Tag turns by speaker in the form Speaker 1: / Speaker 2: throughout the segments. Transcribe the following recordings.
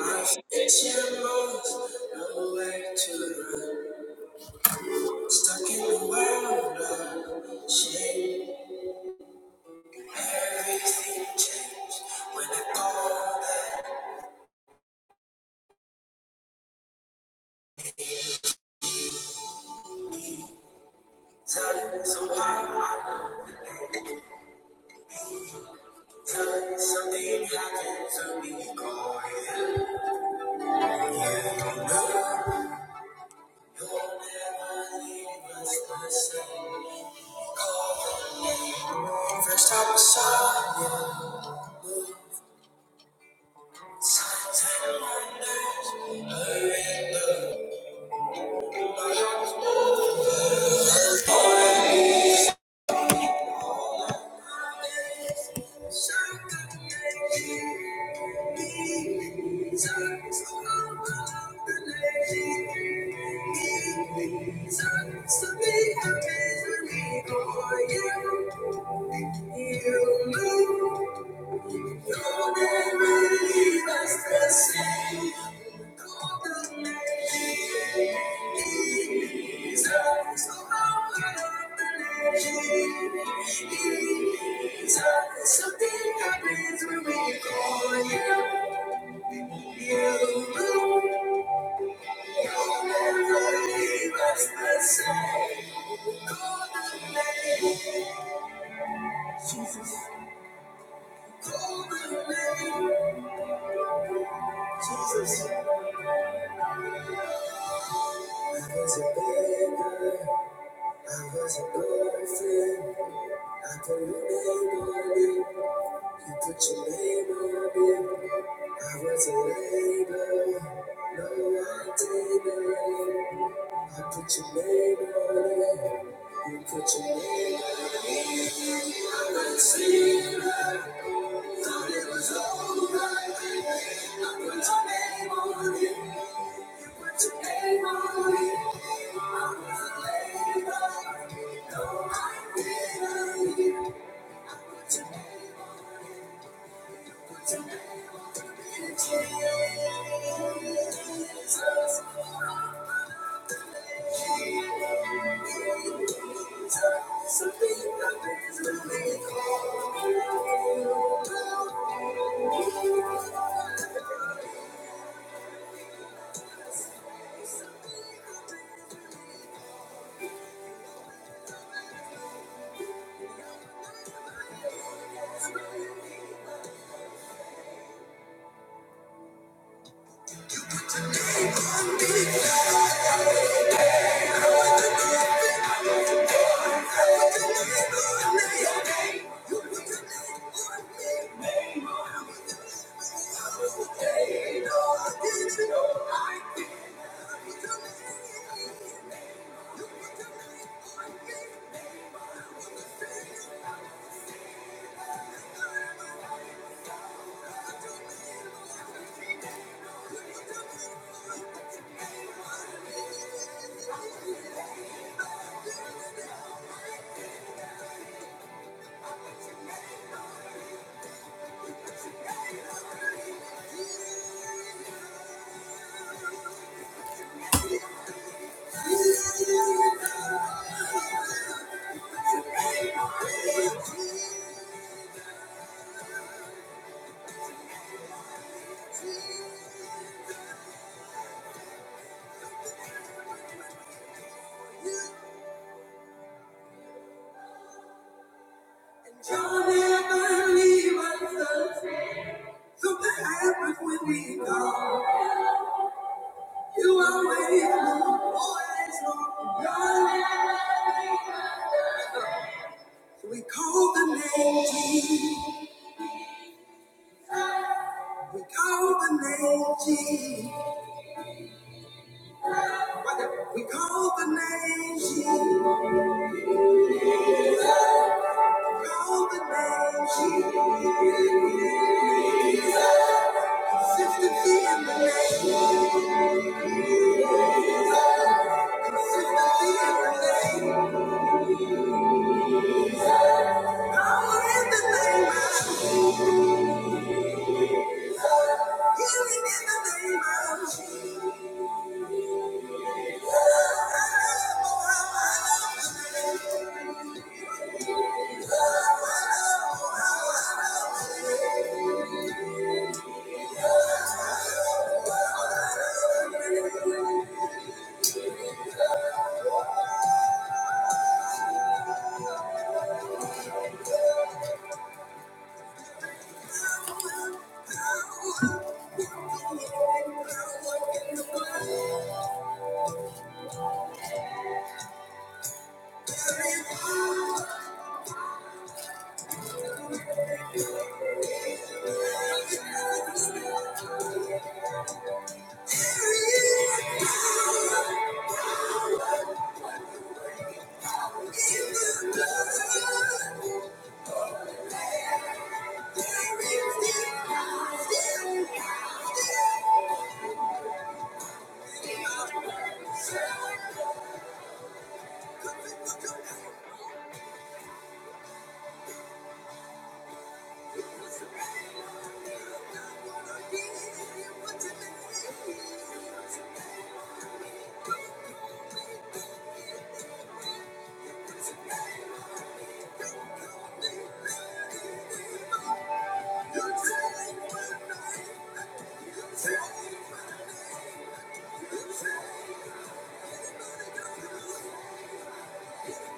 Speaker 1: I've Itching moments, no way to run. Stuck in the world of shame. Time so hard, time something happened to me. Don't ever leave us the same. Call your name, first I was sorry. Signs and wonders, hurry the world. Thank you. move You'll never leave us the same. Golden lady, Jesus, the power of the name. Jesus, something happens when we call you. You You'll never leave us the same. Golden lady, Jesus, golden lady, Jesus. I was a beggar, I was a orphan. I put your name on it, you put your name on it. I was a label. no I didn't. I put your name on it, you put your name on it. I went sleep, thought it was over. I put your name on it. Thank you. Johnny, I believe I love you. So that happens when we go. You are waiting, always on darling. We call the name Jesus. We call the name Jesus. We call the name Jesus. We call the name Jesus. Consistency in the name. Consistency in the name. Power in the name of Jesus. Healing in the name of Jesus. Oh, I love, oh, I love the name.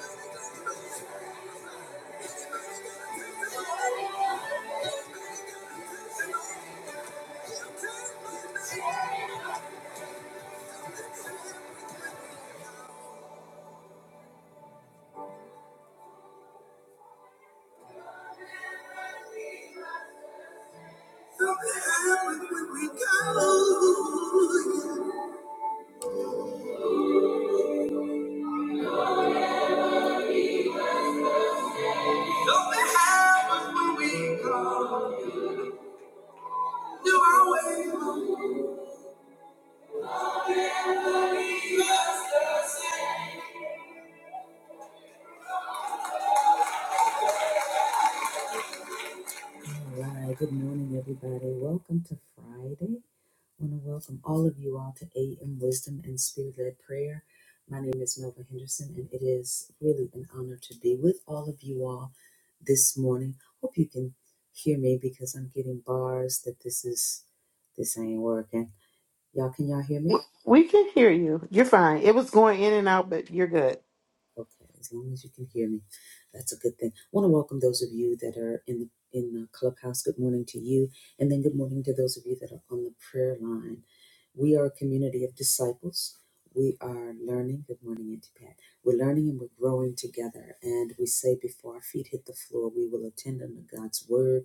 Speaker 1: Thank you. No no All right, good morning, everybody. Welcome to Friday. I want to welcome all of you all to AM Wisdom and Spirit led Prayer. My name is Melva Henderson, and it is really an honor to be with all of you all this morning. Hope you can hear me because I'm getting bars that this is this ain't working. Y'all, can y'all hear me?
Speaker 2: We can hear you. You're fine. It was going in and out, but you're good.
Speaker 1: Okay, as long as you can hear me, that's a good thing. I want to welcome those of you that are in the in the clubhouse. Good morning to you, and then good morning to those of you that are on the prayer line. We are a community of disciples. We are learning. Good morning, Auntie Pat. We're learning and we're growing together. And we say, before our feet hit the floor, we will attend unto God's word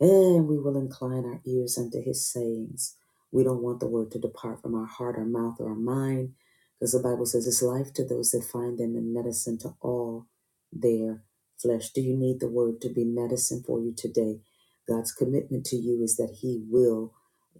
Speaker 1: and we will incline our ears unto his sayings. We don't want the word to depart from our heart, our mouth, or our mind, because the Bible says it's life to those that find them and medicine to all their flesh. Do you need the word to be medicine for you today? God's commitment to you is that he will.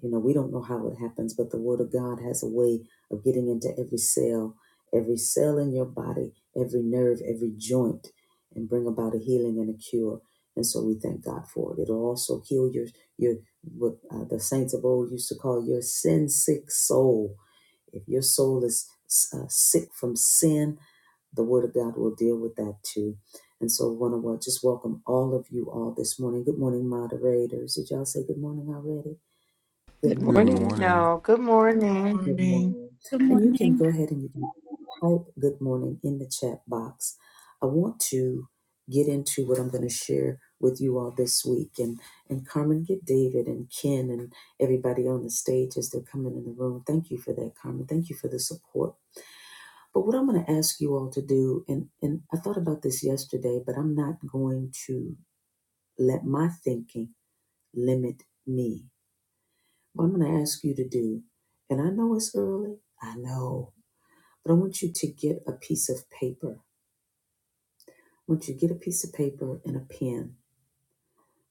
Speaker 1: You know, we don't know how it happens, but the word of God has a way of getting into every cell, every cell in your body, every nerve, every joint, and bring about a healing and a cure. And so we thank God for it. It'll also heal your your what uh, the saints of old used to call your sin sick soul. If your soul is uh, sick from sin, the Word of God will deal with that too. And so, I want to just welcome all of you all this morning. Good morning, moderators. Did y'all say good morning already? Good
Speaker 3: Good
Speaker 4: Good
Speaker 1: morning.
Speaker 3: morning.
Speaker 4: morning.
Speaker 2: No, good morning.
Speaker 1: Good
Speaker 5: morning.
Speaker 1: morning.
Speaker 6: Good
Speaker 1: And you can
Speaker 6: morning.
Speaker 1: go ahead and you can. type good morning in the chat box. I want to get into what I'm going to share with you all this week and and Carmen get David and Ken and everybody on the stage as they're coming in the room. Thank you for that, Carmen. Thank you for the support. But what I'm going to ask you all to do, and, and I thought about this yesterday, but I'm not going to let my thinking limit me. What I'm going to ask you to do, and I know it's early, I know, but I want you to get a piece of paper Once you to get a piece of paper and a pen,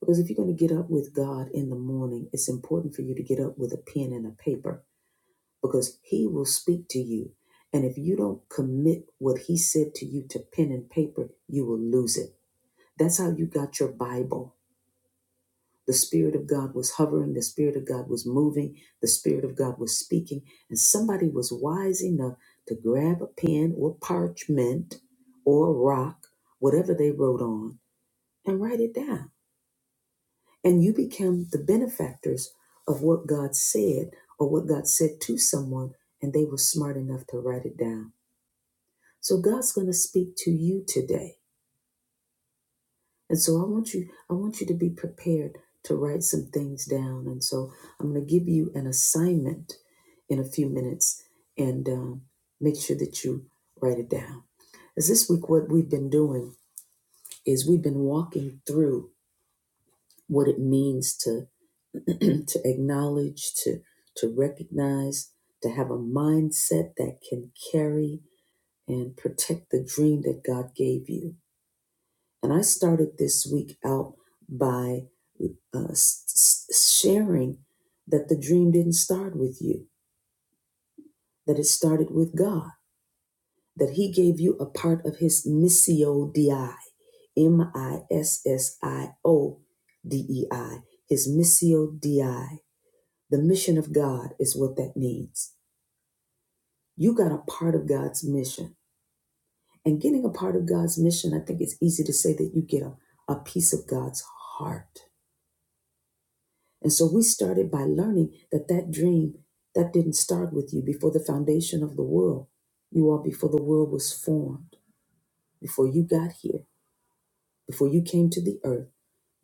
Speaker 1: because if you're going to get up with God in the morning, it's important for you to get up with a pen and a paper because He will speak to you. And if you don't commit what He said to you to pen and paper, you will lose it. That's how you got your Bible. The Spirit of God was hovering, the Spirit of God was moving, the Spirit of God was speaking, and somebody was wise enough to grab a pen or parchment or rock, whatever they wrote on, and write it down And you become the benefactors of what God said or what God said to someone, and they were smart enough to write it down. So God's going to speak to you today. And so I want you, I want you to be prepared to write some things down. And so I'm going to give you an assignment in a few minutes and um, make sure that you write it down. As this week, what we've been doing is we've been walking through what it means to. to acknowledge, to to recognize, to have a mindset that can carry and protect the dream that God gave you. And I started this week out by uh, s- s- sharing that the dream didn't start with you, that it started with God, that He gave you a part of His missio di, M I S S I O D E I, His missio di. The mission of God is what that means You got a part of God's mission. And getting a part of God's mission, I think it's easy to say that you get a, a piece of God's heart. And so we started by learning that that dream, that didn't start with you before the foundation of the world. You are before the world was formed, before you got here, before you came to the earth.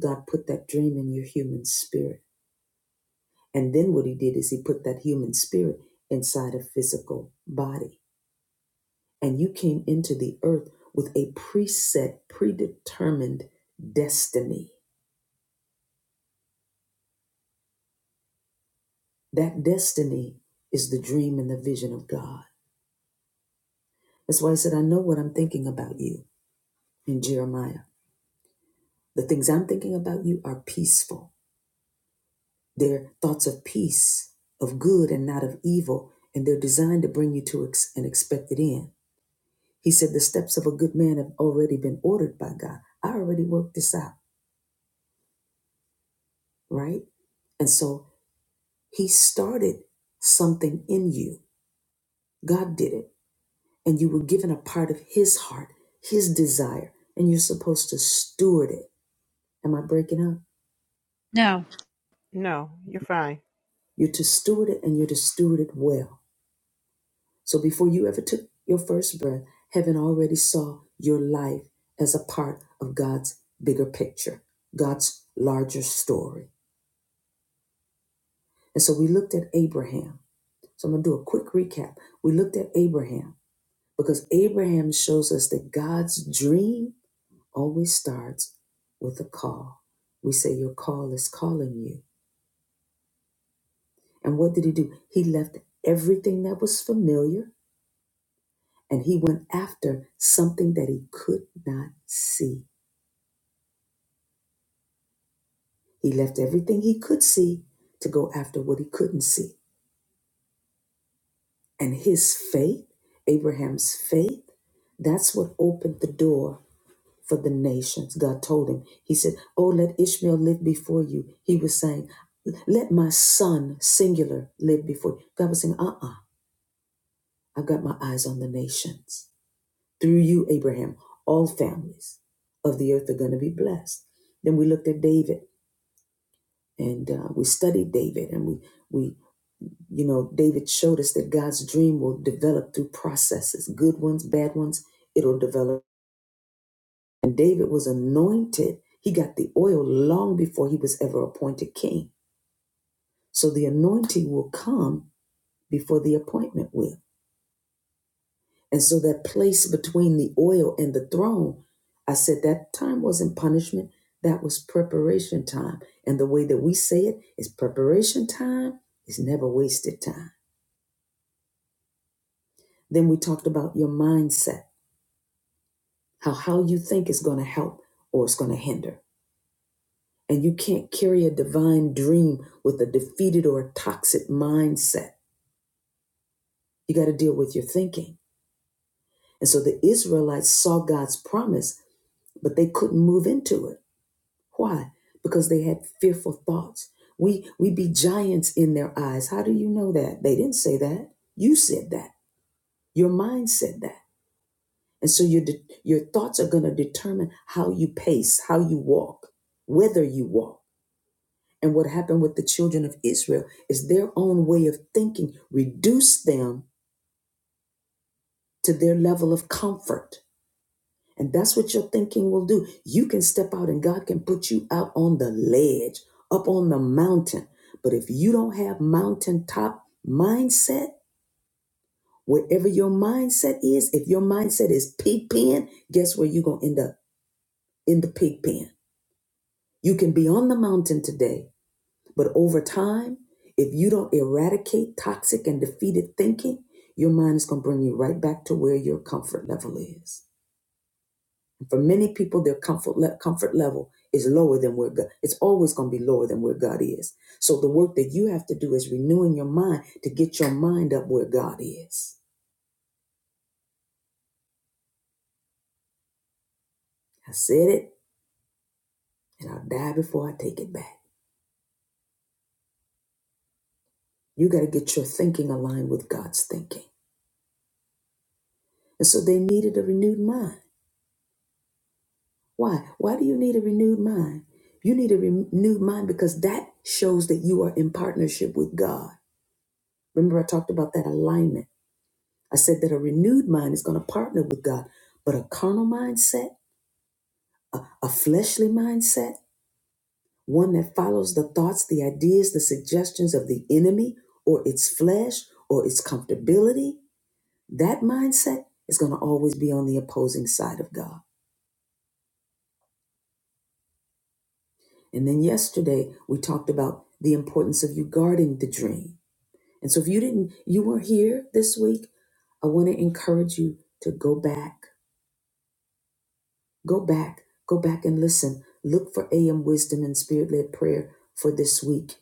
Speaker 1: God put that dream in your human spirit. And then what he did is he put that human spirit inside a physical body. And you came into the earth with a preset, predetermined destiny. That destiny is the dream and the vision of God. That's why I said, I know what I'm thinking about you in Jeremiah. The things I'm thinking about you are peaceful. They're thoughts of peace, of good and not of evil, and they're designed to bring you to ex- an expected end. He said, The steps of a good man have already been ordered by God. I already worked this out, right? And so He started something in you. God did it. And you were given a part of His heart, His desire, and you're supposed to steward it. Am I breaking up?
Speaker 6: No,
Speaker 2: No, you're fine.
Speaker 1: You're to steward it and you're to steward it well. So before you ever took your first breath, heaven already saw your life as a part of God's bigger picture, God's larger story. And so we looked at Abraham. So I'm going to do a quick recap. We looked at Abraham because Abraham shows us that God's dream always starts with a call. We say, Your call is calling you. And what did he do? He left everything that was familiar and he went after something that he could not see. He left everything he could see to go after what he couldn't see. And his faith, Abraham's faith, that's what opened the door for the nations. God told him, He said, Oh, let Ishmael live before you. He was saying, Let my son, singular, live before you. God was saying, Uh uh i have got my eyes on the nations. Through you, Abraham, all families of the earth are going to be blessed. Then we looked at David and uh, we studied David and we, we, you know, David showed us that God's dream will develop through processes, good ones, bad ones. It'll develop And David was anointed. He got the oil long before he was ever appointed king. So the anointing will come before the appointment will. And so that place between the oil and the throne, I said that time wasn't punishment, that was preparation time. And the way that we say it is preparation time is never wasted time. Then we talked about your mindset, how how you think is going to help or it's going to hinder. And you can't carry a divine dream with a defeated or a toxic mindset. You got to deal with your thinking. And so the Israelites saw God's promise, but they couldn't move into it. Why? Because they had fearful thoughts. We we be giants in their eyes. How do you know that? They didn't say that. You said that. Your mind said that. And so your de- your thoughts are going to determine how you pace, how you walk, whether you walk. And what happened with the children of Israel is their own way of thinking reduced them to their level of comfort. And that's what your thinking will do. You can step out and God can put you out on the ledge, up on the mountain. But if you don't have mountaintop mindset, wherever your mindset is, if your mindset is pig pen, guess where you're going to end up? In the pig pen. You can be on the mountain today, But over time, if you don't eradicate toxic and defeated thinking, your mind is going to bring you right back to where your comfort level is. And for many people, their comfort le- comfort level is lower than where God. It's always going to be lower than where God is. So the work that you have to do is renewing your mind to get your mind up where God is. I said it, and I'll die before I take it back. You got to get your thinking aligned with God's thinking. And so they needed a renewed mind. Why? Why do you need a renewed mind? You need a renewed mind because that shows that you are in partnership with God. Remember, I talked about that alignment. I said that a renewed mind is going to partner with God, but a carnal mindset, a, a fleshly mindset, one that follows the thoughts, the ideas, the suggestions of the enemy or its flesh or its comfortability, that mindset is going to always be on the opposing side of God. And then yesterday, we talked about the importance of you guarding the dream And so if you didn't, you were here this week, I want to encourage you to go back, go back, go back and listen. Look for AM wisdom and spirit led prayer for this week.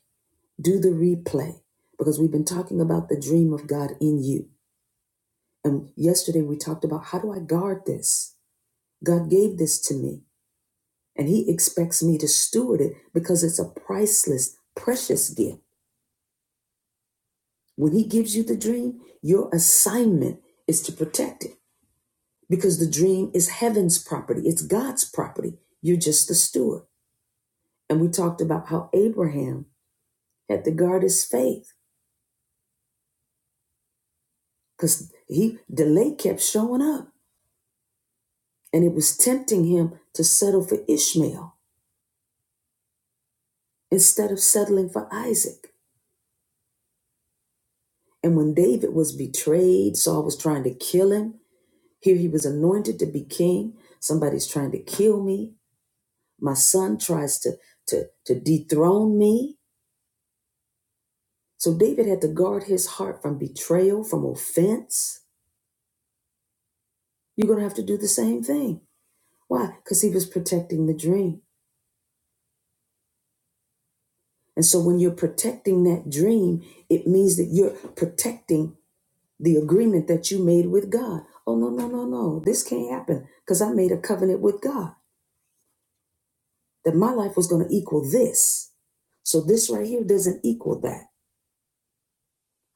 Speaker 1: Do the replay because we've been talking about the dream of God in you. And yesterday we talked about how do I guard this? God gave this to me and he expects me to steward it because it's a priceless, precious gift. When he gives you the dream, your assignment is to protect it. because the dream is heaven's property, it's God's property. You're just the steward. And we talked about how Abraham had to guard his faith because he delay kept showing up and it was tempting him to settle for Ishmael instead of settling for Isaac. And when David was betrayed, Saul was trying to kill him. Here he was anointed to be king. Somebody's trying to kill me. My son tries to, to, to dethrone me So David had to guard his heart from betrayal, from offense. You're going to have to do the same thing. Why? Because he was protecting the dream. And so when you're protecting that dream, it means that you're protecting the agreement that you made with God. Oh, no, no, no, no. This can't happen because I made a covenant with God that my life was going to equal this. So this right here doesn't equal that.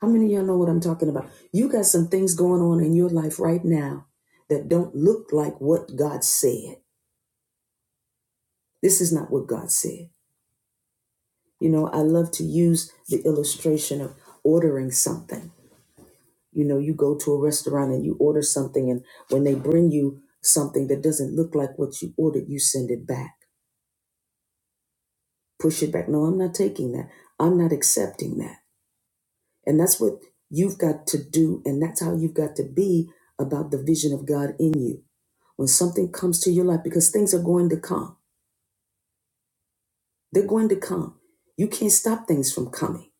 Speaker 1: How many of y'all know what I'm talking about? You got some things going on in your life right now that don't look like what God said This is not what God said. You know, I love to use the illustration of ordering something. You know, you go to a restaurant and you order something, and when they bring you something that doesn't look like what you ordered, you send it back, push it back. No, I'm not taking that. I'm not accepting that. And that's what you've got to do, and that's how you've got to be about the vision of God in you when something comes to your life because things are going to come. They're going to come. You can't stop things from coming.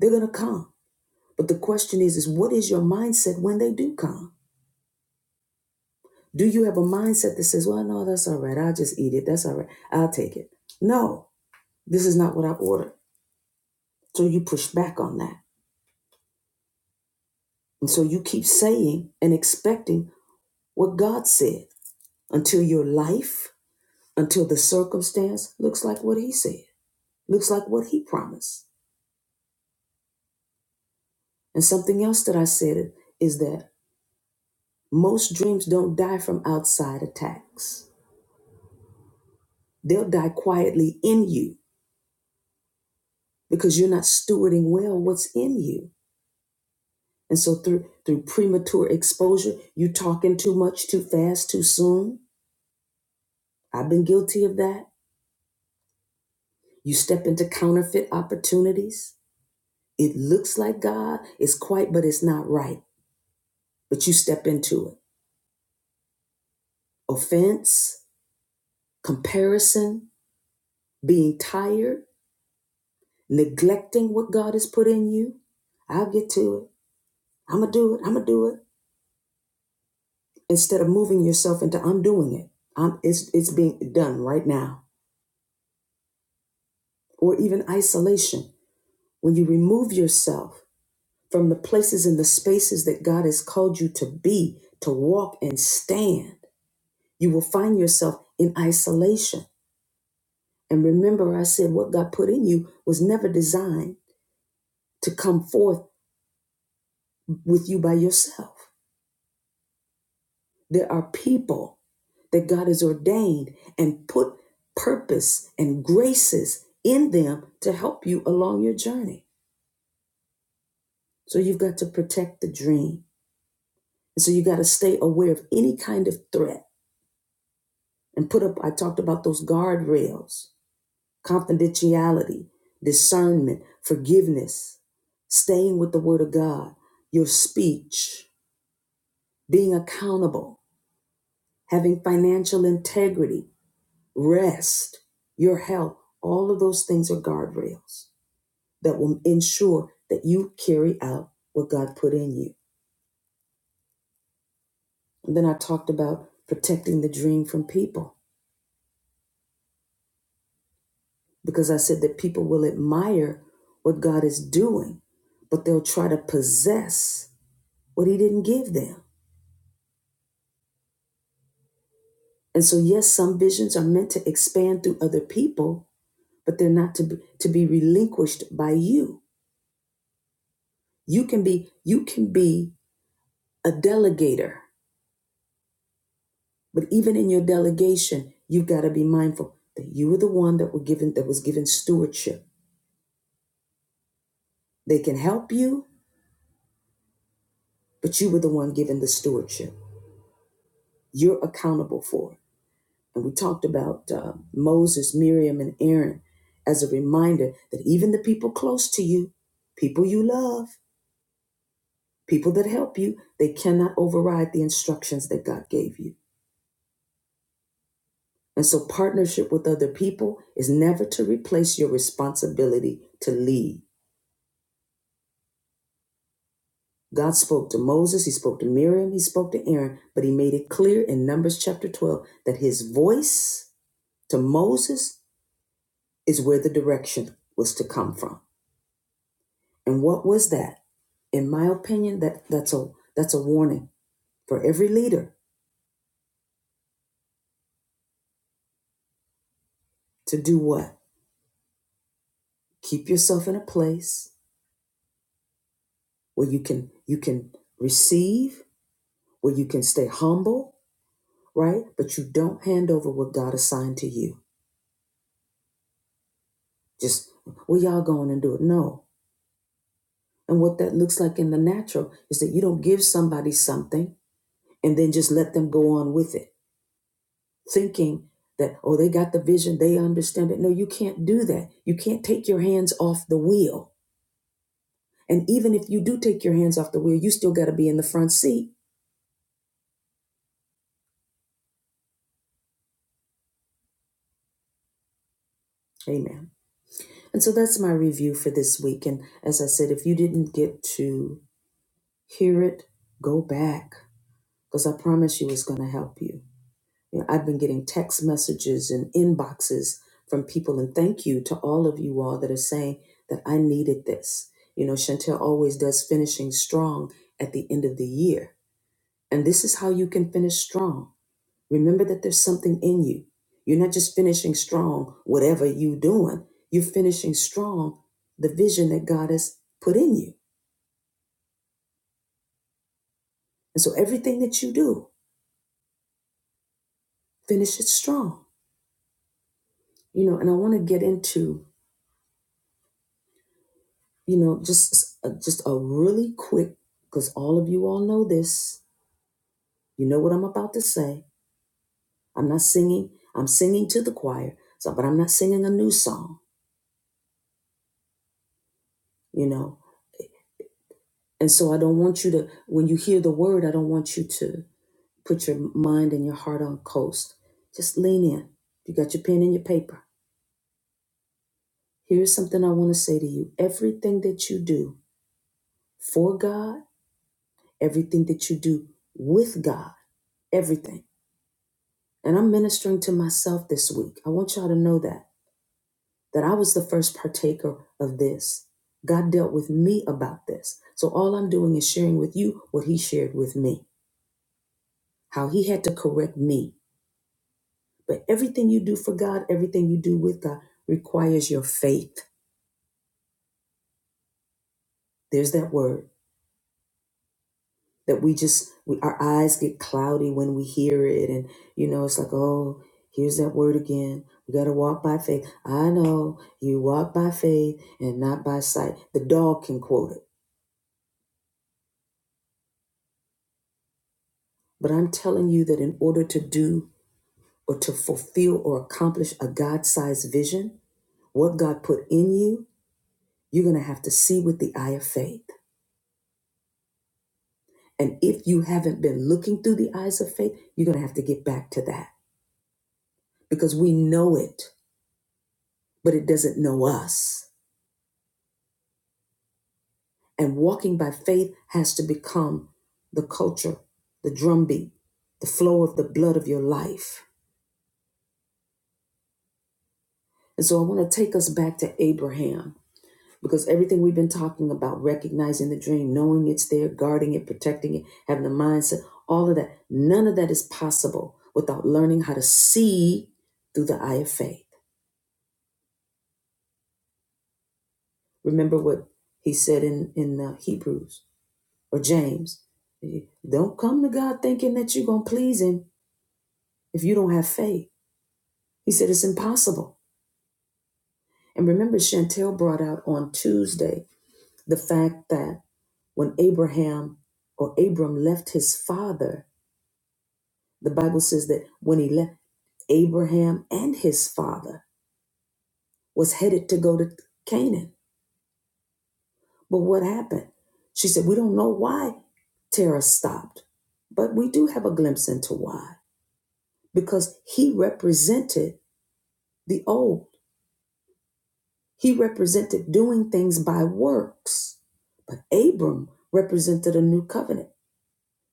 Speaker 1: They're going to come. But the question is, is what is your mindset when they do come? Do you have a mindset that says, well, no, that's all right. I'll just eat it. That's all right. I'll take it. No, this is not what I ordered. So you push back on that. And so you keep saying and expecting what God said until your life, until the circumstance looks like what He said, looks like what He promised. And something else that I said is that most dreams don't die from outside attacks, they'll die quietly in you because you're not stewarding well what's in you. And so through through premature exposure, you talking too much, too fast, too soon. I've been guilty of that. You step into counterfeit opportunities. It looks like God, it's quite, but it's not right. But you step into it. Offense, comparison, being tired, neglecting what God has put in you. I'll get to it. I'ma do it. I'ma do it. Instead of moving yourself into I'm doing it. I'm it's it's being done right now. or even isolation, when you remove yourself from the places and the spaces that God has called you to be, to walk and stand, you will find yourself in isolation. And remember, I said what God put in you was never designed to come forth with you by yourself. There are people that God has ordained and put purpose and graces in them to help you along your journey. So you've got to protect the dream. And so you got to stay aware of any kind of threat and put up, I talked about those guardrails, confidentiality, discernment, forgiveness, staying with the word of God, your speech, being accountable, having financial integrity, rest, your health. All of those things are guardrails that will ensure that you carry out what God put in you. And then I talked about protecting the dream from people because I said that people will admire what God is doing, but they'll try to possess what He didn't give them. And so, yes, some visions are meant to expand through other people, but they're not to be, to be relinquished by you. You can be you can be a delegator, but even in your delegation, you've got to be mindful that you were the one that were given that was given stewardship. They can help you, but you were the one given the stewardship. You're accountable for it. And we talked about uh, Moses, Miriam, and Aaron as a reminder that even the people close to you, people you love, people that help you, they cannot override the instructions that God gave you. And so, partnership with other people is never to replace your responsibility to lead. God spoke to Moses, he spoke to Miriam, he spoke to Aaron, but he made it clear in Numbers chapter 12 that his voice to Moses is where the direction was to come from. And what was that? In my opinion, that, that's a that's a warning for every leader to do what? Keep yourself in a place where you can you can receive, where you can stay humble, right? But you don't hand over what God assigned to you. Just well, y'all go on and do it. No. And what that looks like in the natural is that you don't give somebody something and then just let them go on with it thinking that, oh, they got the vision, they understand it. No, you can't do that. You can't take your hands off the wheel. And even if you do take your hands off the wheel, you still got to be in the front seat. Amen. And so that's my review for this week. And as I said, if you didn't get to hear it, go back because I promise you it's going to help you. You know, I've been getting text messages and inboxes from people, and thank you to all of you all that are saying that I needed this. You know, Chantel always does finishing strong at the end of the year. And this is how you can finish strong. Remember that there's something in you. You're not just finishing strong, whatever you doing, you're finishing strong the vision that God has put in you. And so everything that you do, finish it strong. You know, and I want to get into you know, just uh, just a really quick, because all of you all know this. You know what I'm about to say. I'm not singing. I'm singing to the choir, so but I'm not singing a new song. You know, and so I don't want you to. When you hear the word, I don't want you to put your mind and your heart on coast. Just lean in. You got your pen and your paper. Here's something I want to say to you. Everything that you do for God, everything that you do with God, everything And I'm ministering to myself this week. I want y'all to know that, that I was the first partaker of this. God dealt with me about this. So all I'm doing is sharing with you what he shared with me, how he had to correct me. But everything you do for God, everything you do with God requires your faith. There's that word. that we just we our eyes get cloudy when we hear it and you know it's like oh here's that word again we got to walk by faith i know you walk by faith and not by sight the dog can quote it but i'm telling you that in order to do or to fulfill or accomplish a god-sized vision what god put in you you're going to have to see with the eye of faith and if you haven't been looking through the eyes of faith you're going to have to get back to that because we know it but it doesn't know us And walking by faith has to become the culture, the drumbeat, the flow of the blood of your life. And so I want to take us back to Abraham because everything we've been talking about, recognizing the dream, knowing it's there, guarding it, protecting it, having the mindset, all of that, none of that is possible without learning how to see through the eye of faith. Remember what he said in, in uh, Hebrews or James. Don't come to God thinking that you're going to please him if you don't have faith. He said it's impossible. And remember, Chantel brought out on Tuesday the fact that when Abraham or Abram left his father, the Bible says that when he left, Abraham and his father was headed to go to Canaan. But what happened? She said, We don't know why Terah stopped, but we do have a glimpse into why. Because he represented the old. He represented doing things by works, but Abram represented a new covenant.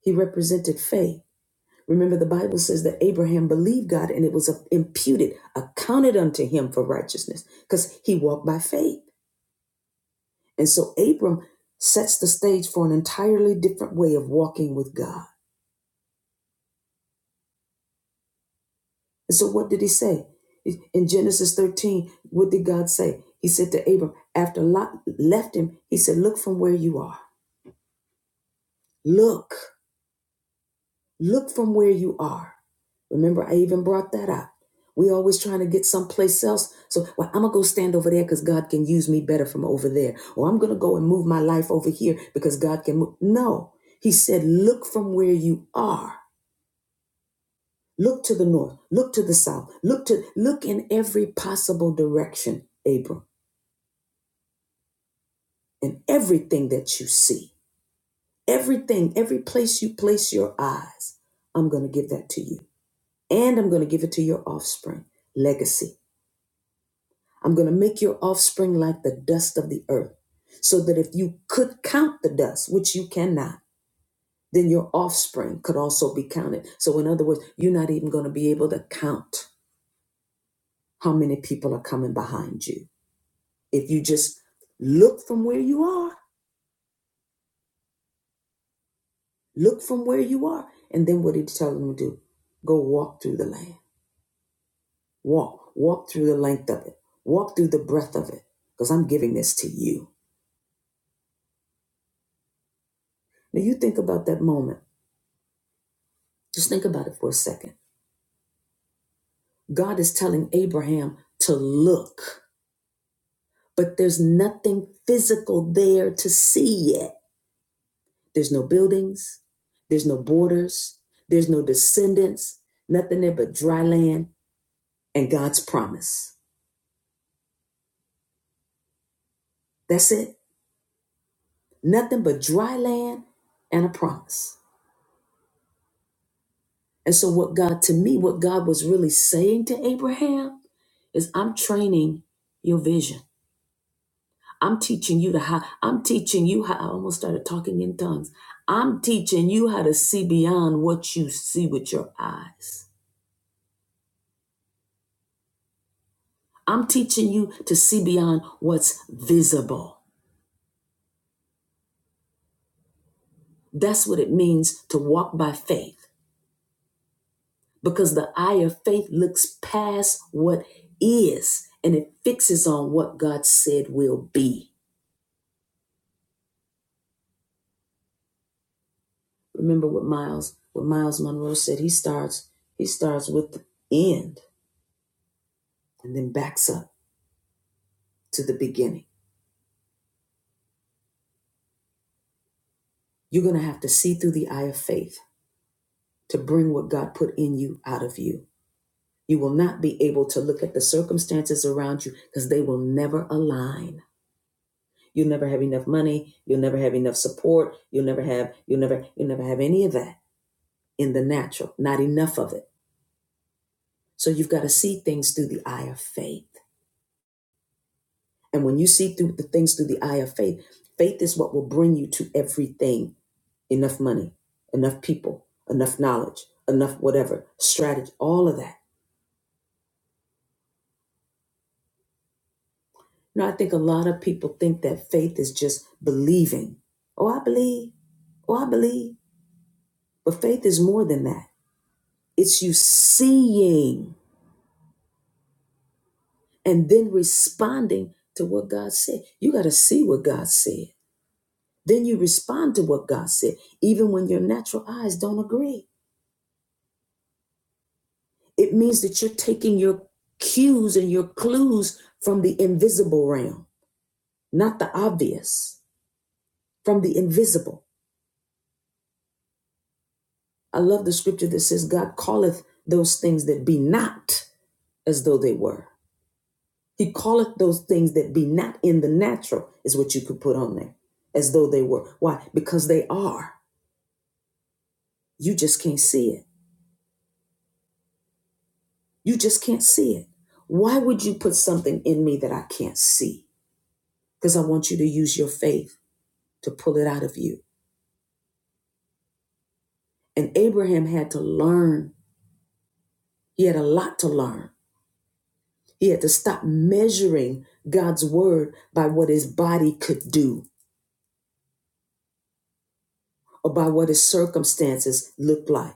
Speaker 1: He represented faith. Remember, the Bible says that Abraham believed God and it was imputed, accounted unto him for righteousness because he walked by faith. And so Abram sets the stage for an entirely different way of walking with God. And so, what did he say? In Genesis 13, what did God say? He said to Abram, after Lot left him, he said, Look from where you are. Look. Look from where you are. Remember, I even brought that up. We always trying to get someplace else. So, well, I'm gonna go stand over there because God can use me better from over there, or I'm gonna go and move my life over here because God can move. No, He said, look from where you are. Look to the north. Look to the south. Look to look in every possible direction, Abram, and everything that you see, everything, every place you place your eyes. I'm gonna give that to you. and I'm going to give it to your offspring. Legacy. I'm going to make your offspring like the dust of the earth, so that if you could count the dust, which you cannot, then your offspring could also be counted. So, in other words, you're not even going to be able to count how many people are coming behind you. If you just look from where you are, look from where you are. And then what did he tell them to do? Go walk through the land. Walk. Walk through the length of it. Walk through the breadth of it. Because I'm giving this to you. Now you think about that moment. Just think about it for a second. God is telling Abraham to look, but there's nothing physical there to see yet. There's no buildings, there's no borders, there's no descendants, nothing there but dry land and God's promise. That's it. Nothing but dry land and a promise. And so, what God, to me, what God was really saying to Abraham is, I'm training your vision. I'm teaching you to how I'm teaching you how I almost started talking in tongues. I'm teaching you how to see beyond what you see with your eyes. I'm teaching you to see beyond what's visible. That's what it means to walk by faith because the eye of faith looks past what is and it fixes on what God said will be. Remember what Miles what Miles Monroe said he starts he starts with the end and then backs up to the beginning. You're going to have to see through the eye of faith to bring what God put in you out of you. You will not be able to look at the circumstances around you because they will never align. You'll never have enough money. You'll never have enough support. You'll never have, you'll never, you'll never have any of that in the natural, not enough of it. So you've got to see things through the eye of faith. And when you see through the things through the eye of faith, faith is what will bring you to everything enough money, enough people, enough knowledge, enough whatever, strategy, all of that You know, I think a lot of people think that faith is just believing. Oh, I believe. Oh, I believe. But faith is more than that. It's you seeing and then responding to what God said. You got to see what God said. Then you respond to what God said, even when your natural eyes don't agree. It means that you're taking your cues and your clues from the invisible realm, not the obvious, from the invisible. I love the scripture that says, God calleth those things that be not as though they were. He calleth those things that be not in the natural, is what you could put on there, as though they were. Why? Because they are. You just can't see it. You just can't see it. Why would you put something in me that I can't see? Because I want you to use your faith to pull it out of you. And Abraham had to learn, he had a lot to learn. He had to stop measuring God's word by what his body could do or by what his circumstances looked like.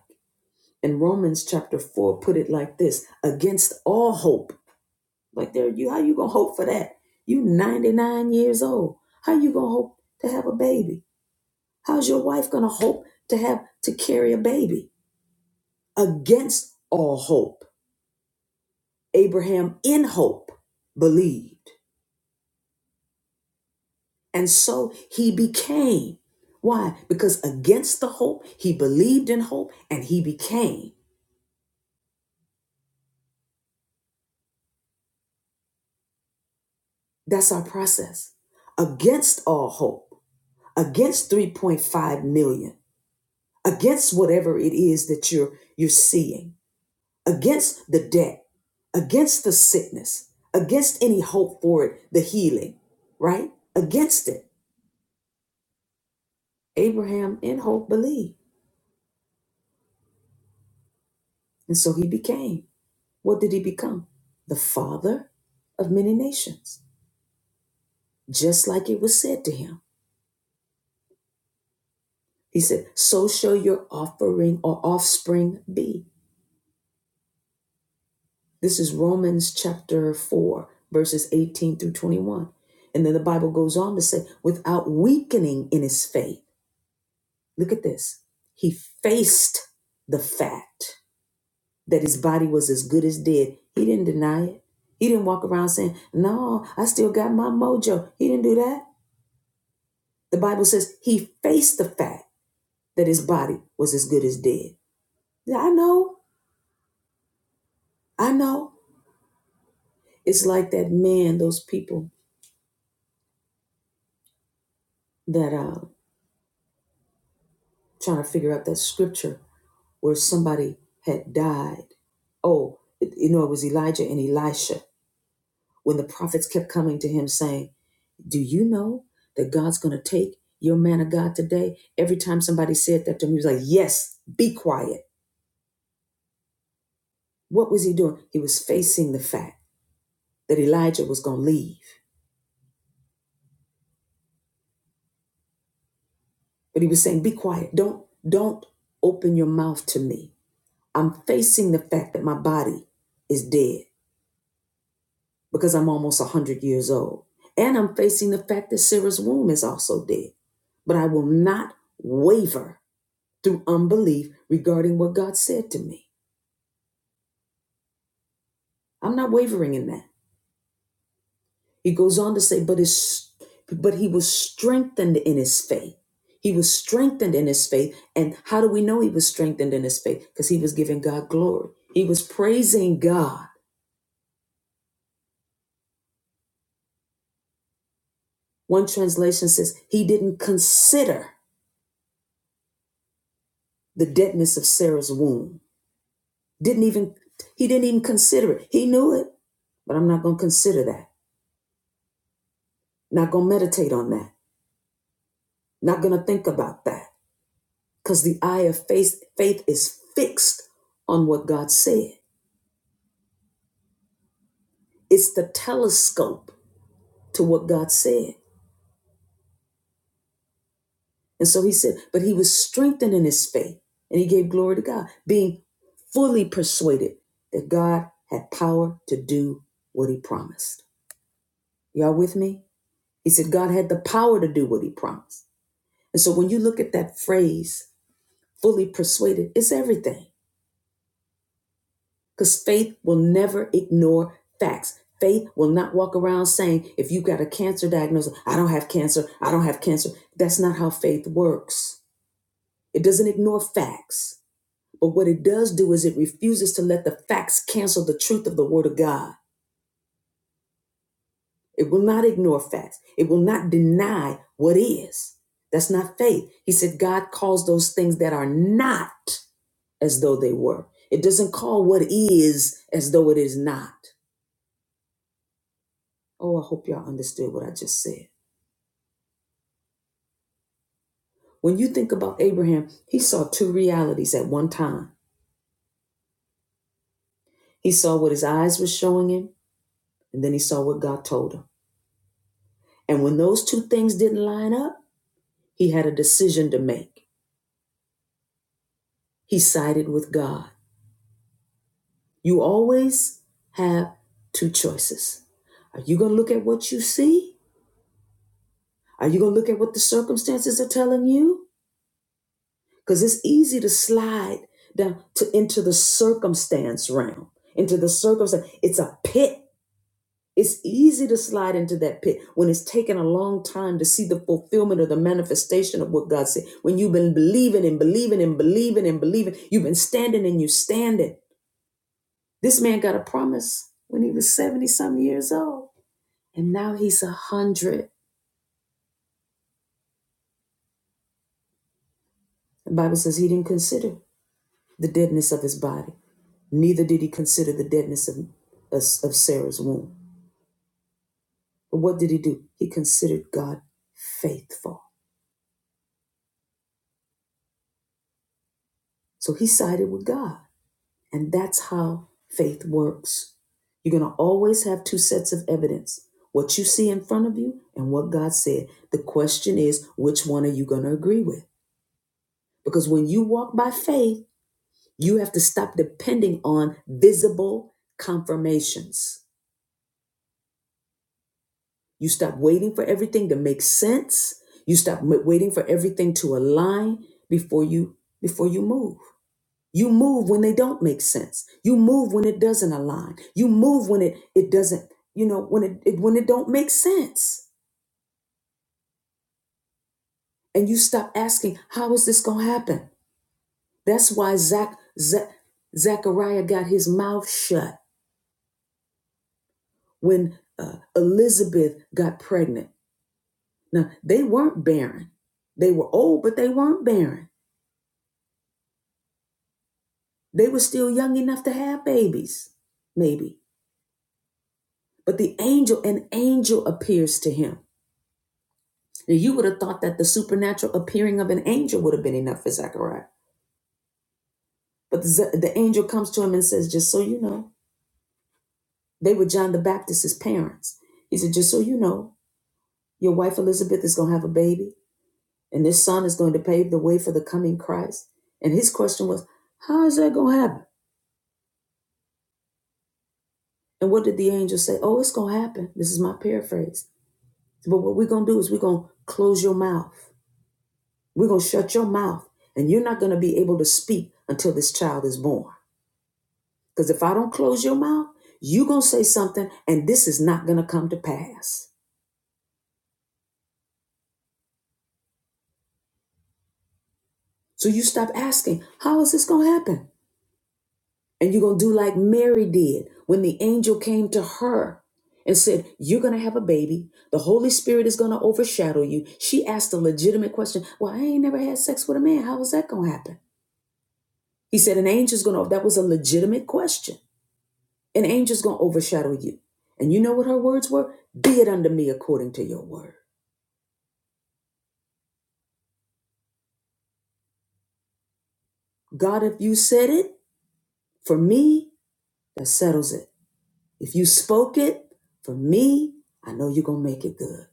Speaker 1: And Romans chapter 4 put it like this against all hope. Like there, you how you gonna hope for that? You 99 years old. How you gonna hope to have a baby? How's your wife gonna hope to have to carry a baby? Against all hope. Abraham in hope believed. And so he became. Why? Because against the hope, he believed in hope and he became. That's our process. Against all hope, against 3.5 million, against whatever it is that you're you're seeing, against the debt, against the sickness, against any hope for it, the healing, right? Against it. Abraham in hope believed. And so he became. What did he become? The father of many nations. Just like it was said to him. He said, So shall your offering or offspring be. This is Romans chapter 4, verses 18 through 21. And then the Bible goes on to say, without weakening in his faith, look at this. He faced the fact that his body was as good as dead. He didn't deny it. He didn't walk around saying, No, I still got my mojo. He didn't do that. The Bible says he faced the fact that his body was as good as dead. Yeah, I know. I know. It's like that man, those people that uh, trying to figure out that scripture where somebody had died. Oh, you know, it was Elijah and Elisha when the prophets kept coming to him saying, Do you know that God's going to take your man of God today? Every time somebody said that to him, he was like, Yes, be quiet. What was he doing? He was facing the fact that Elijah was going to leave. But he was saying, Be quiet. Don't, don't open your mouth to me. I'm facing the fact that my body is dead. because I'm almost 100 years old. And I'm facing the fact that Sarah's womb is also dead. But I will not waver through unbelief regarding what God said to me. I'm not wavering in that. He goes on to say, but his, but he was strengthened in his faith. He was strengthened in his faith. And how do we know he was strengthened in his faith? Because he was giving God glory. He was praising God. One translation says he didn't consider the deadness of Sarah's womb Didn't even he didn't even consider it. He knew it, but I'm not going to consider that. Not going to meditate on that. Not going to think about that cuz the eye of faith faith is fixed on what God said. It's the telescope to what God said. And so he said, but he was strengthened in his faith and he gave glory to God, being fully persuaded that God had power to do what he promised. Y'all with me? He said God had the power to do what he promised. And so when you look at that phrase, fully persuaded, it's everything. Because faith will never ignore facts. Faith will not walk around saying, if you got a cancer diagnosis, I don't have cancer, I don't have cancer. That's not how faith works. It doesn't ignore facts. But what it does do is it refuses to let the facts cancel the truth of the Word of God. It will not ignore facts. It will not deny what is. That's not faith. He said God calls those things that are not as though they were. It doesn't call what is as though it is not. Oh, I hope y'all understood what I just said. When you think about Abraham, he saw two realities at one time. He saw what his eyes were showing him, and then he saw what God told him. And when those two things didn't line up, he had a decision to make. He sided with God. You always have two choices. Are you going to look at what you see? Are you going to look at what the circumstances are telling you? because it's easy to slide down to into the circumstance realm into the circumstance it's a pit it's easy to slide into that pit when it's taken a long time to see the fulfillment or the manifestation of what god said when you've been believing and believing and believing and believing you've been standing and you standing this man got a promise when he was 70 some years old and now he's a hundred the bible says he didn't consider the deadness of his body Neither did he consider the deadness of, of of Sarah's womb. But what did he do? He considered God faithful. So he sided with God. And that's how faith works. You're going to always have two sets of evidence what you see in front of you and what God said. The question is, which one are you going to agree with? Because when you walk by faith, you have to stop depending on visible confirmations. You stop waiting for everything to make sense. You stop m- waiting for everything to align before you before you move. You move when they don't make sense. You move when it doesn't align. You move when it it doesn't, you know, when it, it when it don't make sense. And you stop asking, how is this gonna happen? That's why Zach, Zach Zachariah got his mouth shut when uh, Elizabeth got pregnant. Now they weren't barren. They were old, but they weren't barren They were still young enough to have babies, maybe. But the angel, an angel appears to him. Now, you would have thought that the supernatural appearing of an angel would have been enough for Zechariah. But the, the angel comes to him and says, Just so you know, they were John the Baptist's parents. He said, Just so you know, your wife Elizabeth is going to have a baby, and this son is going to pave the way for the coming Christ. And his question was, How is that going to happen? And what did the angel say? Oh, it's going to happen. This is my paraphrase. But what we're going to do is we're going to close your mouth. We're going to shut your mouth, and you're not going to be able to speak until this child is born. Because if I don't close your mouth, you're going to say something, and this is not going to come to pass. So you stop asking, How is this going to happen? And you're going to do like Mary did when the angel came to her and said, You're going to have a baby. The Holy Spirit is going to overshadow you. She asked a legitimate question Well, I ain't never had sex with a man. How is that going to happen? He said, An angel's going to, that was a legitimate question. An angel's going to overshadow you. And you know what her words were? Be it unto me according to your word. God, if you said it, for me, that settles it. If you spoke it, for me, I know you're going to make it good.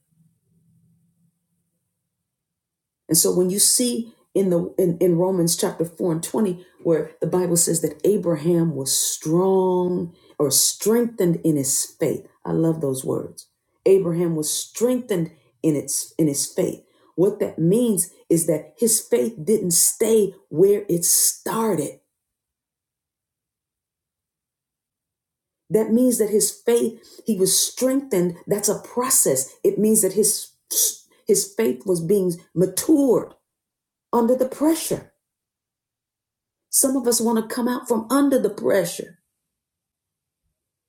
Speaker 1: And so when you see in the in, in Romans chapter 4 and 20, where the Bible says that Abraham was strong or strengthened in his faith. I love those words. Abraham was strengthened in its in his faith. What that means is that his faith didn't stay where it started. That means that his faith, he was strengthened. That's a process. It means that his his faith was being matured under the pressure. Some of us want to come out from under the pressure.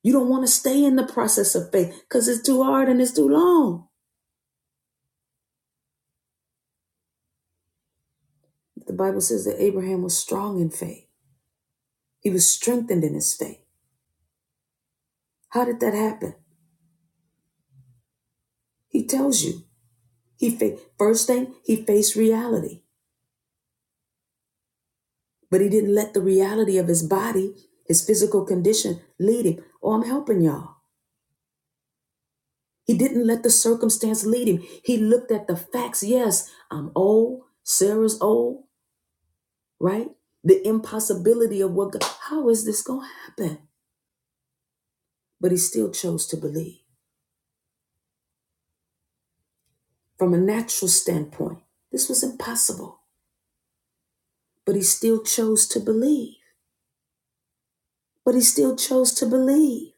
Speaker 1: You don't want to stay in the process of faith because it's too hard and it's too long. The Bible says that Abraham was strong in faith. He was strengthened in his faith. How did that happen? He tells you. He fa- first thing he faced reality, but he didn't let the reality of his body, his physical condition, lead him. Oh, I'm helping y'all. He didn't let the circumstance lead him. He looked at the facts. Yes, I'm old. Sarah's old. right? The impossibility of what God, how is this going to happen? But he still chose to believe. From a natural standpoint, this was impossible, but he still chose to believe. But he still chose to believe.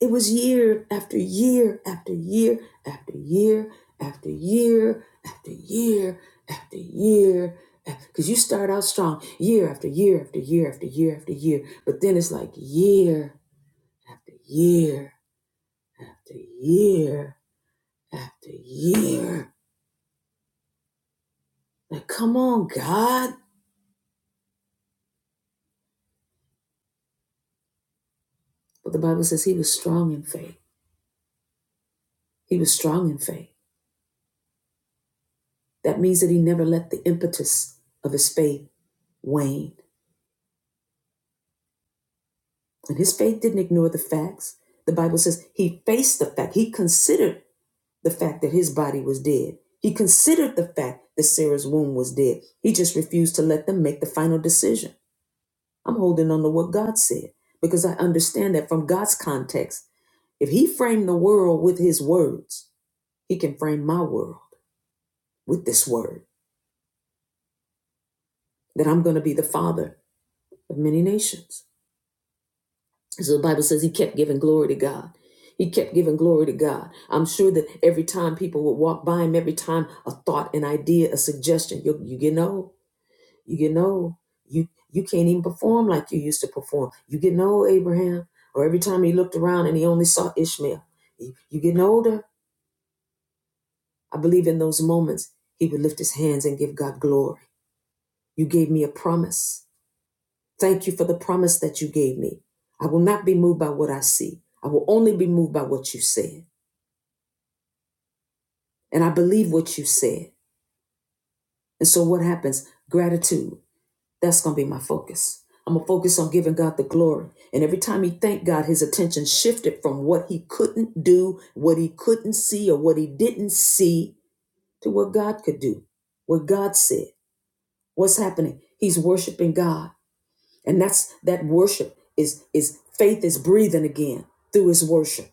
Speaker 1: It was year after year after year after year after year after year after year. Because you start out strong year after year after year after year after year, but then it's like year after year after year after year. Like, come on, God. But the Bible says he was strong in faith. He was strong in faith. That means that he never let the impetus of his faith wane. And his faith didn't ignore the facts. The Bible says he faced the fact. He considered the fact that his body was dead. He considered the fact that Sarah's womb was dead. He just refused to let them make the final decision. I'm holding on to what God said because I understand that from God's context, if he framed the world with his words, He can frame my world with this word that I'm going to be the father of many nations. So the Bible says he kept giving glory to God. He kept giving glory to God. I'm sure that every time people would walk by him, every time a thought, an idea, a suggestion, you you getting old. You get old. You you can't even perform like you used to perform. You get old, Abraham. Or every time he looked around and he only saw Ishmael. you getting older. I believe in those moments he would lift his hands and give God glory. You gave me a promise. Thank you for the promise that you gave me. I will not be moved by what I see. I will only be moved by what you said. And I believe what you said. And so what happens? Gratitude. That's going to be my focus. I'm going to focus on giving God the glory. And every time he thanked God, his attention shifted from what he couldn't do, what he couldn't see, or what he didn't see to what God could do, what God said. What's happening? He's worshiping God. And that's that worship is is faith is breathing again through his worship.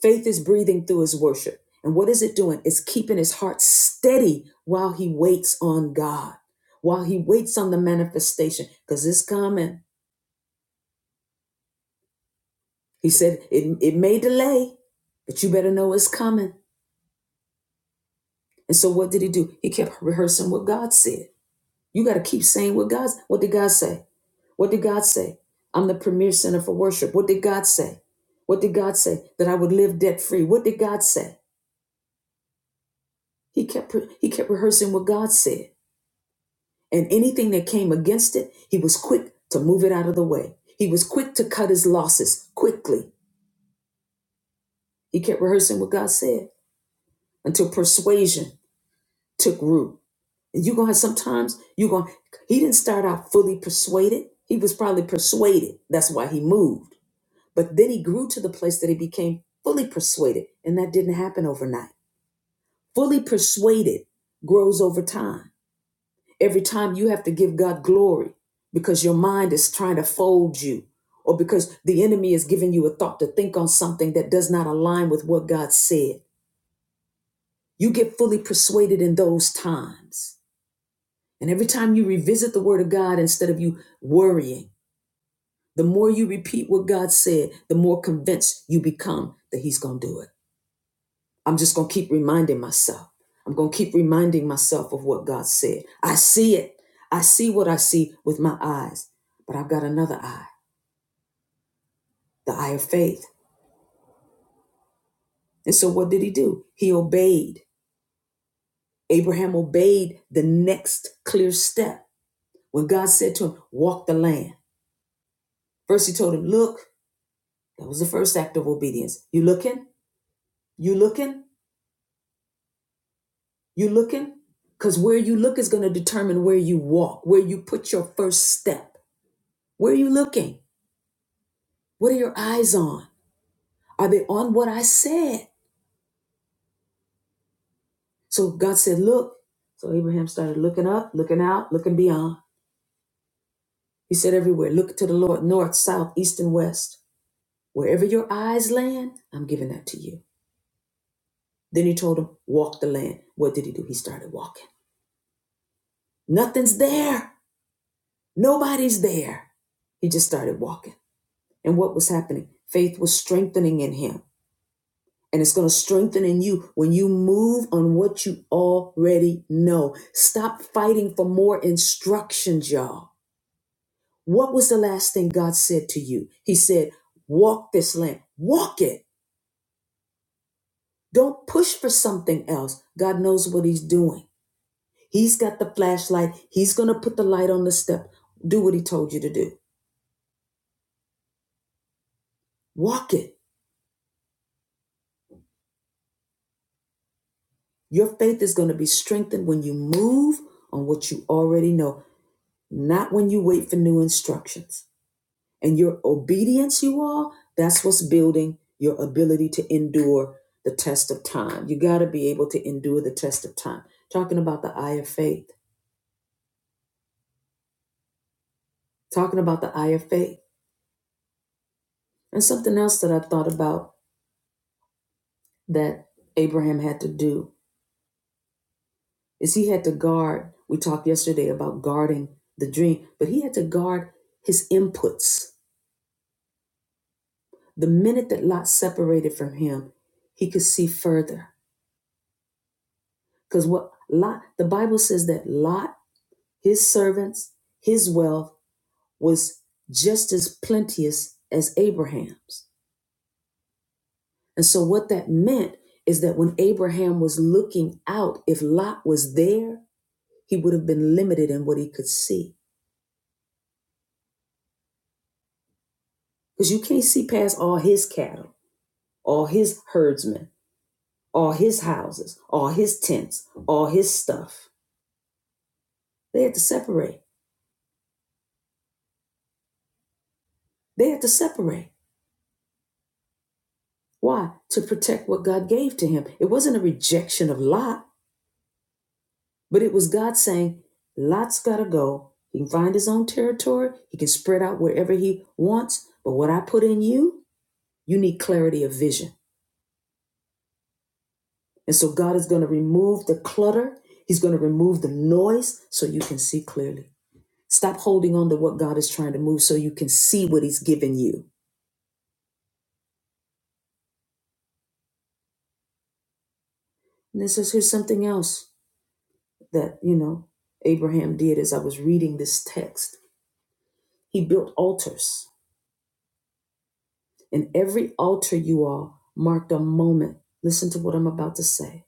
Speaker 1: Faith is breathing through his worship. And what is it doing? It's keeping his heart steady while he waits on God, while he waits on the manifestation, because it's coming. He said, it, it may delay, but you better know it's coming. And so what did he do? He kept rehearsing what God said. You got to keep saying what God's, what did God say? What did God say? I'm the premier center for worship. What did God say? What did God say? That I would live debt free. What did God say? He kept, he kept rehearsing what God said. and anything that came against it, he was quick to move it out of the way. He was quick to cut his losses quickly. He kept rehearsing what God said until persuasion took root. And you're gonna have sometimes you're gonna he didn't start out fully persuaded. He was probably persuaded. That's why he moved. But then he grew to the place that he became fully persuaded. And that didn't happen overnight. Fully persuaded grows over time Every time you have to give God glory because your mind is trying to fold you or because the enemy is giving you a thought to think on something that does not align with what God said. You get fully persuaded in those times. And every time you revisit the word of God instead of you worrying, the more you repeat what God said, the more convinced you become that he's going to do it. I'm just going to keep reminding myself. I'm going to keep reminding myself of what God said. I see it. I see what I see with my eyes, but I've got another eye, the eye of faith. And so what did he do? He obeyed. Abraham obeyed the next clear step when God said to him, Walk the land. First, he told him, Look, that was the first act of obedience. You looking? You looking? You looking? Because where you look is going to determine where you walk, where you put your first step. Where are you looking? What are your eyes on? Are they on what I said? So God said, Look. So Abraham started looking up, looking out, looking beyond. He said, Everywhere, look to the Lord, north, south, east, and west. Wherever your eyes land, I'm giving that to you. Then he told him, Walk the land. What did he do? He started walking. Nothing's there. Nobody's there. He just started walking. And what was happening? Faith was strengthening in him. And it's going to strengthen in you when you move on what you already know. Stop fighting for more instructions, y'all. What was the last thing God said to you? He said, Walk this land, walk it. Don't push for something else. God knows what He's doing. He's got the flashlight, He's going to put the light on the step. Do what He told you to do. Walk it. Your faith is going to be strengthened when you move on what you already know, not when you wait for new instructions. And your obedience, you all, that's what's building your ability to endure the test of time. You got to be able to endure the test of time. Talking about the eye of faith, talking about the eye of faith. And something else that I thought about that Abraham had to do is he had to guard. We talked yesterday about guarding the dream, but he had to guard his inputs. The minute that Lot separated from him, he could see further. Because what Lot, the Bible says that Lot His servants, his wealth was just as plenteous as Abraham's. And so, what that meant is that when Abraham was looking out, if Lot was there, he would have been limited in what he could see. Because you can't see past all his cattle, all his herdsmen, all his houses, all his tents, all his stuff. They had to separate. They had to separate. Why? To protect what God gave to him. It wasn't a rejection of Lot. But it was God saying, Lot's got to go. He can find his own territory, he can spread out wherever he wants. But what I put in you, you need clarity of vision. And so God is going to remove the clutter, He's going to remove the noise so you can see clearly. Stop holding on to what God is trying to move so you can see what He's given you. And this is here's something else that, you know, Abraham did as I was reading this text. He built altars And every altar, you all, marked a moment. Listen to what I'm about to say,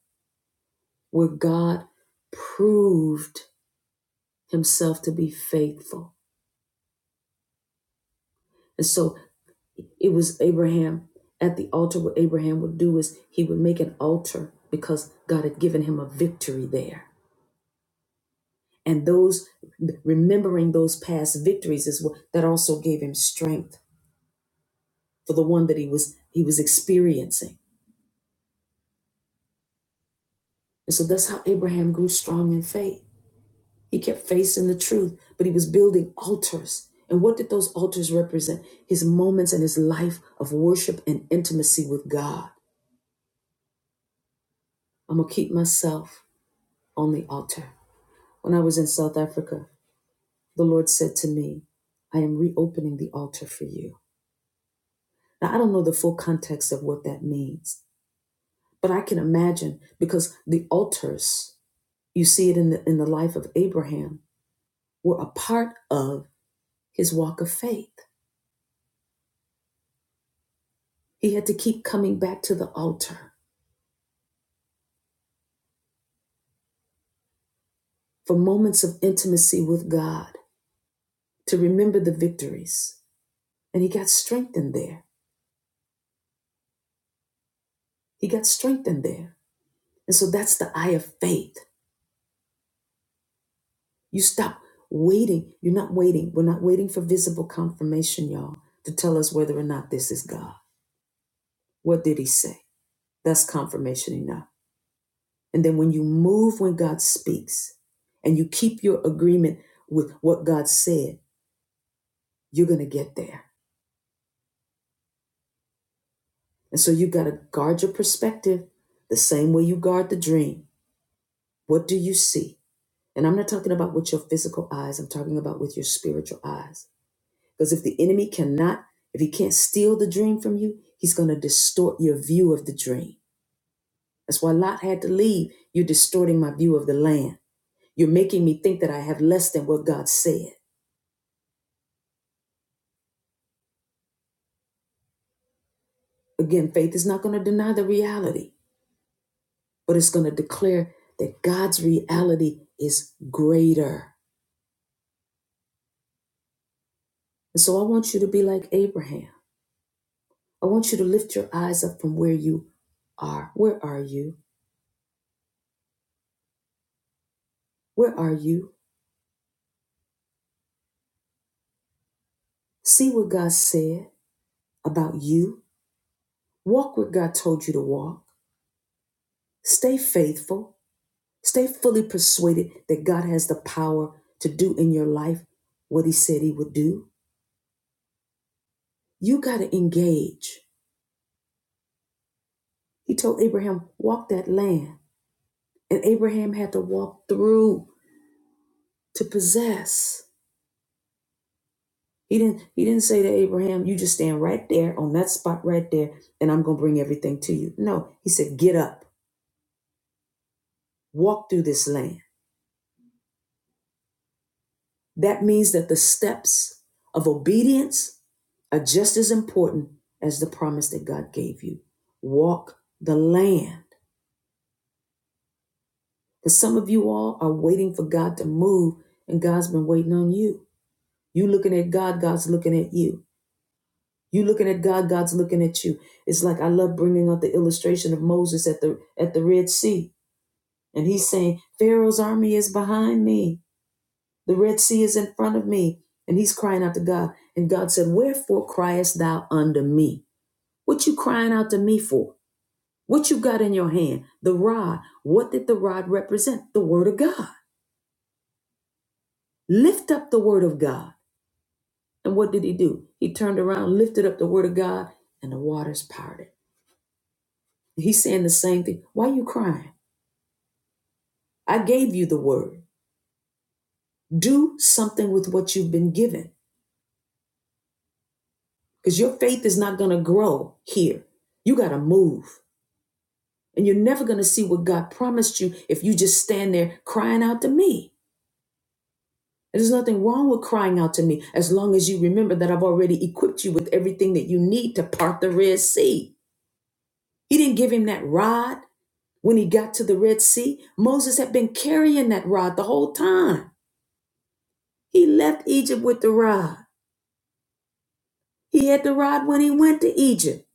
Speaker 1: where God proved himself to be faithful. And so it was Abraham at the altar. What Abraham would do is he would make an altar because God had given him a victory there. And those remembering those past victories is what that also gave him strength for the one that he was he was experiencing. And so that's how Abraham grew strong in faith. He kept facing the truth, but he was building altars. And what did those altars represent? His moments and his life of worship and intimacy with God. I'm going to keep myself on the altar. When I was in South Africa, the Lord said to me, I am reopening the altar for you. Now, I don't know the full context of what that means, but I can imagine because the altars, you see it in the, in the life of Abraham, were a part of his walk of faith. He had to keep coming back to the altar for moments of intimacy with God to remember the victories. And he got strengthened there. He got strengthened there. And so that's the eye of faith. You stop waiting. You're not waiting. We're not waiting for visible confirmation, y'all, to tell us whether or not this is God. What did he say? That's confirmation enough. And then when you move when God speaks and you keep your agreement with what God said, you're going to get there And so you got to guard your perspective the same way you guard the dream. What do you see? And I'm not talking about with your physical eyes, I'm talking about with your spiritual eyes. Because if the enemy cannot, if he can't steal the dream from you, he's going to distort your view of the dream. That's why Lot had to leave. You're distorting my view of the land. You're making me think that I have less than what God said. Again, faith is not going to deny the reality, but it's going to declare that God's reality is greater. And so I want you to be like Abraham. I want you to lift your eyes up from where you are. Where are you? Where are you? See what God said about you. Walk where God told you to walk. Stay faithful. Stay fully persuaded that God has the power to do in your life what he said he would do. You got to engage. He told Abraham, walk that land. And Abraham had to walk through to possess. He didn't he didn't say to Abraham, you just stand right there on that spot right there, and I'm gonna bring everything to you. No, he said, get up, walk through this land. That means that the steps of obedience are just as important as the promise that God gave you. Walk the land. Because some of you all are waiting for God to move, and God's been waiting on you. You looking at God, God's looking at you. You looking at God, God's looking at you. It's like I love bringing up the illustration of Moses at the at the Red Sea, and he's saying, "Pharaoh's army is behind me. The Red Sea is in front of me." And he's crying out to God, and God said, "Wherefore criest thou unto me? What you crying out to me for? What you got in your hand? The rod. What did the rod represent? The word of God. Lift up the word of God. And what did he do? He turned around, lifted up the word of God, and the waters parted. He's saying the same thing. Why are you crying? I gave you the word. Do something with what you've been given because your faith is not going to grow here. You got to move. And you're never going to see what God promised you if you just stand there crying out to me. And There's nothing wrong with crying out to me as long as you remember that I've already equipped you with everything that you need to part the Red Sea. He didn't give him that rod when he got to the Red Sea. Moses had been carrying that rod the whole time. He left Egypt with the rod. He had the rod when he went to Egypt.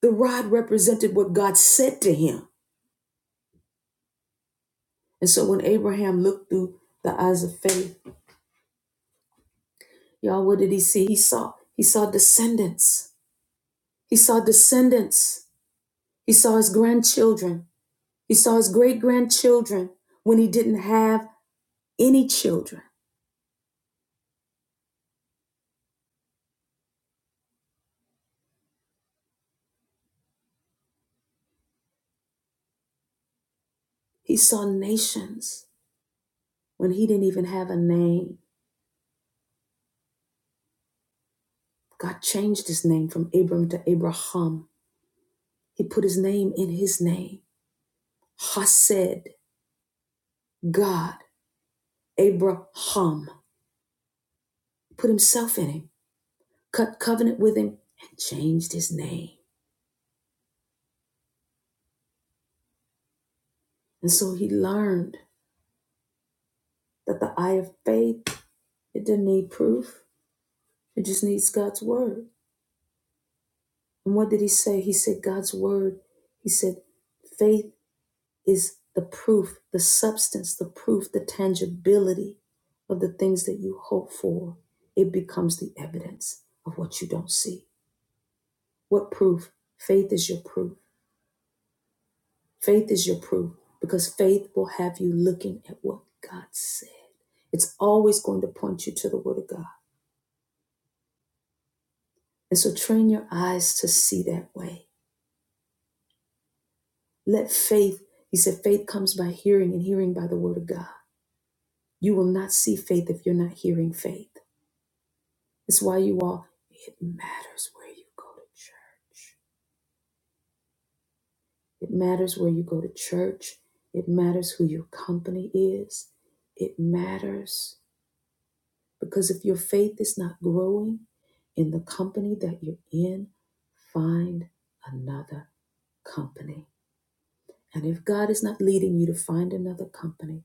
Speaker 1: The rod represented what God said to him. And so when Abraham looked through the eyes of faith, y'all, what did he see? He saw he saw descendants. He saw descendants. He saw his grandchildren. He saw his great grandchildren when he didn't have any children. He saw nations when he didn't even have a name. God changed his name from Abram to Abraham. He put his name in his name. Hased, God. Abraham put himself in him, cut covenant with him, and changed his name. And so he learned that the eye of faith, it didn't need proof. It just needs God's word. And what did he say? He said, God's word. He said, faith is the proof, the substance, the proof, the tangibility of the things that you hope for. It becomes the evidence of what you don't see. What proof? Faith is your proof. Faith is your proof because faith will have you looking at what God said. It's always going to point you to the Word of God. And so train your eyes to see that way. Let faith, he said, faith comes by hearing and hearing by the Word of God. You will not see faith if you're not hearing faith. That's why you all, it matters where you go to church. It matters where you go to church. It matters who your company is. It matters. Because if your faith is not growing in the company that you're in, find another company. And if God is not leading you to find another company,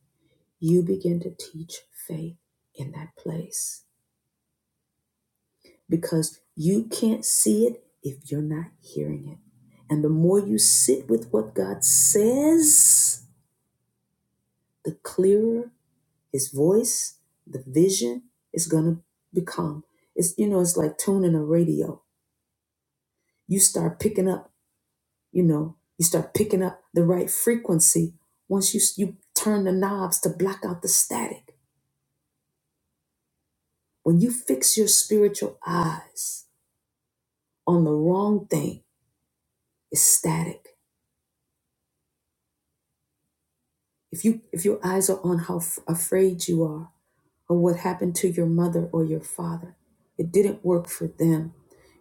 Speaker 1: you begin to teach faith in that place because you can't see it if you're not hearing it. And the more you sit with what God says, the clearer his voice, the vision is going to become. It's you know, it's like tuning a radio you start picking up you know you start picking up the right frequency once you you turn the knobs to block out the static when you fix your spiritual eyes on the wrong thing it's static if you if your eyes are on how f- afraid you are or what happened to your mother or your father it didn't work for them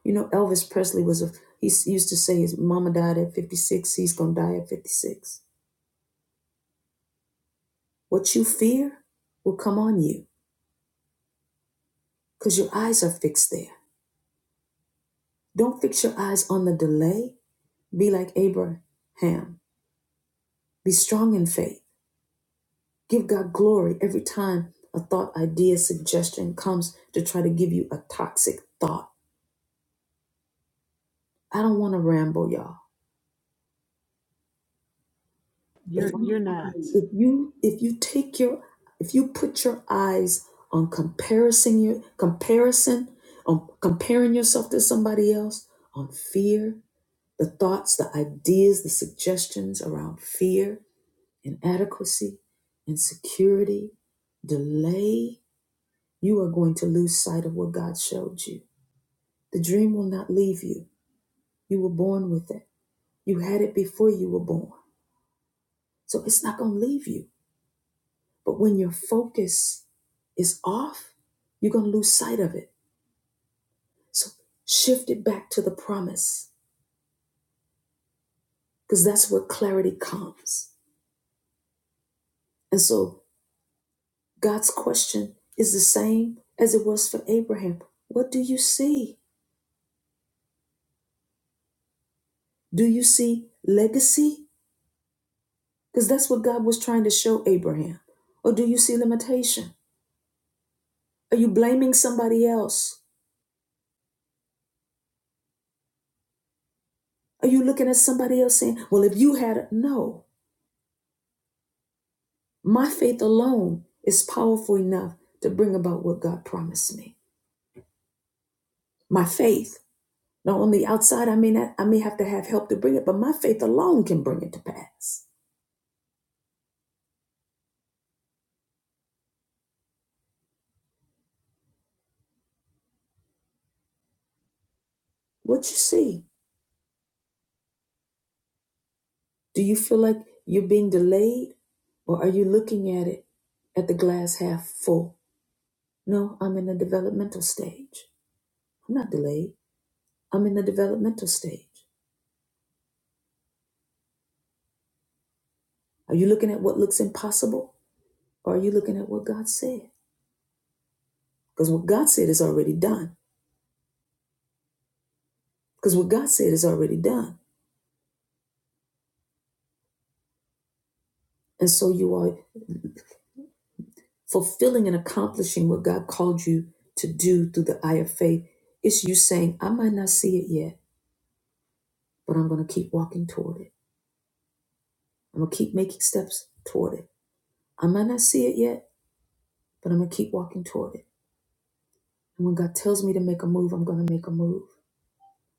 Speaker 1: you know elvis presley was a he s- used to say his mama died at 56 he's gonna die at 56 what you fear will come on you because your eyes are fixed there. Don't fix your eyes on the delay. Be like Abraham. Be strong in faith. Give God glory every time a thought, idea, suggestion comes to try to give you a toxic thought. I don't want to ramble, y'all. But if
Speaker 2: You're you're
Speaker 1: you,
Speaker 2: not.
Speaker 1: if you if you take your if you put your eyes on comparison your comparison on comparing yourself to somebody else on fear, the thoughts, the ideas, the suggestions around fear, inadequacy, insecurity, delay, you are going to lose sight of what God showed you. The dream will not leave you. You were born with it. You had it before you were born. So it's not going to leave you. But when your focus is off, you're going to lose sight of it. So shift it back to the promise because that's where clarity comes. And so God's question is the same as it was for Abraham What do you see? Do you see legacy? Because that's what God was trying to show Abraham. Or do you see limitation? Are you blaming somebody else? Are you looking at somebody else saying, well, if you had it? No. My faith alone is powerful enough to bring about what God promised me. My faith. Now, on the outside, I may not, I may have to have help to bring it, but my faith alone can bring it to pass. What you see? Do you feel like you're being delayed? Or are you looking at it at the glass half full? No, I'm in the developmental stage. I'm not delayed. I'm in the developmental stage. Are you looking at what looks impossible or are you looking at what God said? Because what God said is already done. Because what God said is already done. And so you are fulfilling and accomplishing what God called you to do through the eye of faith. It's you saying, I might not see it yet, but I'm going to keep walking toward it. I'm going to keep making steps toward it. I might not see it yet, but I'm going to keep walking toward it. And when God tells me to make a move, I'm going to make a move.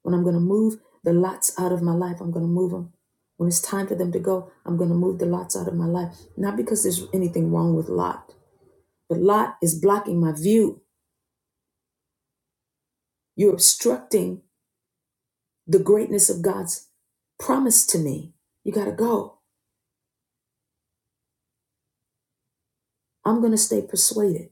Speaker 1: When I'm going to move the lots out of my life, I'm going to move them. When it's time for them to go, I'm going to move the lots out of my life. Not because there's anything wrong with Lot, but Lot is blocking my view. You're obstructing the greatness of God's promise to me. You got to go. I'm going to stay persuaded.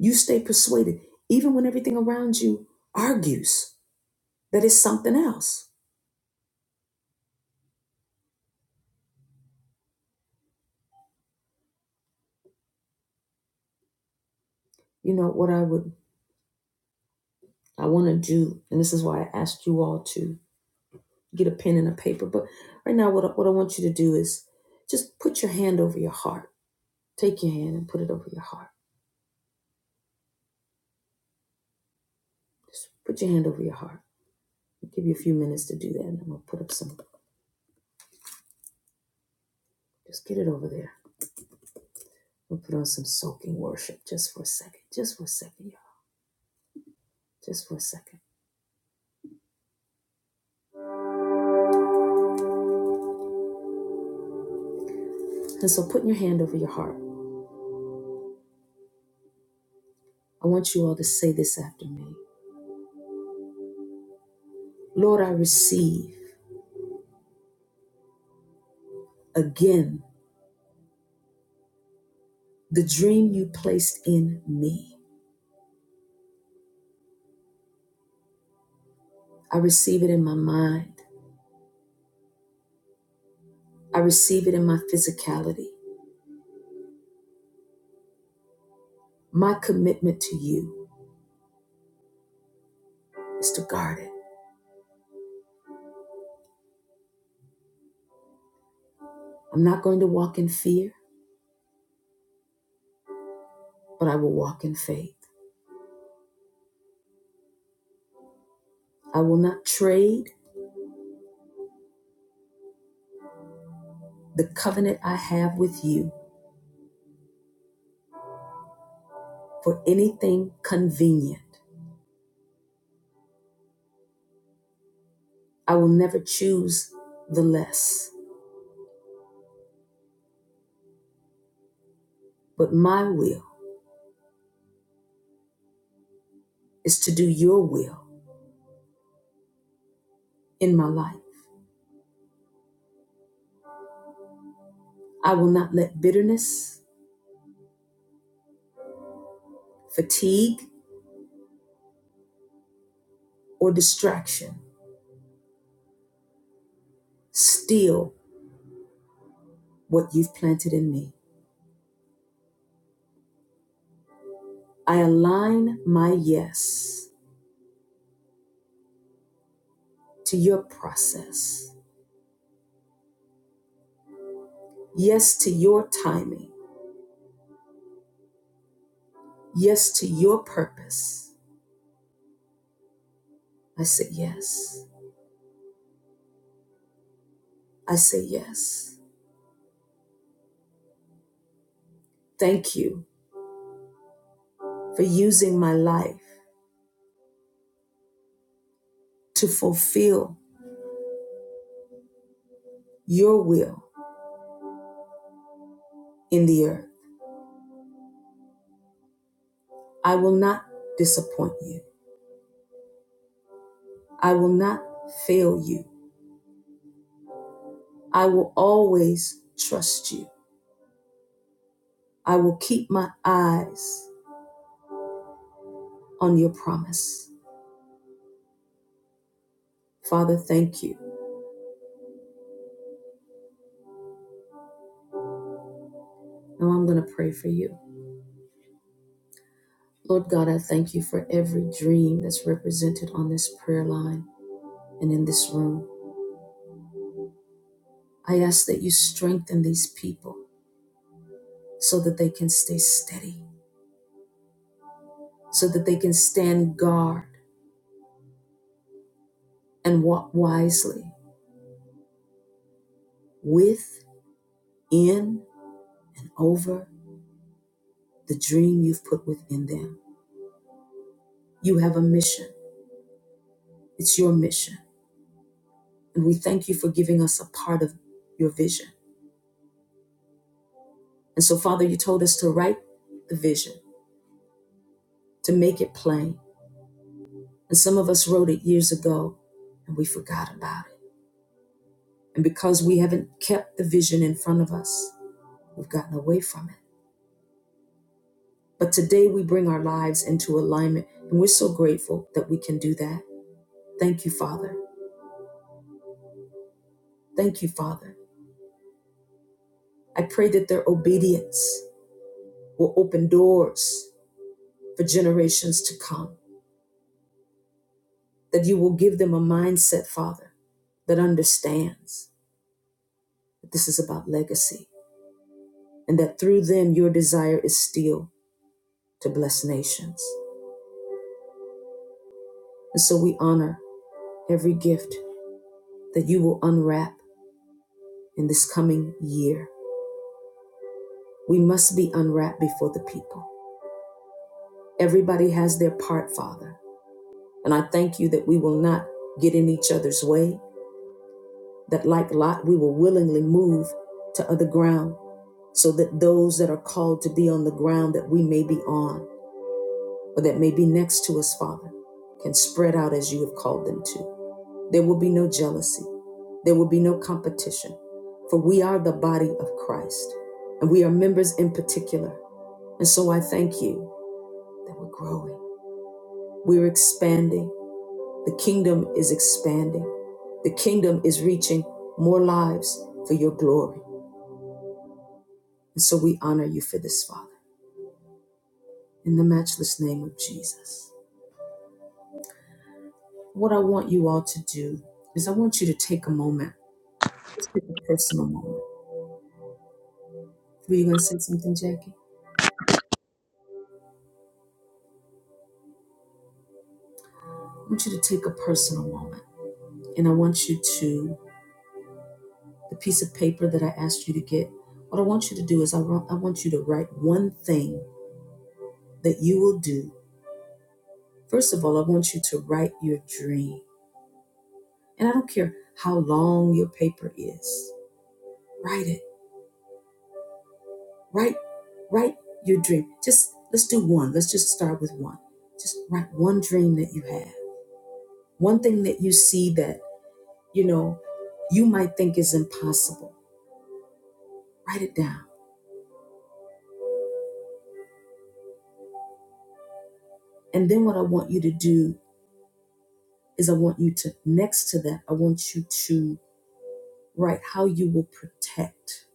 Speaker 1: You stay persuaded, even when everything around you argues that it's something else. You know what I would, I want to do, and this is why I asked you all to get a pen and a paper. But right now, what I, what I want you to do is just put your hand over your heart. Take your hand and put it over your heart. Just put your hand over your heart. I'll give you a few minutes to do that, and I'm gonna put up some. Just get it over there. We'll put on some soaking worship just for a second. Just for a second, y'all. Just for a second. And so, putting your hand over your heart, I want you all to say this after me. Lord, I receive again the dream you placed in me. I receive it in my mind. I receive it in my physicality. My commitment to you is to guard it. I'm not going to walk in fear, but I will walk in faith. I will not trade the covenant I have with you for anything convenient. I will never choose the less, but my will is to do your will in my life. I will not let bitterness, fatigue, or distraction steal what you've planted in me. I align my yes to your process. Yes to your timing. Yes to your purpose. I say yes. I say yes. Thank you for using my life to fulfill your will in the earth. I will not disappoint you. I will not fail you. I will always trust you. I will keep my eyes on your promise. Father, thank you. Now I'm going to pray for you. Lord God, I thank you for every dream that's represented on this prayer line and in this room. I ask that you strengthen these people so that they can stay steady, so that they can stand guard and walk wisely with, in, and over the dream you've put within them. You have a mission, it's your mission. And we thank you for giving us a part of your vision. And so, Father, you told us to write the vision, to make it plain And some of us wrote it years ago and we forgot about it. And because we haven't kept the vision in front of us, we've gotten away from it. But today we bring our lives into alignment and we're so grateful that we can do that. Thank you, Father. Thank you, Father. I pray that their obedience will open doors for generations to come, that you will give them a mindset, Father, that understands that this is about legacy and that through them your desire is still to bless nations. And so we honor every gift that you will unwrap in this coming year. We must be unwrapped before the people. Everybody has their part, Father. And I thank you that we will not get in each other's way, that like Lot, we will willingly move to other ground so that those that are called to be on the ground that we may be on or that may be next to us, Father, can spread out as you have called them to. There will be no jealousy. There will be no competition. For we are the body of Christ and we are members in particular. And so I thank you that we're growing. We're expanding. The kingdom is expanding. The kingdom is reaching more lives for your glory. And so we honor you for this, Father, in the matchless name of Jesus. What I want you all to do is I want you to take a moment. Let's take a personal moment. Were you going to say something, Jackie? I want you to take a personal moment and I want you to, the piece of paper that I asked you to get, what I want you to do is I want, I want you to write one thing that you will do. First of all, I want you to write your dream. And I don't care how long your paper is, write it. Write, write your dream. Just let's do one. Let's just start with one. Just write one dream that you have, one thing that you see that, you know, you might think is impossible. Write it down And then what I want you to do is I want you to, next to that, I want you to write how you will protect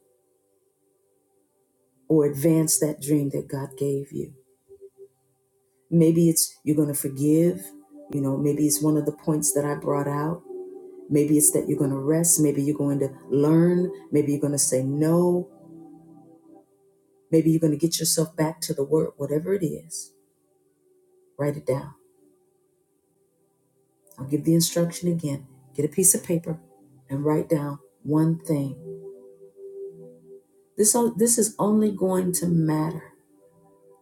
Speaker 1: or advance that dream that God gave you. Maybe it's you're going to forgive. You know, maybe it's one of the points that I brought out. Maybe it's that you're going to rest. Maybe you're going to learn. Maybe you're going to say no. Maybe you're going to get yourself back to the word, whatever it is. Write it down. I'll give the instruction again. Get a piece of paper and write down one thing This, this is only going to matter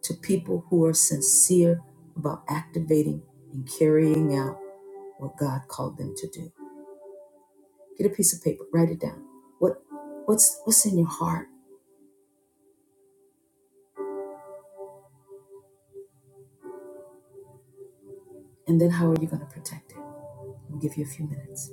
Speaker 1: to people who are sincere about activating and carrying out what God called them to do. Get a piece of paper, write it down. What, what's, what's in your heart? And then how are you going to protect it? I'll give you a few minutes.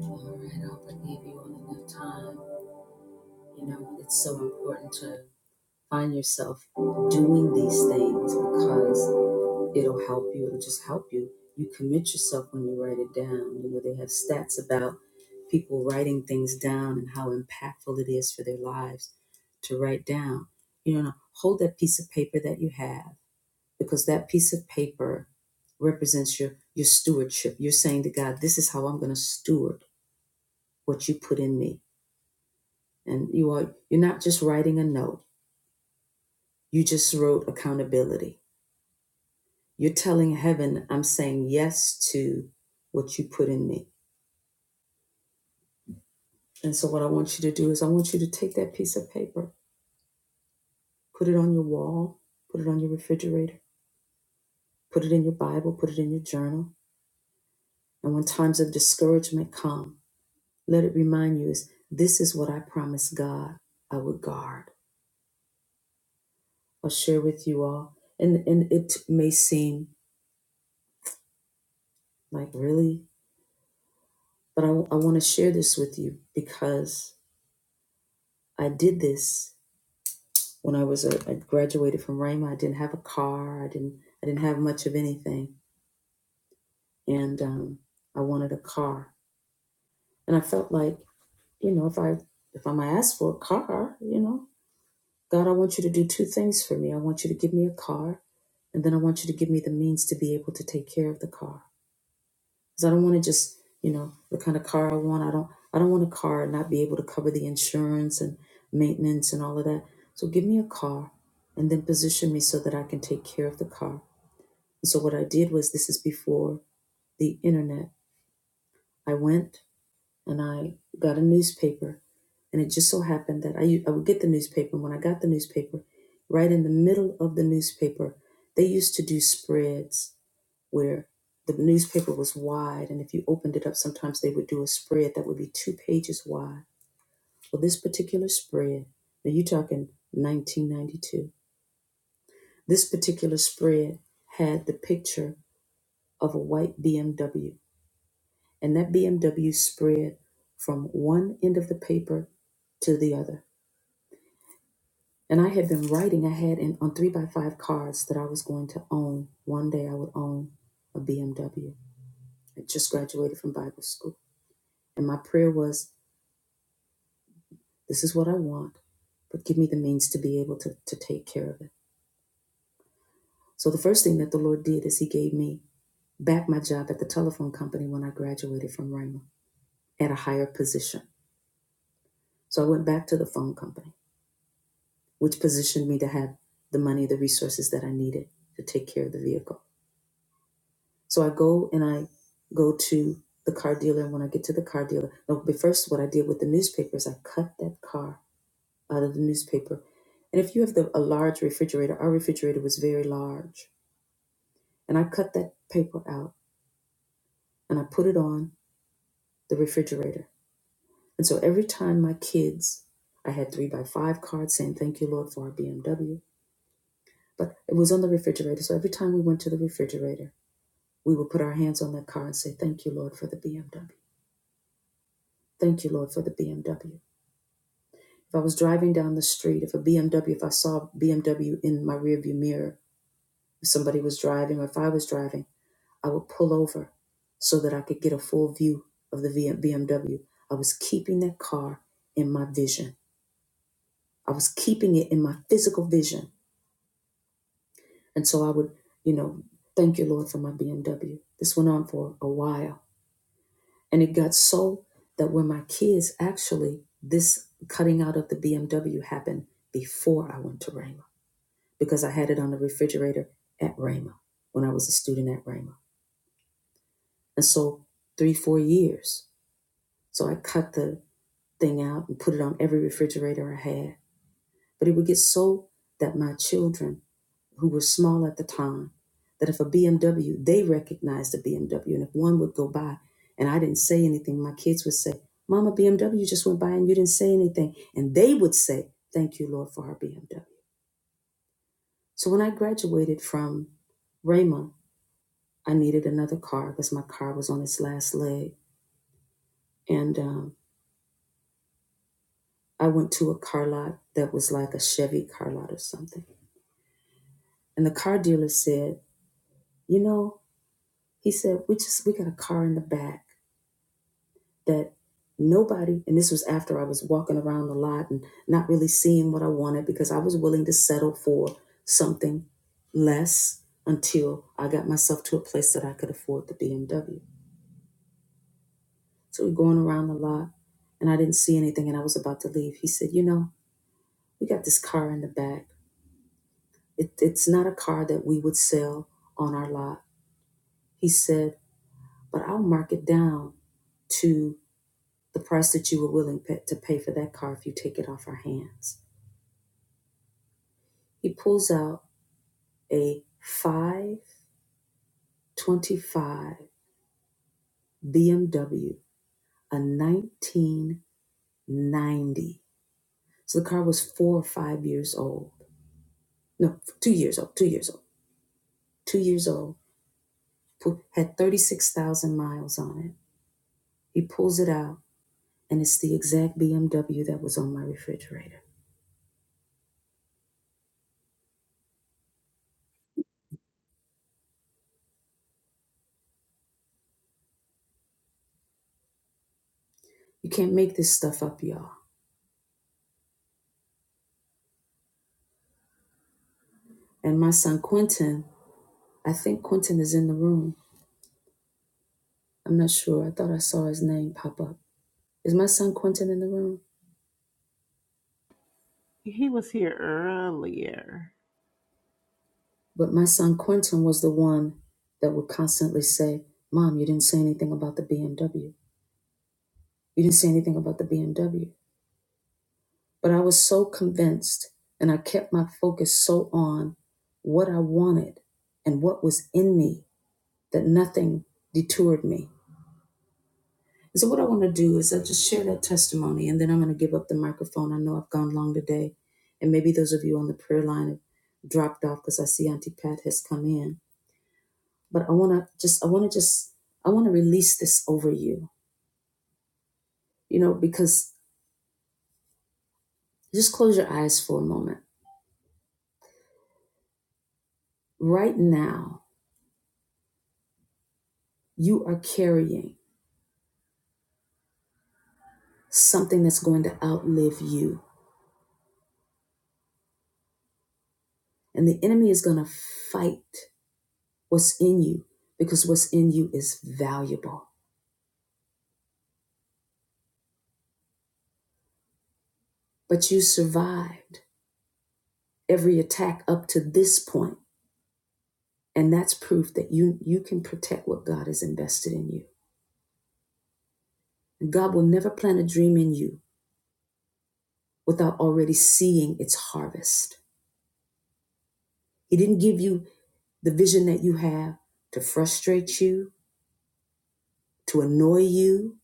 Speaker 1: All right, I hope I gave you all enough time. You know, it's so important to find yourself doing these things because. it'll help you. It'll just help you. You commit yourself when you write it down. You know, they have stats about people writing things down and how impactful it is for their lives to write down. You know, hold that piece of paper that you have because that piece of paper represents your your stewardship. You're saying to God, this is how I'm going to steward what you put in me. And you are you're not just writing a note. You just wrote accountability. You're telling heaven, I'm saying yes to what you put in me. And so, what I want you to do is, I want you to take that piece of paper, put it on your wall, put it on your refrigerator, put it in your Bible, put it in your journal. And when times of discouragement come, let it remind you is this is what I promised God I would guard. I'll share with you all. And, and it may seem like, really? But I, I want to share this with you because I did this when I was a, I graduated from Rhema. I didn't have a car. I didn't I didn't have much of anything and um, I wanted a car. And I felt like, you know, if I if I'm asked for a car, you know, God, I want you to do two things for me. I want you to give me a car, and then I want you to give me the means to be able to take care of the car, because I don't want to just, you know, the kind of car I want. I don't I don't want a car and not be able to cover the insurance and maintenance and all of that. So give me a car, and then position me so that I can take care of the car. And so what I did was, this is before the internet. I went and I got a newspaper. And it just so happened that I I would get the newspaper. And when I got the newspaper, right in the middle of the newspaper, they used to do spreads where the newspaper was wide. And if you opened it up, sometimes they would do a spread that would be two pages wide. Well, this particular spread, now you're talking 1992, this particular spread had the picture of a white BMW And that BMW spread from one end of the paper to the other. And I had been writing, I had in, on three by five cards that I was going to own. One day I would own a BMW. I just graduated from Bible school. And my prayer was, this is what I want, but give me the means to be able to, to take care of it. So the first thing that the Lord did is He gave me back my job at the telephone company when I graduated from Rhema at a higher position. So I went back to the phone company. which positioned me to have the money, the resources that I needed to take care of the vehicle. So I go and I go to the car dealer. And when I get to the car dealer, no, but first, what I did with the newspaper is I cut that car out of the newspaper. And if you have the, a large refrigerator, our refrigerator was very large. And I cut that paper out and I put it on the refrigerator. And so every time my kids, I had three by five cards saying, Thank you, Lord, for our BMW. But it was on the refrigerator. So every time we went to the refrigerator, we will put our hands on that car and say, Thank you, Lord, for the BMW. Thank you, Lord, for the BMW. If I was driving down the street, if a BMW, if I saw BMW in my rearview mirror, if somebody was driving or if I was driving, I would pull over so that I could get a full view of the V- BMW. I was keeping that car in my vision. I was keeping it in my physical vision. And so I would, you know, thank you, Lord, for my BMW. This went on for a while And it got so that when my kids actually, this cutting out of the BMW happened before I went to Rhema because I had it on the refrigerator at Rhema when I was a student at Rhema. And so three, four years. So I cut the thing out and put it on every refrigerator I had. But it would get so that my children who were small at the time that if a BMW, they recognized a BMW. And if one would go by and I didn't say anything, my kids would say, Mama, BMW just went by and you didn't say anything. And they would say, Thank you, Lord, for our BMW. So when I graduated from Rhema, I needed another car because my car was on its last leg. And um, I went to a car lot that was like a Chevy car lot or something. And the car dealer said, You know, he said, We just, we got a car in the back that nobody, and this was after I was walking around the lot and not really seeing what I wanted because I was willing to settle for something less until I got myself to a place that I could afford the BMW. So we're going around the lot and I didn't see anything and I was about to leave. He said, You know, we got this car in the back. It, it's not a car that we would sell on our lot. He said, But I'll mark it down to the price that you were willing to pay for that car if you take it off our hands. He pulls out a 525 BMW, a 1990. So the car was four or five years old. No, two years old, two years old, two years old. Had 36,000 miles on it. He pulls it out, and it's the exact BMW that was on my refrigerator. You can't make this stuff up, y'all. And my son Quentin, I think Quentin is in the room. I'm not sure. I thought I saw his name pop up. Is my son Quentin in the room?
Speaker 2: He was here earlier.
Speaker 1: But my son Quentin was the one that would constantly say, Mom, you didn't say anything about the BMW. You didn't say anything about the BMW. But I was so convinced and I kept my focus so on what I wanted and what was in me that nothing detoured me. And so, what I want to do is I will just share that testimony and then I'm going to give up the microphone. I know I've gone long today. And maybe those of you on the prayer line have dropped off because I see Auntie Pat has come in but I want to just, I want to just, I want to release this over you, you know, because just close your eyes for a moment. Right now, you are carrying something that's going to outlive you, and the enemy is going to fight what's in you because what's in you is valuable. But you survived every attack up to this point, and that's proof that you you can protect what God has invested in you. And God will never plant a dream in you without already seeing its harvest. He didn't give you the vision that you have to frustrate you, to annoy you,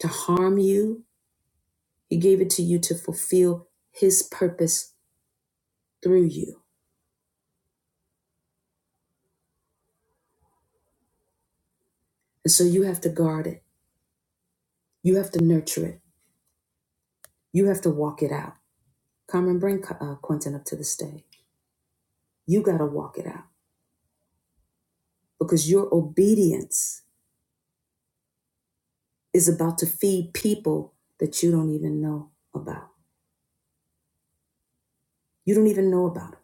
Speaker 1: to harm you. He gave it to you to fulfill His purpose through you. And so you have to guard it, you have to nurture it, you have to walk it out. Come and bring uh, Quentin up to the stage. You got to walk it out because your obedience is about to feed people that you don't even know about. You don't even know about it.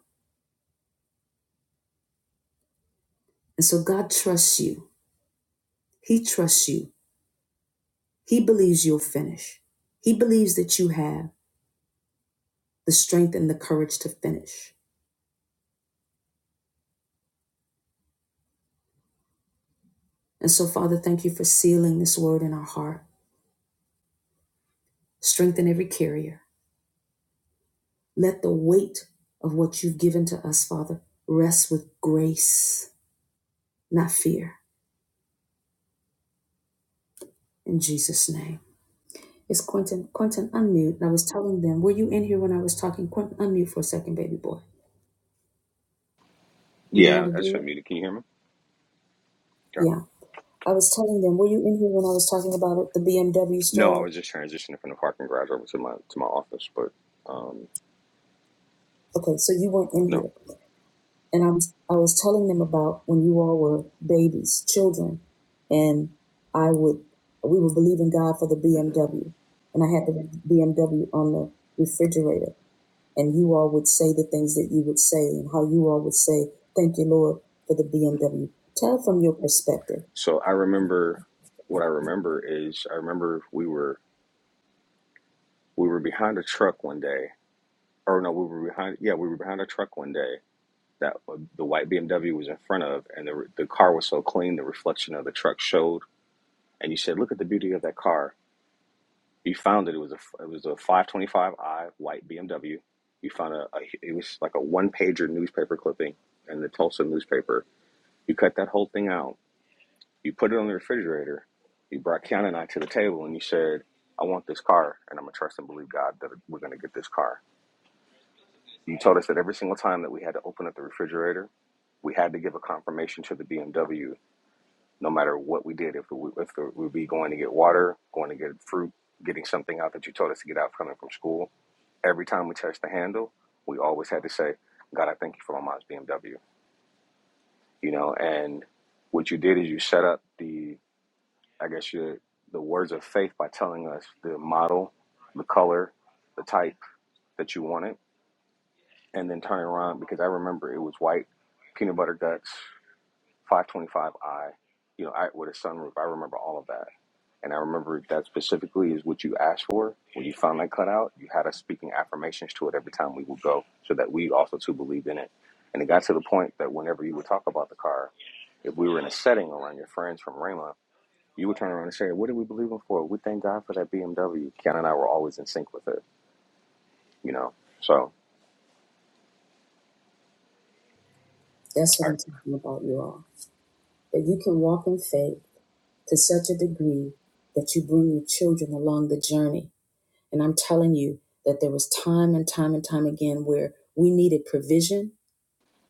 Speaker 1: And so God trusts you. He trusts you He believes you'll finish. He believes that you have the strength and the courage to finish. And so, Father, thank you for sealing this word in our heart. Strengthen every carrier. Let the weight of what you've given to us, Father, rest with grace, not fear. In Jesus' name. It's Quentin. Quentin, unmute. And I was telling them, were you in here when I was talking? Quentin, unmute for a second, baby boy. You know how
Speaker 7: Yeah,
Speaker 1: to
Speaker 7: I just
Speaker 1: do
Speaker 7: got
Speaker 1: it?
Speaker 7: muted. Can you hear me? Okay.
Speaker 1: Yeah. I was telling them, were you in here when I was talking about it, the BMW
Speaker 7: No, I
Speaker 1: story?
Speaker 7: was just transitioning from the parking garage over to my to my office, but um,
Speaker 1: Okay, so you weren't in here.
Speaker 7: no.
Speaker 1: and I'm, I was telling them about when you all were babies, children, and I would, we would believe in God for the
Speaker 7: hmm
Speaker 1: BMW, and I had the BMW on the refrigerator, and you all would say the things that you would say and how you all would say, thank you, Lord, for the
Speaker 7: hmm
Speaker 1: BMW. Tell from your perspective
Speaker 7: So I remember what I remember is I remember we were we were behind a truck one day, or no, we were behind. Yeah, we were behind a truck one day that uh, the white BMW was in front of, and the the car was so clean, the reflection of the truck showed. And you said, "Look at the beauty of that car." You found it. It was a it was a 525i white BMW. You found a, a it was like a one pager newspaper clipping in the Tulsa newspaper. You cut that whole thing out. You put it on the refrigerator. You brought Keanu and I to the table and you said, "I want this car, and I'm gonna trust and believe God that we're gonna get this car." You told us that every single time that we had to open up the refrigerator, we had to give a confirmation to the BMW, no matter what we did, if we if we would be going to get water, going to get fruit, getting something out that you told us to get out coming from school every time we touched the handle, we always had to say, God, I thank you for my mom's BMW. You know, and what you did is you set up the, I guess, your, the words of faith by telling us the model, the color, the type that you wanted, and then turning around because I remember it was white, peanut butter guts, 525i, you know, I, with a sunroof. I remember all of that And I remember that specifically is what you asked for. When you found that cutout, you had us speaking affirmations to it every time we would go so that we also too believed in it. And it got to the point that whenever you would talk about the car, if we were in a setting around your friends from Rama, you would turn around and say, What did we believe in for? We thank God for that BMW. Ken and I were always in sync with it, you know. So
Speaker 1: that's
Speaker 7: I,
Speaker 1: what I'm talking about, you all. That you can walk in faith to such a degree that you bring your children along the journey. And I'm telling you that there was time and time and time again where we needed provision.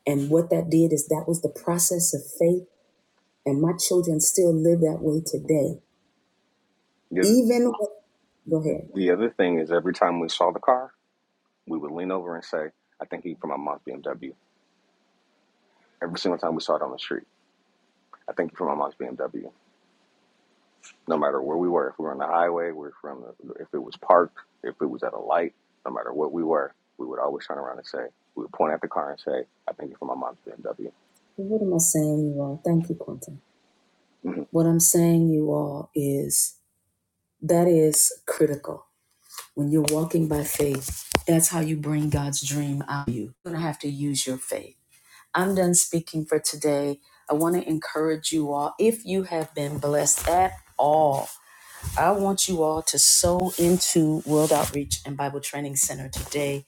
Speaker 1: And what that did is that was the process of faith And my children still live that way today.
Speaker 7: the,
Speaker 1: Even, with, go ahead.
Speaker 7: the other thing is every time we saw the car, we would lean over and say, I thank you for my mom's BMW. Every single time we saw it on the street, I thank you for my mom's BMW. no matter where we were. If we were on the highway, we were from the, if it was parked, if it was at a light, no matter what we were, we would always turn around and say, we would point at the car and say, I think it's for my mom's BMW.
Speaker 1: What am I saying, you all? Thank you, Quentin. What I'm saying, you all, is that is critical. When you're walking by faith, that's how you bring God's dream out of you. You're going to have to use your faith. I'm done speaking for today. I want to encourage you all, if you have been blessed at all, I want you all to sow into World Outreach and Bible Training Center today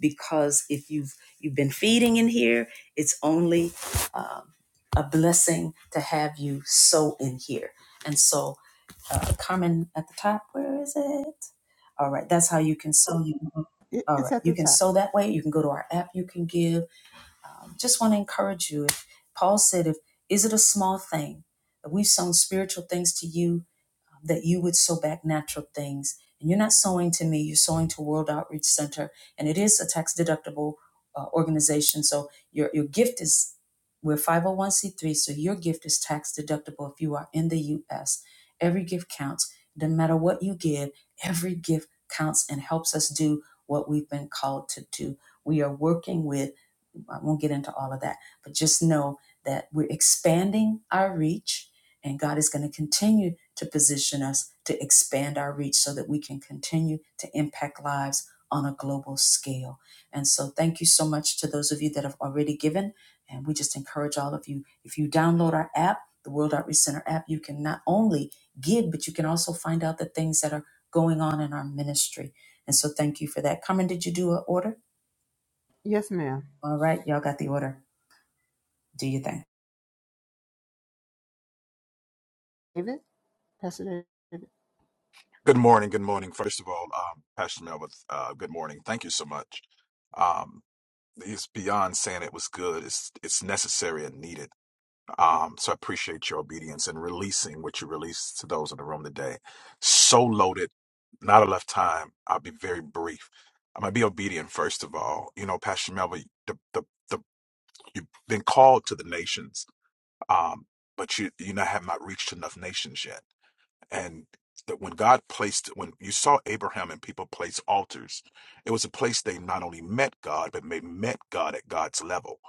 Speaker 1: because if you've you've been feeding in here, it's only um, a blessing to have you sow in here. And so, uh, Carmen at the top, where is it? All right, that's how you can sow. You
Speaker 2: It,
Speaker 1: all
Speaker 2: it's
Speaker 1: right,
Speaker 2: at
Speaker 1: you
Speaker 2: the
Speaker 1: can
Speaker 2: top.
Speaker 1: sow that way. You can go to our app. You can give. Um, just want to encourage you. If Paul said, "If is it a small thing that we've sown spiritual things to you?" that you would sow back natural things. And you're not sowing to me, you're sowing to World Outreach Center. And it is a tax deductible uh, organization. So your, your gift is, we're 501c3, so your gift is tax deductible if you are in the US. Every gift counts. Doesn't matter what you give, every gift counts and helps us do what we've been called to do. We are working with I won't get into all of that, but just know that we're expanding our reach, and God is going to continue to position us to expand our reach so that we can continue to impact lives on a global scale. And so, thank you so much to those of you that have already given. And we just encourage all of you if you download our app, the World Outreach Center app, you can not only give, but you can also find out the things that are going on in our ministry. And so, thank you for that. Carmen, did you do an order?
Speaker 2: Yes, ma'am.
Speaker 1: All right, y'all got the order do your thing.
Speaker 2: David, Pastor David.
Speaker 8: Good morning. Good morning. First of all, um, Pastor Melvin, uh, good morning. Thank you so much. Um, it's beyond saying it was good. It's it's necessary and needed. Um, so I appreciate your obedience and releasing what you released to those in the room today. So loaded, not enough time. I'll be very brief. I'm gonna be obedient first of all. You know, Pastor Melvin, the the, the you've been called to the nations, um, but you you not have not reached enough nations yet and that when God placed when you saw Abraham and people place altars, it was a place they not only met God but they met God at God's level.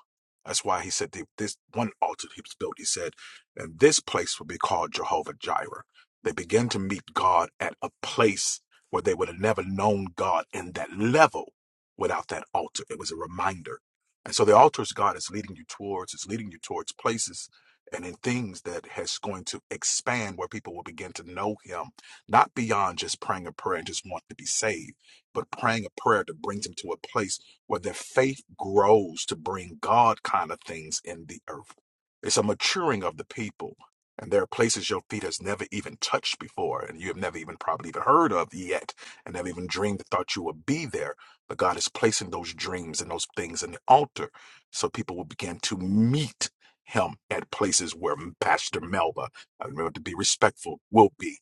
Speaker 8: That's why he said the, this one altar he was built. He said, and this place will be called Jehovah Jireh. They began to meet God at a place where they would have never known God in that level without that altar. It was a reminder. And so the altars God is leading you towards, is leading you towards places and in things that has going to expand where people will begin to know him, not beyond just praying a prayer and just want to be saved, but praying a prayer that brings them to a place where their faith grows to bring God kind of things in the earth. It's a maturing of the people. And there are places your feet has never even touched before, and you have never even probably even heard of yet, and never even dreamed or thought you would be there. But God is placing those dreams and those things in the altar so people will begin to meet him at places where Pastor Melba, I remember to be respectful, will be.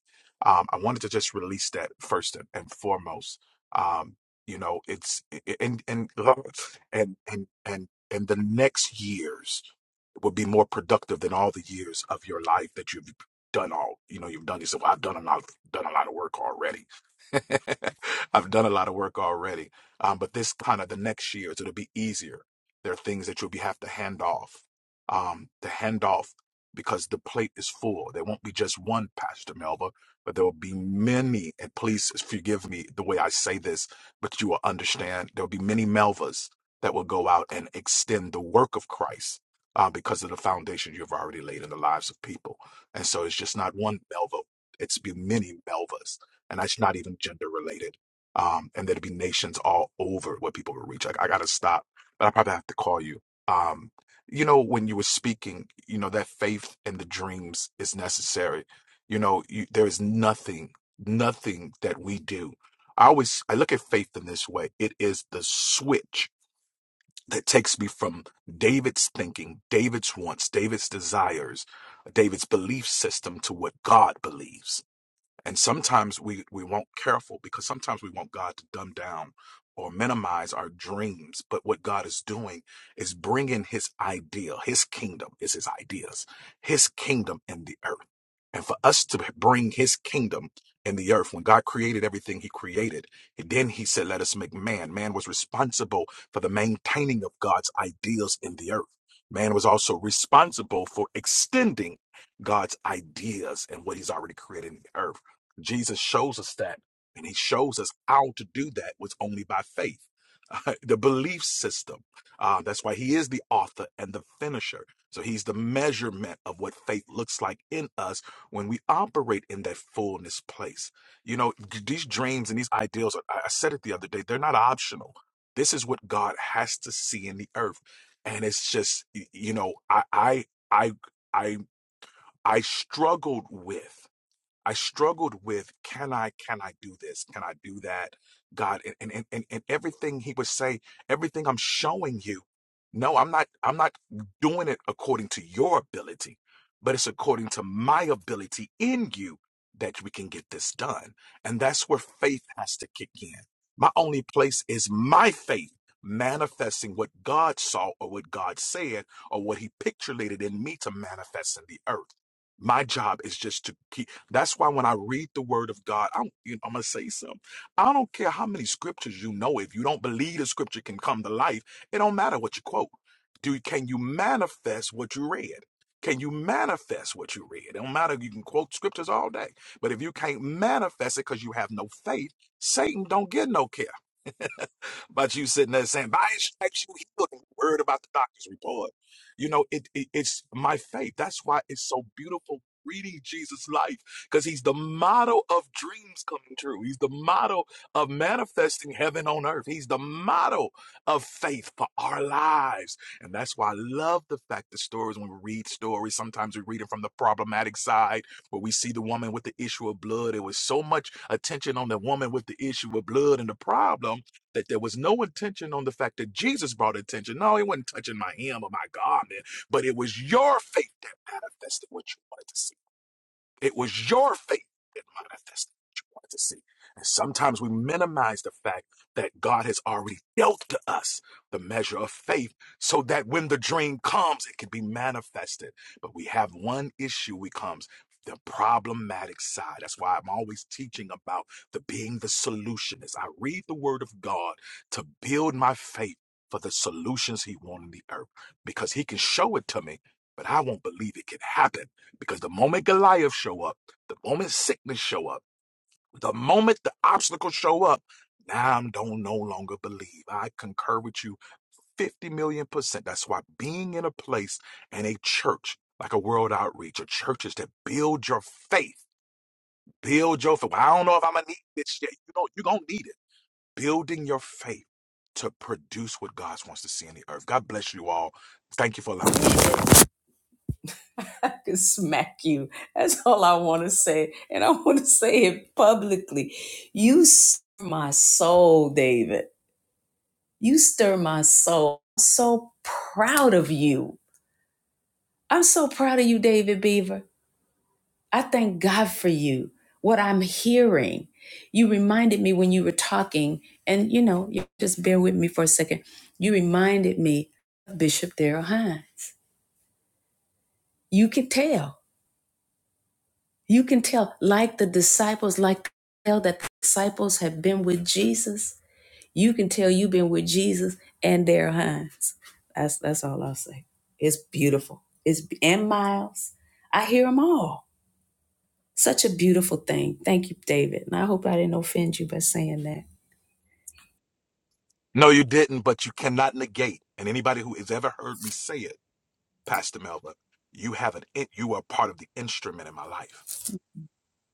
Speaker 8: Um, I wanted to just release that first and and foremost. Um, you know, it's and and and and and and the next years will be more productive than all the years of your life that you've done all you know you've done yourself i've done a lot of, done a lot of work already i've done a lot of work already um, but this kind of the next years it'll be easier there are things that you'll be have to hand off um, to hand off because the plate is full there won't be just one pastor melva but there will be many and please forgive me the way i say this but you will understand there will be many melvas that will go out and extend the work of christ uh, because of the foundation you've already laid in the lives of people. And so it's just not one Melva, it's be many Melvas, and that's not even gender related. Um, and there'd be nations all over where people would reach. Like, I got to stop, but I probably have to call you. Um, you know, when you were speaking, you know, that faith and the dreams is necessary. You know, you, there is nothing, nothing that we do. I always I look at faith in this way. It is the switch that takes me from David's thinking, David's wants, David's desires, David's belief system to what God believes. And sometimes we, we won't careful because sometimes we want God to dumb down or minimize our dreams. But what God is doing is bringing his idea, his kingdom is his ideas, his kingdom in the earth. And for us to bring his kingdom in the earth, when God created everything he created, and then he said, let us make man. Man was responsible for the maintaining of God's ideals in the earth. Man was also responsible for extending God's ideas and what he's already created in the earth. Jesus shows us that, and he shows us how to do that was only by faith. Uh, the belief system. Uh, that's why he is the author and the finisher. So he's the measurement of what faith looks like in us when we operate in that fullness place. You know, d- these dreams and these ideals, are, I I said it the other day, they're not optional. This is what God has to see in the earth. And it's just, y- you know, I, I, I, I, I struggled with. I struggled with can I can I do this? Can I do that? God and and and, and everything he would say, everything I'm showing you. No, I'm not I'm not doing it according to your ability, but it's according to my ability in you that we can get this done. And that's where faith has to kick in. My only place is my faith manifesting what God saw or what God said or what he picturated in me to manifest in the earth. My job is just to keep that's why when I read the word of God, I'm, you know, I'm going to say something. I don't care how many scriptures you know. If you don't believe the scripture can come to life, it don't matter what you quote. Do Can you manifest what you read? Can you manifest what you read? It don't matter. You can quote scriptures all day. But if you can't manifest it because you have no faith, Satan don't get no care about you sitting there saying, by his stripes you healed and you're worried about the doctor's report. You know, it, it it's my faith. That's why it's so beautiful reading Jesus' life because he's the model of dreams coming true. He's the model of manifesting heaven on earth. He's the model of faith for our lives. And that's why I love the fact that stories, when we read stories, sometimes we read it from the problematic side where we see the woman with the issue of blood. It was so much attention on the woman with the issue of blood and the problem that there was no attention on the fact that Jesus brought attention. No, it wasn't touching my hem or my garment, but it was your faith that manifested what you wanted to see. It was your faith that manifested what you wanted to see. And sometimes we minimize the fact that God has already dealt to us the measure of faith so that when the dream comes, it can be manifested. But we have one issue we comes the problematic side. That's why I'm always teaching about the being the solutionist. I read the word of God to build my faith for the solutions he wants in the earth because he can show it to me, but I won't believe it can happen because the moment Goliath show up, the moment sickness show up, the moment the obstacles show up, now I don't no longer believe. I concur with you 50 million percent. That's why being in a place and a church, like a world outreach, or churches that build your faith, build your faith. Well, I don't know if I'm gonna need this shit. You know, you're gonna need it. Building your faith to produce what God wants to see in the earth. God bless you all. Thank you for allowing me to share.
Speaker 1: I could smack you. That's all I want to say. And I want to say it publicly. You stir my soul, David. You stir my soul. I'm so proud of you. I'm so proud of you, David Beaver. I thank God for you, what I'm hearing. You reminded me when you were talking, and you know, you just bear with me for a second. You reminded me of Bishop Darrell Hines. You could tell You can tell, like the disciples, like tell that the disciples have been with Jesus. You can tell you've been with Jesus and their hands. That's that's all I'll say. It's beautiful. It's and Miles. I hear them all. Such a beautiful thing. Thank you, David. And I hope I didn't offend you by saying that.
Speaker 8: No, you didn't, but you cannot negate. And anybody who has ever heard me say it Pastor Melba, you have an in- you are part of the instrument in my life.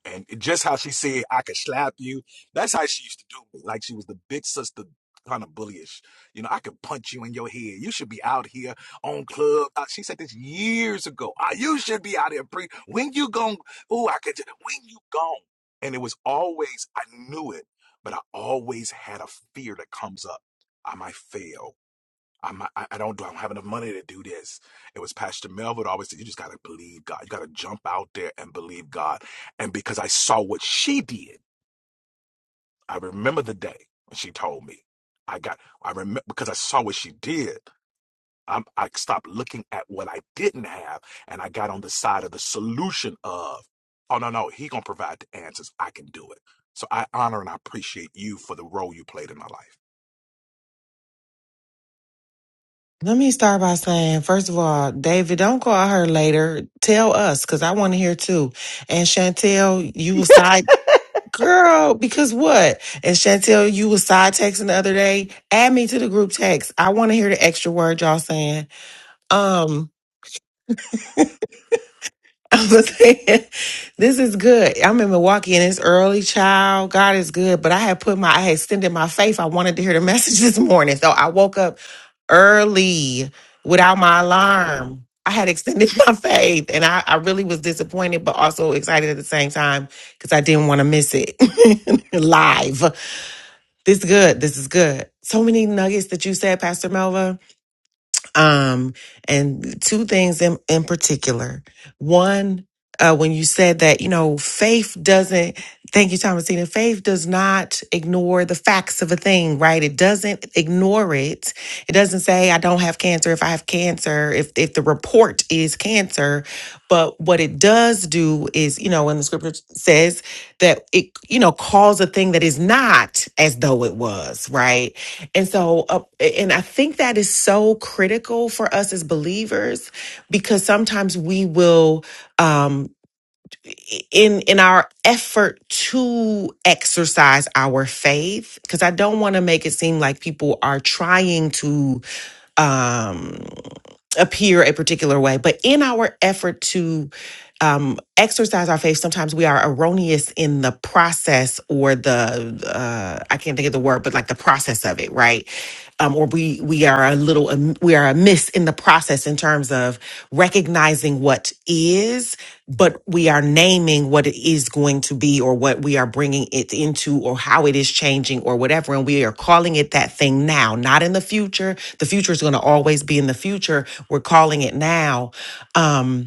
Speaker 8: And just how she said, I could slap you. That's how she used to do me. Like she was the big sister, kind of bullyish. You know, I could punch you in your head. You should be out here on club. uh, She said this years ago. Ah, You should be out here pre. When you gone? Ooh, I could. ju- When you gone? And it was always I knew it, but I always had a fear that comes up. I might fail. I'm, I, I don't do, I don't have enough money to do this. It was Pastor Melville that always said, you just got to believe God. You got to jump out there and believe God. And because I saw what she did, I remember the day when she told me. I got, I remember because I saw what she did. I'm, I stopped looking at what I didn't have, and I got on the side of the solution of, oh no, no, he gonna provide the answers. I can do it. So I honor and I appreciate you for the role you played in my life.
Speaker 5: Let me start by saying, first of all, David, don't call her later. Tell us, because I want to hear too. And Chantel, you was side girl, because what? And Chantel, you was side texting the other day. Add me to the group text. I want to hear the extra word y'all saying. Um, I'm saying, this is good. I'm in Milwaukee and it's early, child. God is good, but I had put my, I had extended my faith. I wanted to hear the message this morning, so I woke up early without my alarm. I had extended my faith and I, I really was disappointed, but also excited at the same time because I didn't want to miss it live. This is good. This is good. So many nuggets that you said, Pastor Melva. Um, and two things in, in particular. One, uh, when you said that, you know, faith doesn't, thank you, Thomasina, faith does not ignore the facts of a thing, right? It doesn't ignore it. It doesn't say, I don't have cancer if I have cancer, if, if the report is cancer. But what it does do is, you know, when the scripture says that it, you know, calls a thing that is not as though it was, right? And so, uh, and I think that is so critical for us as believers, because sometimes we will, um, in in our effort to exercise our faith, because I don't want to make it seem like people are trying to. um appear a particular way. But in our effort to um, exercise our faith, sometimes we are erroneous in the process or the uh, I can't think of the word, but like the process of it, right? Um, or we we are a little um, we are amiss in the process in terms of terms of recognizing what is, but we are naming what it is going to be or what we are bringing it into or how it is changing or whatever. And we are calling it that thing now, not in the future. The future is going to always be in the future. We're calling it now. Um,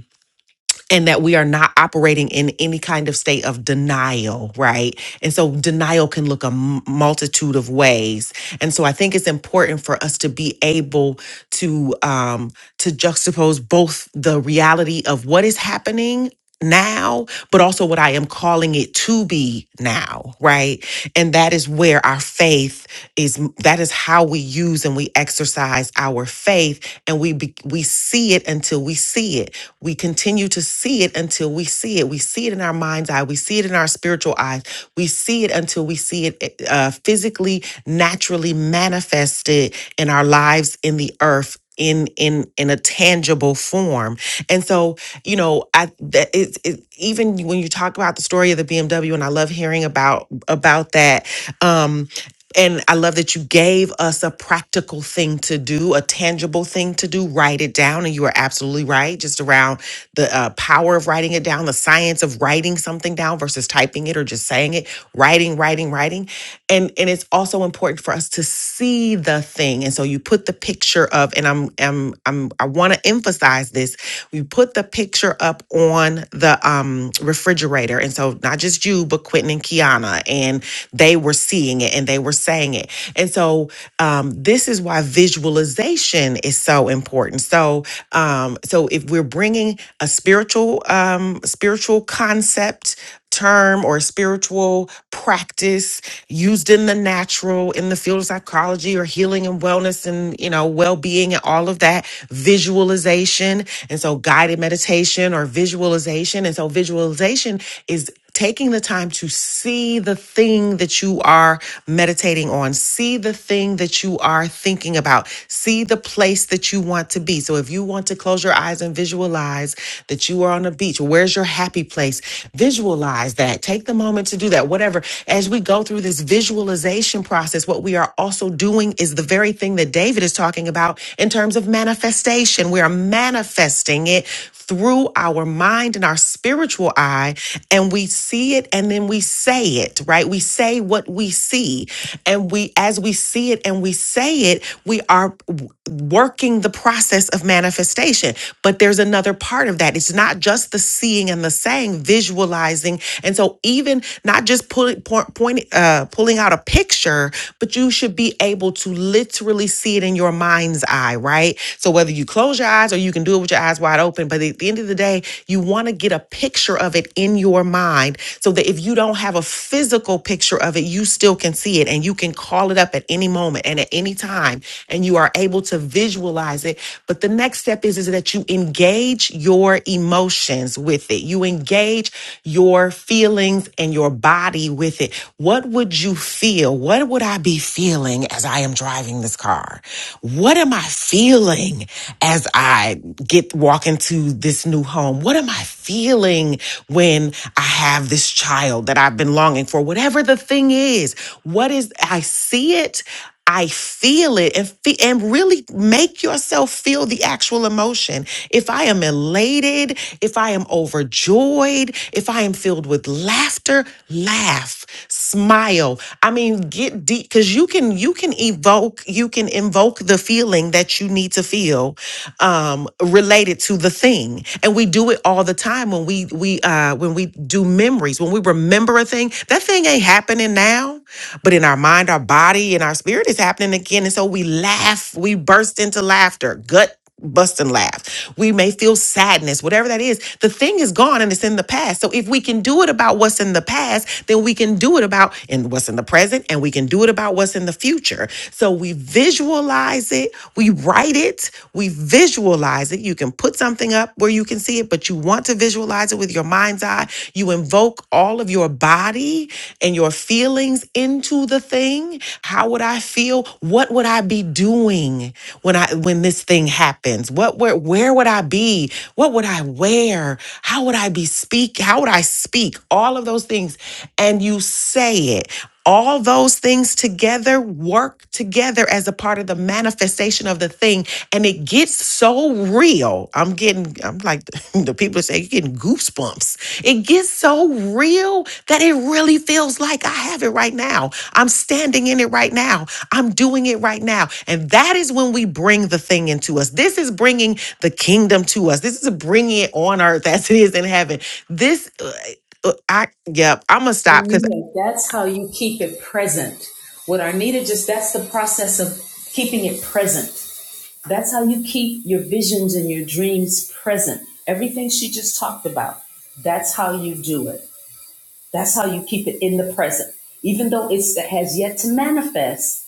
Speaker 5: and that we are not operating in any kind of state of denial, right? And so denial can look a m- multitude of ways. And so I think it's important for us to be able to um to juxtapose both the reality of what is happening now, but also what I am calling it to be now, right? And that is where our faith is that is how we use and we exercise our faith and we be, we see it until we see it. We continue to see it until we see it. We see it in our mind's eye, we see it in our spiritual eyes. We see it until we see it uh, physically naturally manifested in our lives in the earth in in in a tangible form and so you know i that it's it, even when you talk about the story of the bmw and i love hearing about about that um and I love that you gave us a practical thing to do, a tangible thing to do. Write it down. And you are absolutely right, just around the uh, power of writing it down, the science of writing something down versus typing it or just saying it. Writing, writing, writing. And, and it's also important for us to see the thing. And so you put the picture of, and I'm I'm I'm I want to emphasize this. You put the picture up on the um refrigerator. And so not just you, but Quentin and Kiana, and they were seeing it and they were saying it. And so um this is why visualization is so important. So um so if we're bringing a spiritual um spiritual concept term or spiritual practice used in the natural in the field of psychology or healing and wellness and you know well-being and all of that visualization and so guided meditation or visualization and so visualization is taking the time to see the thing that you are meditating on, see the thing that you are thinking about, see the place that you want to be. So if you want to close your eyes and visualize that you are on a beach, well, where's your happy place? Visualize that. Take the moment to do that. Whatever. As we go through this visualization process, what we are also doing is the very thing that David is talking about in terms of manifestation. We are manifesting it through our mind and our spiritual eye, and we see it and then we say it, right? We say what we see. And we, as we see it and we say it, we are w- working the process of manifestation. But there's another part of that. It's not just the seeing and the saying, visualizing. And so, even not just pulling, point, point, uh, pulling out a picture, but you should be able to literally see it in your mind mind's eye, right? So whether you close your eyes or you can do it with your eyes wide open, but at the end of the day, you want to get a picture of it in your mind so that if you don't have a physical picture of it, you still can see it and you can call it up at any moment and at any time and you are able to visualize it. But the next step is, is that you engage your emotions with it. You engage your feelings and your body with it. What would you feel? feel? What would I be feeling as I am driving this car? What am I feeling as I get walk into this new home? What am I feeling when I have this child that I've been longing for? Whatever the thing is, what is I see it, I feel it and fe- and really make yourself feel the actual emotion. If I am elated, if I am overjoyed, if I am filled with laughter, laugh laugh, smile. I mean, get deep because you can you can evoke you can invoke the feeling that you need to feel um, related to the thing, and we do it all the time when we we uh, when we do memories when we remember a thing. That thing ain't happening now, but in our mind, our body, and our spirit is happening again, and so we laugh, we burst into laughter, gut bust and laugh. We may feel sadness, whatever that is. The thing is gone and it's in the past. So if we can do it about what's in the past, then we can do it about in what's in the present and we can do it about what's in the future. So we visualize it, we write it, we visualize it. You can put something up where you can see it, but you want to visualize it with your mind's eye. You invoke all of your body and your feelings into the thing. How would I feel? What would I would I be doing when I when this thing happens? What where where would I be? What would I wear? How would I be speak? How would I speak? All of those things. And you say it. All those things together work together as a part of the manifestation of the thing. And it gets so real. I'm getting, I'm like the people say, you're getting goosebumps. It gets so real that it really feels like I have it right now. I'm standing in it right now. I'm doing it right now. And that is when we bring the thing into us. This is bringing the kingdom to us. This is bringing it on earth as it is in heaven. This, uh, uh, I, yep, I'm going to stop because
Speaker 1: Anita, that's how you keep it present. What Arnita just, that's the process of keeping it present. That's how you keep your visions and your dreams present. Everything she just talked about, that's how you do it. That's how you keep it in the present. Even though it's that has yet to manifest,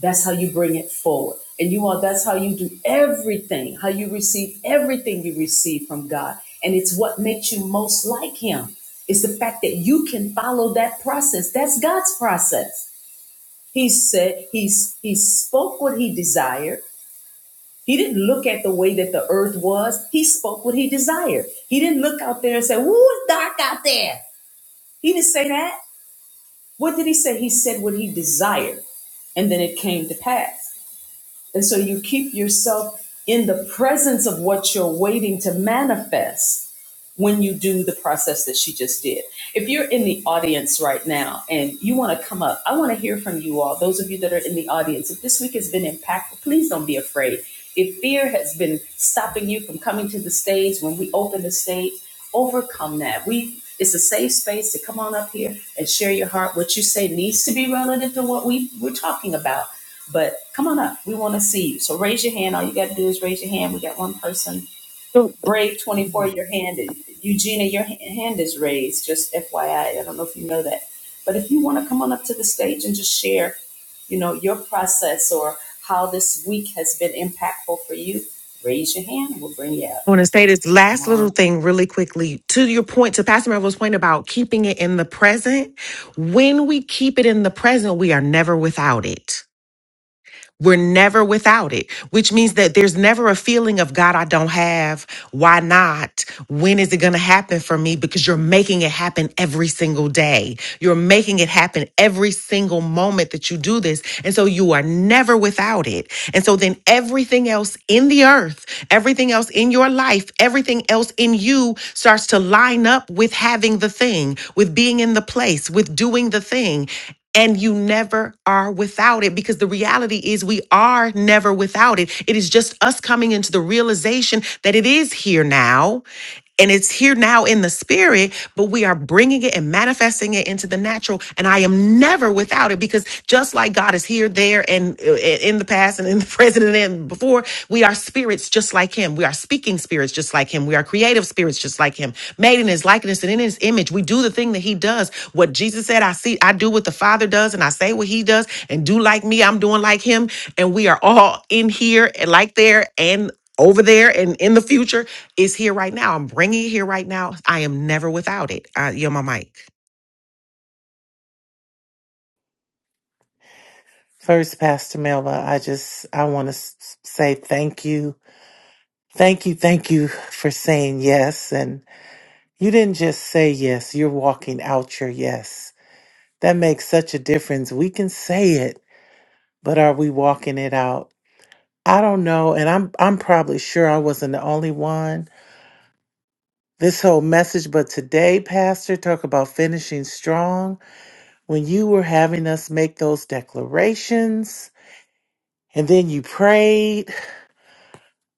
Speaker 1: that's how you bring it forward. And you are. that's how you do everything, how you receive everything you receive from God. And it's what makes you most like Him. It's the fact that you can follow that process. That's God's process. He said, He's He spoke what He desired. He didn't look at the way that the earth was. He spoke what he desired. He didn't look out there and say, Woo, it's dark out there. He didn't say that. What did he say? He said what he desired. And then it came to pass. And so you keep yourself in the presence of what you're waiting to manifest when you do the process that she just did. If you're in the audience right now and you want to come up, I want to hear from you all. Those of you that are in the audience, if this week has been impactful, please don't be afraid. If fear has been stopping you from coming to the stage when we open the stage, overcome that. We it's a safe space to come on up here and share your heart. What you say needs to be relative to what we, we're talking about but come on up. We want to see you. So raise your hand. All you got to do is raise your hand. We got one person. Brave 24, your hand. is- Eugenia, your hand is raised. Just FYI. I I don't know if you know that. But if you want to come on up to the stage and just share, you know, your process or how this week has been impactful for you, raise your hand. We'll bring you up.
Speaker 5: I want to say this
Speaker 1: Come
Speaker 5: last little
Speaker 1: on.
Speaker 5: thing really quickly to your point, to Pastor Melville's point about keeping it in the present. When we keep it in the present, we are never without it We're never without it, which means that there's never a feeling of God, I don't have. Why not? When is it going to happen for me? Because you're making it happen every single day. You're making it happen every single moment that you do this. And so you are never without it. And so then everything else in the earth, everything else in your life, everything else in you starts to line up with having the thing, with being in the place, with doing the thing and you never are without it because the reality is we are never without it. It is just us coming into the realization that it is here now and it's here now in the spirit, but we are bringing it and manifesting it into the natural. And I am never without it because just like God is here, there, and uh, in the past and in the present and then before, we are spirits just like him. We are speaking spirits just like him. We are creative spirits just like him. Made in his likeness and in his image. We do the thing that he does. What Jesus said, I see, I do what the Father does, and I say what he does, and do like me, I'm doing like him. And we are all in here and like there and over there and in the future is here right now. I'm bringing it here right now. I am never without it. Uh, you're my mic.
Speaker 9: First, Pastor Melba, I just I want to say thank you, thank you, thank you for saying yes. And you didn't just say yes; you're walking out your yes. That makes such a difference. We can say it, but are we walking it out? I don't know, and I'm I'm probably sure I wasn't the only one. This whole message, but today, Pastor, talk about finishing strong. When you were having us make those declarations, and then you prayed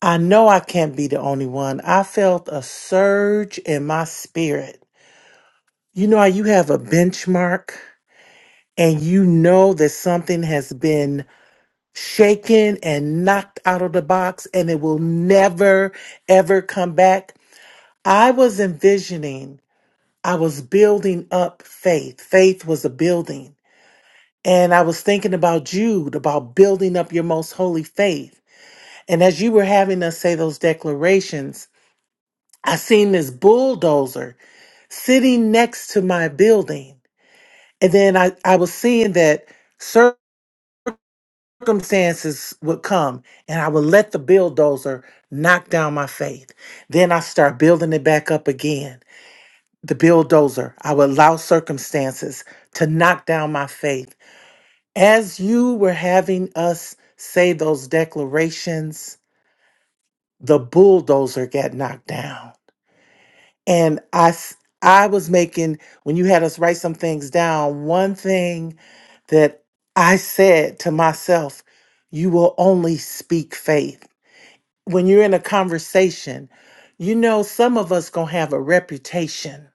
Speaker 9: I know I can't be the only one. I felt a surge in my spirit. You know how you have a benchmark and you know that something has been shaken and knocked out of the box and it will never, ever come back? I was envisioning, I was building up faith. Faith was a building. And I was thinking about Jude, about building up your most holy faith. And as you were having us say those declarations, I seen this bulldozer sitting next to my building. And then I, I was seeing that circumstances would come and I would let the bulldozer knock down my faith. Then I start building it back up again. The bulldozer, I would allow circumstances to knock down my faith. As you were having us say those declarations, the bulldozer got knocked down. And I, s- I was making, when you had us write some things down, one thing that I said to myself, you will only speak faith. When you're in a conversation, you know, some of us gonna have a reputation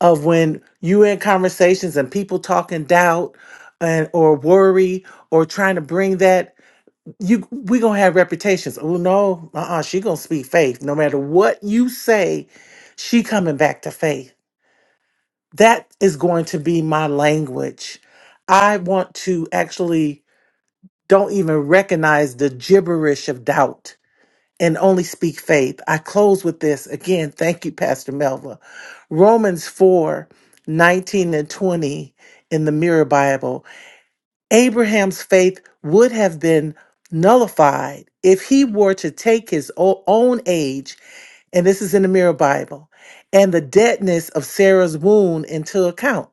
Speaker 9: of when you in conversations and people talking doubt and or worry or trying to bring that you we gonna have reputations. Oh no, uh-uh, she gonna speak faith. No matter what you say, she coming back to faith that is going to be my language. I want to actually don't even recognize the gibberish of doubt and only speak faith. I close with this again. Thank you, Pastor Melva. Romans 4 19 and 20 in the Mirror Bible. Abraham's faith would have been nullified if he were to take his o- own age and this is in the Mirror Bible, and the deadness of Sarah's wound into account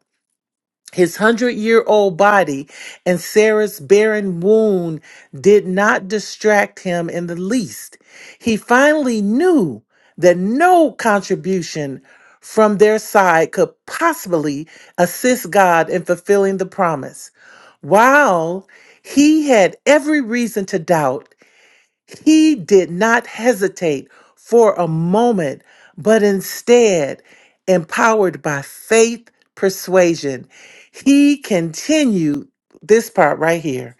Speaker 9: his hundred year old body and Sarah's barren wound did not distract him in the least. He finally knew that no contribution from their side could possibly assist God in fulfilling the promise. While he had every reason to doubt, he did not hesitate for a moment, but instead, empowered by faith persuasion, he continued this part right here.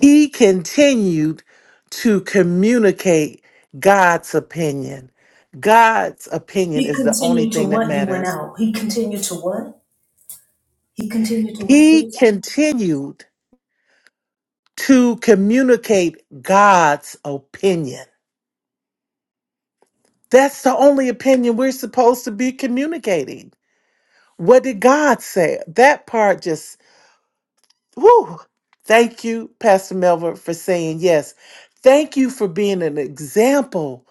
Speaker 9: He continued to communicate God's opinion. God's opinion
Speaker 1: He
Speaker 9: is the only
Speaker 1: continued to
Speaker 9: thing that
Speaker 1: what you went
Speaker 9: matters.
Speaker 1: out. He, what? He continued to what did
Speaker 9: He
Speaker 1: it-
Speaker 9: continued to communicate God's opinion. That's the only opinion we're supposed to be communicating What did God say? That part just, whoo. Thank you, Pastor Melvin, for saying yes. Thank you for being an example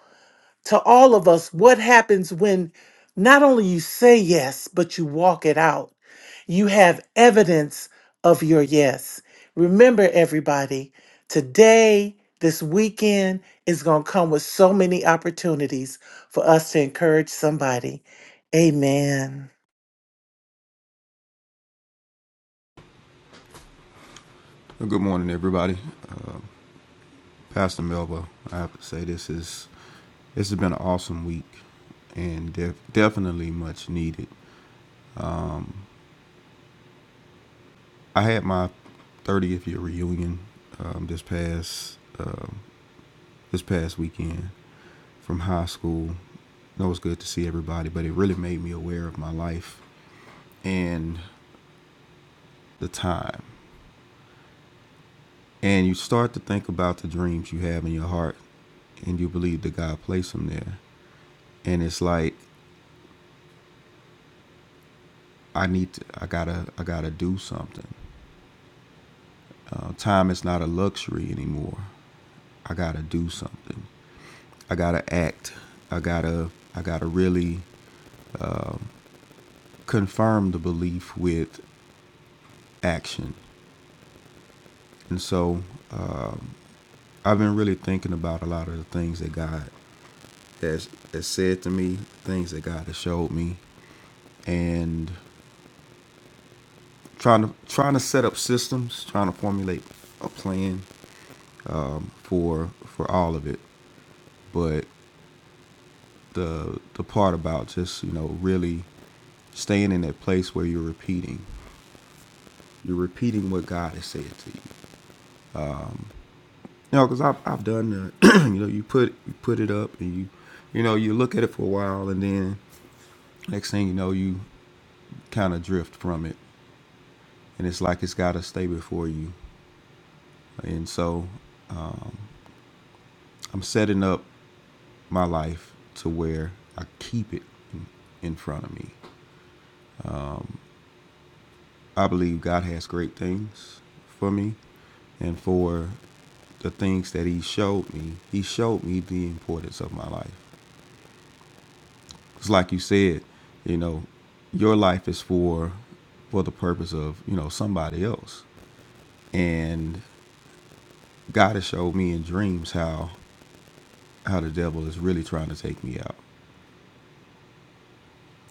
Speaker 9: to all of us what happens when not only you say yes, but you walk it out. You have evidence of your yes. Remember, everybody, today, this weekend is going to come with so many opportunities for us to encourage somebody. Amen.
Speaker 4: Uh, Good morning, everybody. Uh, Pastor Melba, I have to say this is this has been an awesome week and def- definitely much needed. I had my 30th year reunion um, this past uh, this past weekend from high school. It was good to see everybody, but it really made me aware of my life and the time. And you start to think about the dreams you have in your heart and you believe that God placed them there. And it's like I need to, I gotta I gotta do something. Uh, time is not a luxury anymore. I gotta do something. I gotta act. I gotta I gotta really confirm the belief with action. And so um, I've been really thinking about a lot of the things that God has, has said to me, things that God has showed me, and trying to trying to set up systems, trying to formulate a plan um, for for all of it. But the the part about just you know really staying in that place where you're repeating you're repeating what god has said to you you know because I've, I've done that you know you put you put it up and you you know you look at it for a while and then next thing you know you kind of drift from it and it's like it's got to stay before you and so i'm setting up my life to where i keep it in in front of me I believe God has great things for me and for the things that He showed me. He showed me the importance of my life. It's like you said, you know, your life is for for the purpose of you know somebody else, and God has showed me in dreams how how the devil is really trying to take me out.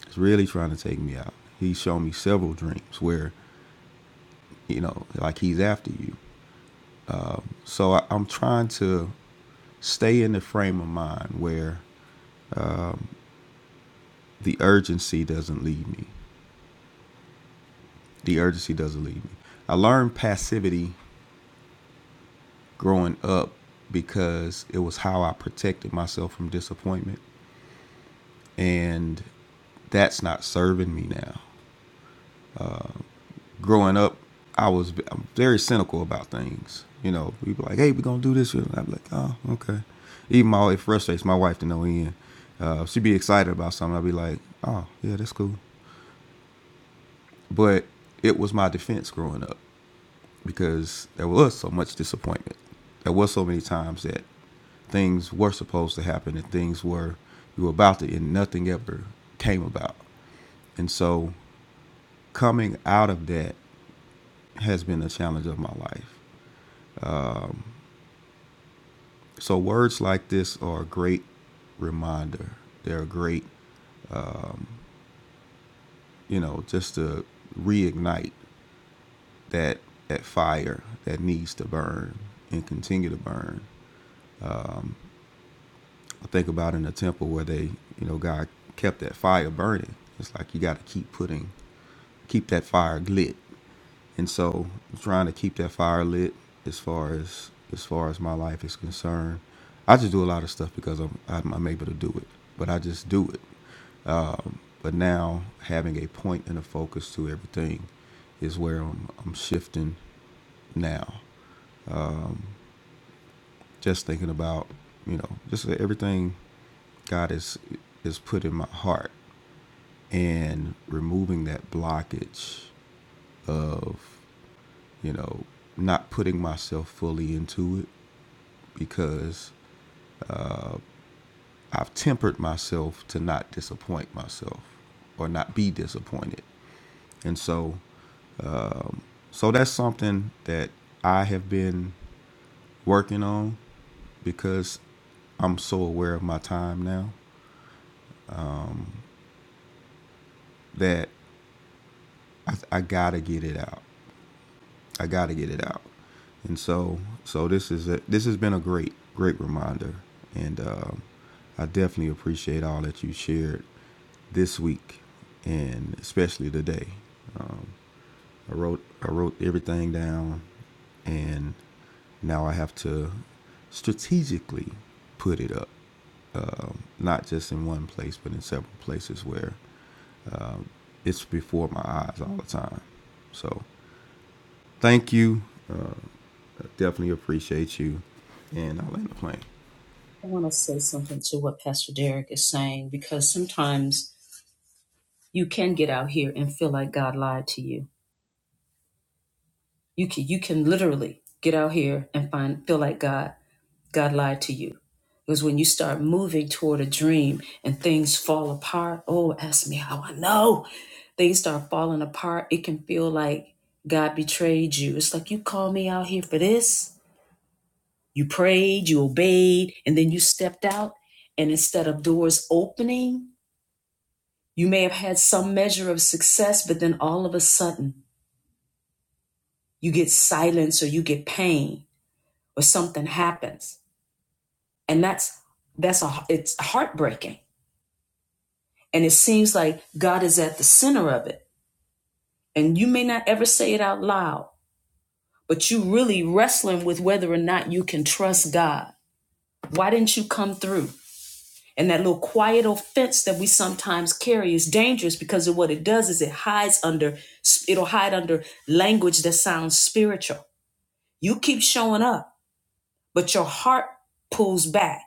Speaker 4: It's really trying to take me out. He's shown me several dreams where you know like he's after you. So I, I'm trying to stay in the frame of mind where the urgency doesn't leave me. The urgency doesn't leave me. I learned passivity growing up because it was how I protected myself from disappointment. And that's not serving me now. Growing up, I was I'm very cynical about things. You know, people like, hey, we're going to do this. And I'd be like, oh, okay. Even my, it frustrates my wife to no end. Uh, she'd be excited about something. I'd be like, oh, yeah, that's cool. But it was my defense growing up. because there was so much disappointment. There was so many times that things were supposed to happen and things were you were about to and nothing ever came about. And so coming out of that has been a challenge of my life. So words like this are a great reminder. They're a great, you know, just to reignite that that fire that needs to burn and continue to burn I think about in the temple where they, you know, God kept that fire burning. It's like you got to keep putting, keep that fire lit. And so, I'm trying to keep that fire lit as far as as far as my life is concerned, I just do a lot of stuff because I'm I'm, I'm able to do it. But I just do it. But now having a point and a focus to everything is where I'm I'm shifting now. Just thinking about you know just everything God is is put in my heart and removing that blockage of you know not putting myself fully into it because I've tempered myself to not disappoint myself or not be disappointed. And so so that's something that I have been working on because I'm so aware of my time now that I, I gotta get it out. I got to get it out. And so, so this is a, this has been a great, great reminder, and um, I definitely appreciate all that you shared this week, and especially today. Um, I wrote I wrote everything down, and now I have to strategically put it up, um, not just in one place, but in several places where um, it's before my eyes all the time. So, thank you. Uh, I definitely appreciate you, and I land the plane.
Speaker 1: I want to say something to what Pastor Derek is saying because sometimes you can get out here and feel like God lied to you. You can you can literally get out here and find feel like God God lied to you. Because when you start moving toward a dream and things fall apart, oh, ask me how I know. Things start falling apart. It can feel like God betrayed you. It's like you called me out here for this. You prayed, you obeyed, and then you stepped out. And instead of doors opening, you may have had some measure of success, but then all of a sudden you get silence or you get pain or something happens and that's that's a it's heartbreaking and it seems like god is at the center of it and you may not ever say it out loud but you really wrestling with whether or not you can trust god why didn't you come through and that little quiet offense that we sometimes carry is dangerous because of what it does is it hides under it'll hide under language that sounds spiritual you keep showing up but your heart pulls back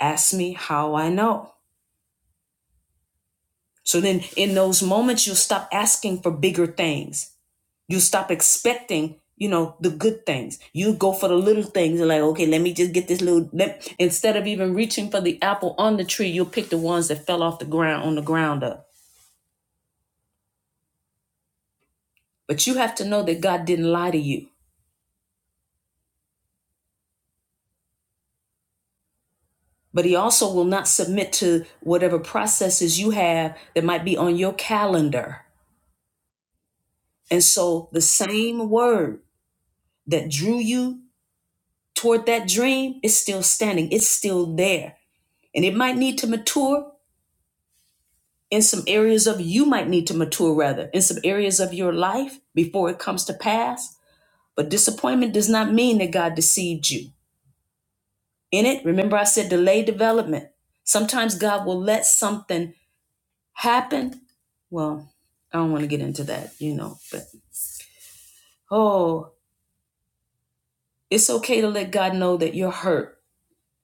Speaker 1: Ask me how I know. So then in those moments, you'll stop asking for bigger things. You'll stop expecting, you know, the good things. You go for the little things and like, okay, let me just get this little, let, instead of even reaching for the apple on the tree, you'll pick the ones that fell off the ground on the ground up. But you have to know that God didn't lie to you. But he also will not submit to whatever processes you have that might be on your calendar. And so the same word that drew you toward that dream is still standing, it's still there. And it might need to mature in some areas of you might need to mature rather in some areas of your life before it comes to pass. But disappointment does not mean that God deceived you. In it, remember I said delay development. Sometimes God will let something happen. Well, I don't want to get into that, you know, but oh, it's okay to let God know that you're hurt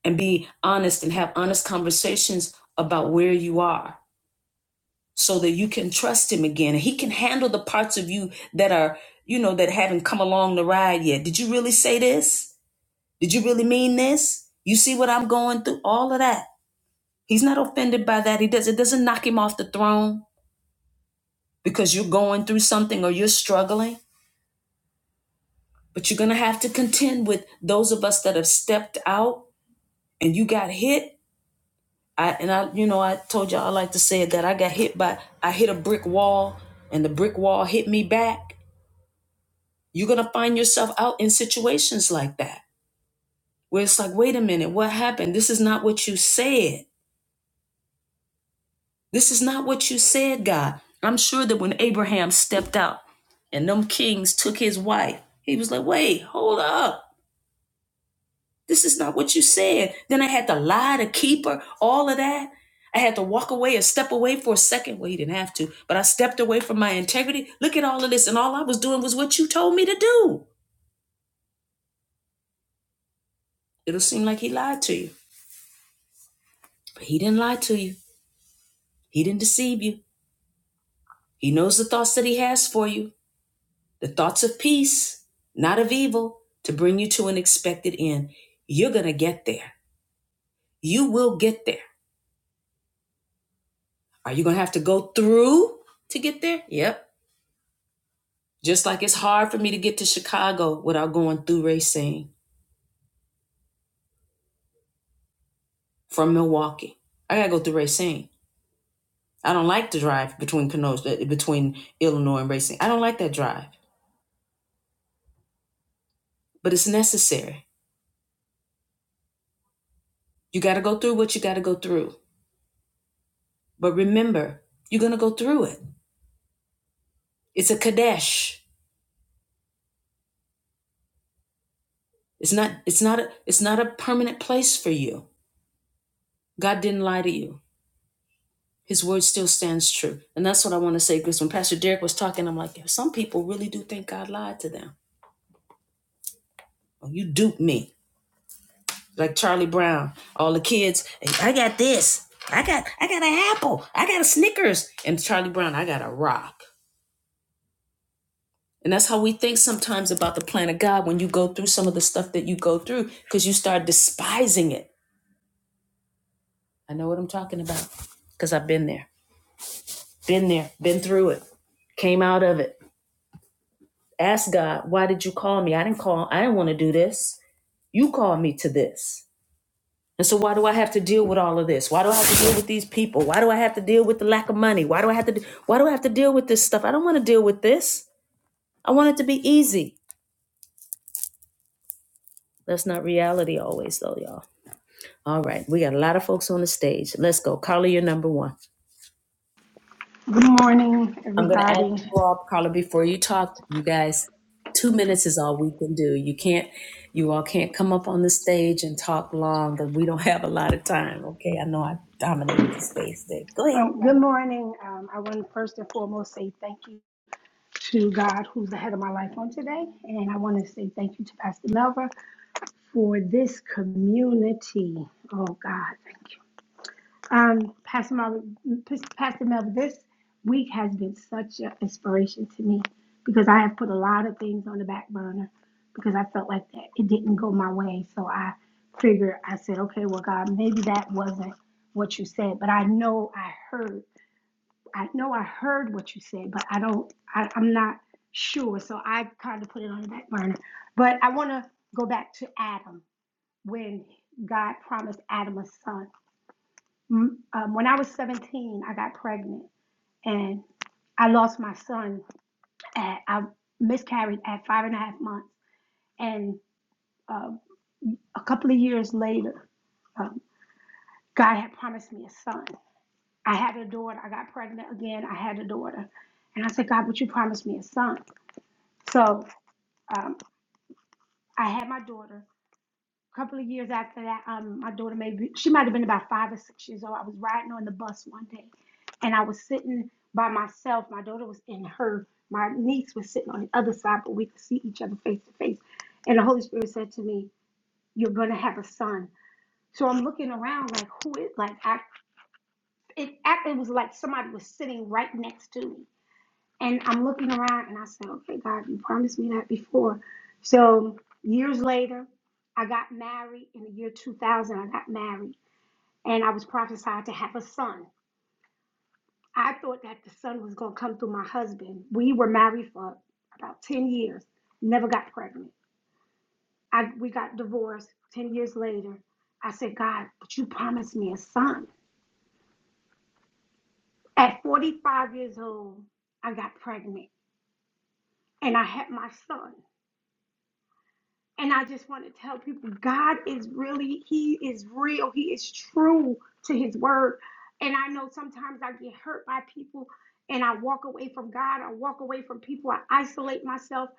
Speaker 1: and be honest and have honest conversations about where you are so that you can trust him again he can handle the parts of you that are you know that haven't come along the ride yet did you really say this did you really mean this you see what i'm going through all of that he's not offended by that he does it doesn't knock him off the throne because you're going through something or you're struggling but you're gonna have to contend with those of us that have stepped out and you got hit i and i you know i told y'all i like to say that i got hit by i hit a brick wall and the brick wall hit me back I find out instances like that where it's like, wait a minute, what happened? This is not what you said. This is not what you said, God. I'm sure that when Abraham stepped out and them kings took his wife, he was like, wait, hold up. This is not what you said. Then I had to lie to keep her, all of that. I had to walk away and step away for a second. Well, he didn't have to, but I stepped away from my integrity. Look at all of this. And all I was doing was what you told me to do. It'll seem like he lied to you, but he didn't lie to you. He didn't deceive you. He knows the thoughts that he has for you the thoughts of peace, not of evil, to bring you to an expected end. You're going to get there. You will get there. Are you going to have to go through to get there? Yep. Just like it's hard for me to get to Chicago without going through Racine from Milwaukee. I got to go through Racine. I don't like the drive between Kenosha, uh, between Illinois and Racine. I don't like that drive, but it's necessary. You got to go through what you got to go through. But remember, you're going to go through it. It's a Kadesh. It's not it's not a, it's not a permanent place for you. God didn't lie to you. His word still stands true. And that's what I want to say because when Pastor Derek was talking, I'm like, some people really do think God lied to them. Oh, you duped me. Like Charlie Brown, all the kids, "Hey, I got this. I got I got an apple. I got a Snickers. And Charlie Brown, I got a rock. And that's how we think sometimes about the plan of God when you go through some of the stuff that you go through because you start despising it. I know what I'm talking about because I've been there. Been there, been through it, came out of it. Ask God, why did you call me? I didn't call, I didn't want to do this. You called me to this. And so why do I have to deal with all of this? Why do I have to deal with these people? Why do I have to deal with the lack of money? Why do I have to why do I have to deal with this stuff? I don't want to deal with this. I want it to be easy. That's not reality always though, y'all. All right. We got a lot of folks on the stage. Let's go. Carly, you're number one.
Speaker 10: Good morning,
Speaker 1: I'm gonna add
Speaker 10: everybody.
Speaker 1: you all, Carla, before you talk, you guys, two minutes is all we can do. You can't, you all can't come up on the stage and talk long because we don't have a lot of time. Okay. I know I dominated the stage there. Go ahead.
Speaker 10: Um, good morning. Um, I want to first and foremost say thank you to God, who's the head of my life on today. And I want to say thank you to Pastor Melva for this community. Oh, God, thank you. Um, Pastor Marvin, Pastor Melvin, this week has been such an inspiration to me because I have put a lot of things on the back burner because I felt like that it didn't go my way. So I figured, I said, okay, well, God, maybe that wasn't what you said, but I know I heard, I know I heard what you said, but I don't, I, I'm not sure. So I kind of put it on the back burner. But I want to go back to Adam when God promised Adam a son M- Um, when I was 17, I got pregnant and I lost my son. At, I miscarried at five and a half months. And um, a couple of years later, um, God had promised me a son. I had a daughter. I got pregnant again. I had a daughter. And I said, God, but you promised me a son. So um, I had my daughter. A couple of years after that, um, my daughter maybe she might have been about five or six years old. I was riding on the bus one day, and I was sitting by myself. My daughter was in her, my niece was sitting on the other side, but we could see each other face to face. And the Holy Spirit said to me, "You're gonna have a son." So I'm looking around like, who is like I? It act- it was like somebody was sitting right next to me, and I'm looking around and I said, okay, God, you promised me that before. So years later, I got married in the year 2000. I got married and I was prophesied to have a son. I thought that the son was going to come through my husband. We were married for about 10 years, never got pregnant. I, we got divorced 10 years later. I said, God, but you promised me a son. At 45 years old, I got pregnant and I had my son. And I just want to tell people God is really, He is real. He is true to His word. And I know sometimes I get hurt by people and I walk away from God. I walk away from people. I isolate myself.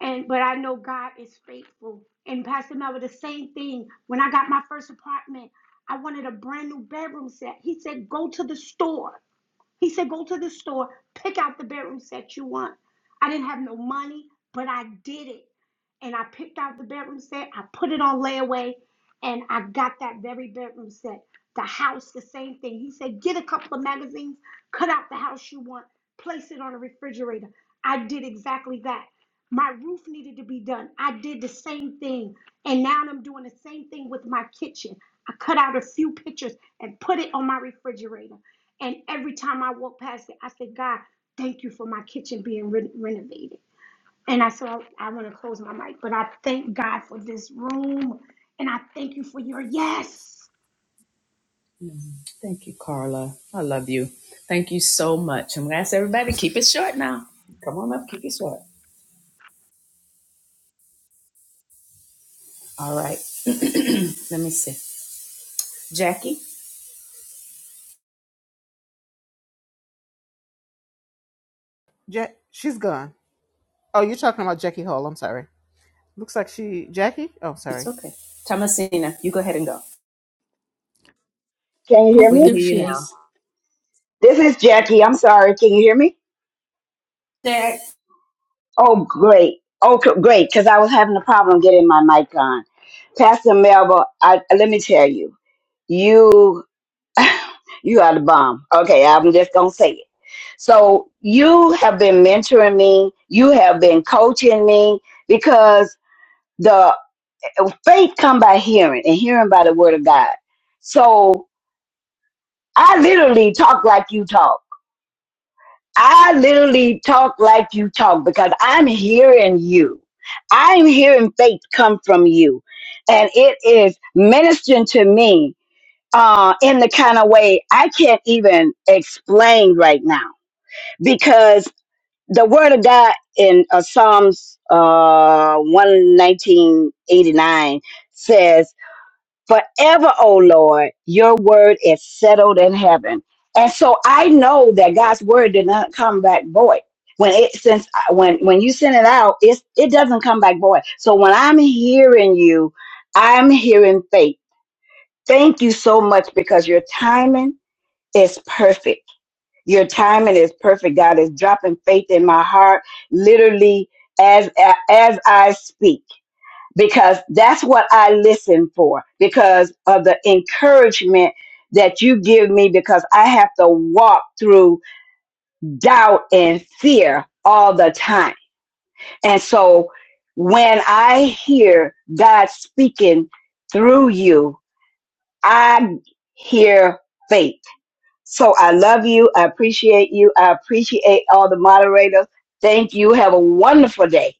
Speaker 10: And but I know God is faithful. And Pastor Melvin, the same thing. When I got my first apartment, I wanted a brand new bedroom set. He said, go to the store. He said, Go to the store, pick out the bedroom set you want. I didn't have no money, but I did it. And I picked out the bedroom set, I put it on layaway, and I got that very bedroom set. The house, the same thing. He said, Get a couple of magazines, cut out the house you want, place it on a refrigerator. I did exactly that. My roof needed to be done. I did the same thing. And now I'm doing the same thing with my kitchen. I cut out a few pictures and put it on my refrigerator. And every time I walk past it, I say, God, thank you for my kitchen being re- renovated. And I saw I want to close my mic, but I thank God for this room. And I thank you for your yes.
Speaker 1: Thank you, Carla. I love you. Thank you so much. I'm gonna ask everybody, keep it short now. Come on up, keep it short. All right. Let me see. Jackie,
Speaker 2: Ja- she's gone. Oh, you're talking about Jackie Hall. I'm sorry. Looks like she Jackie. Oh,
Speaker 1: it's
Speaker 2: sorry.
Speaker 1: okay. Thomasina, you go ahead and go.
Speaker 11: Can you
Speaker 12: Oh,
Speaker 11: hear
Speaker 1: We can
Speaker 11: me?
Speaker 12: there
Speaker 1: hear
Speaker 12: she
Speaker 1: you now.
Speaker 12: is.
Speaker 11: This is Jackie. I'm sorry. Can you hear me?
Speaker 1: Jack,
Speaker 11: Oh, great. Oh, c- great. Because I was having a problem getting my mic on. Pastor Melba, I, let me tell you, you you are the bomb. Okay, I'm just gonna say it. So you have been mentoring me. You have been coaching me because the faith come by hearing and hearing by the word of God. So I literally talk like you talk. I literally talk like you talk because I'm hearing you. I'm hearing faith come from you. And it is ministering to me uh, in the kind of way I can't even explain right now because the word of God in uh, Psalms uh, 119.89 says, Forever, O Lord, your word is settled in heaven. And so I know that God's word did not come back void. When it since I- when when you send it out, it's, it doesn't come back void. So when I'm hearing you, I'm hearing faith. Thank you so much because your timing is perfect. Your timing is perfect. God is dropping faith in my heart, literally as as I speak because that's what I listen for because of the encouragement that you give me because I have to walk through doubt and fear all the time. And so when I hear God speaking through you, I hear faith. So I love you. I appreciate you. I appreciate all the moderators. Thank you. Have a wonderful day.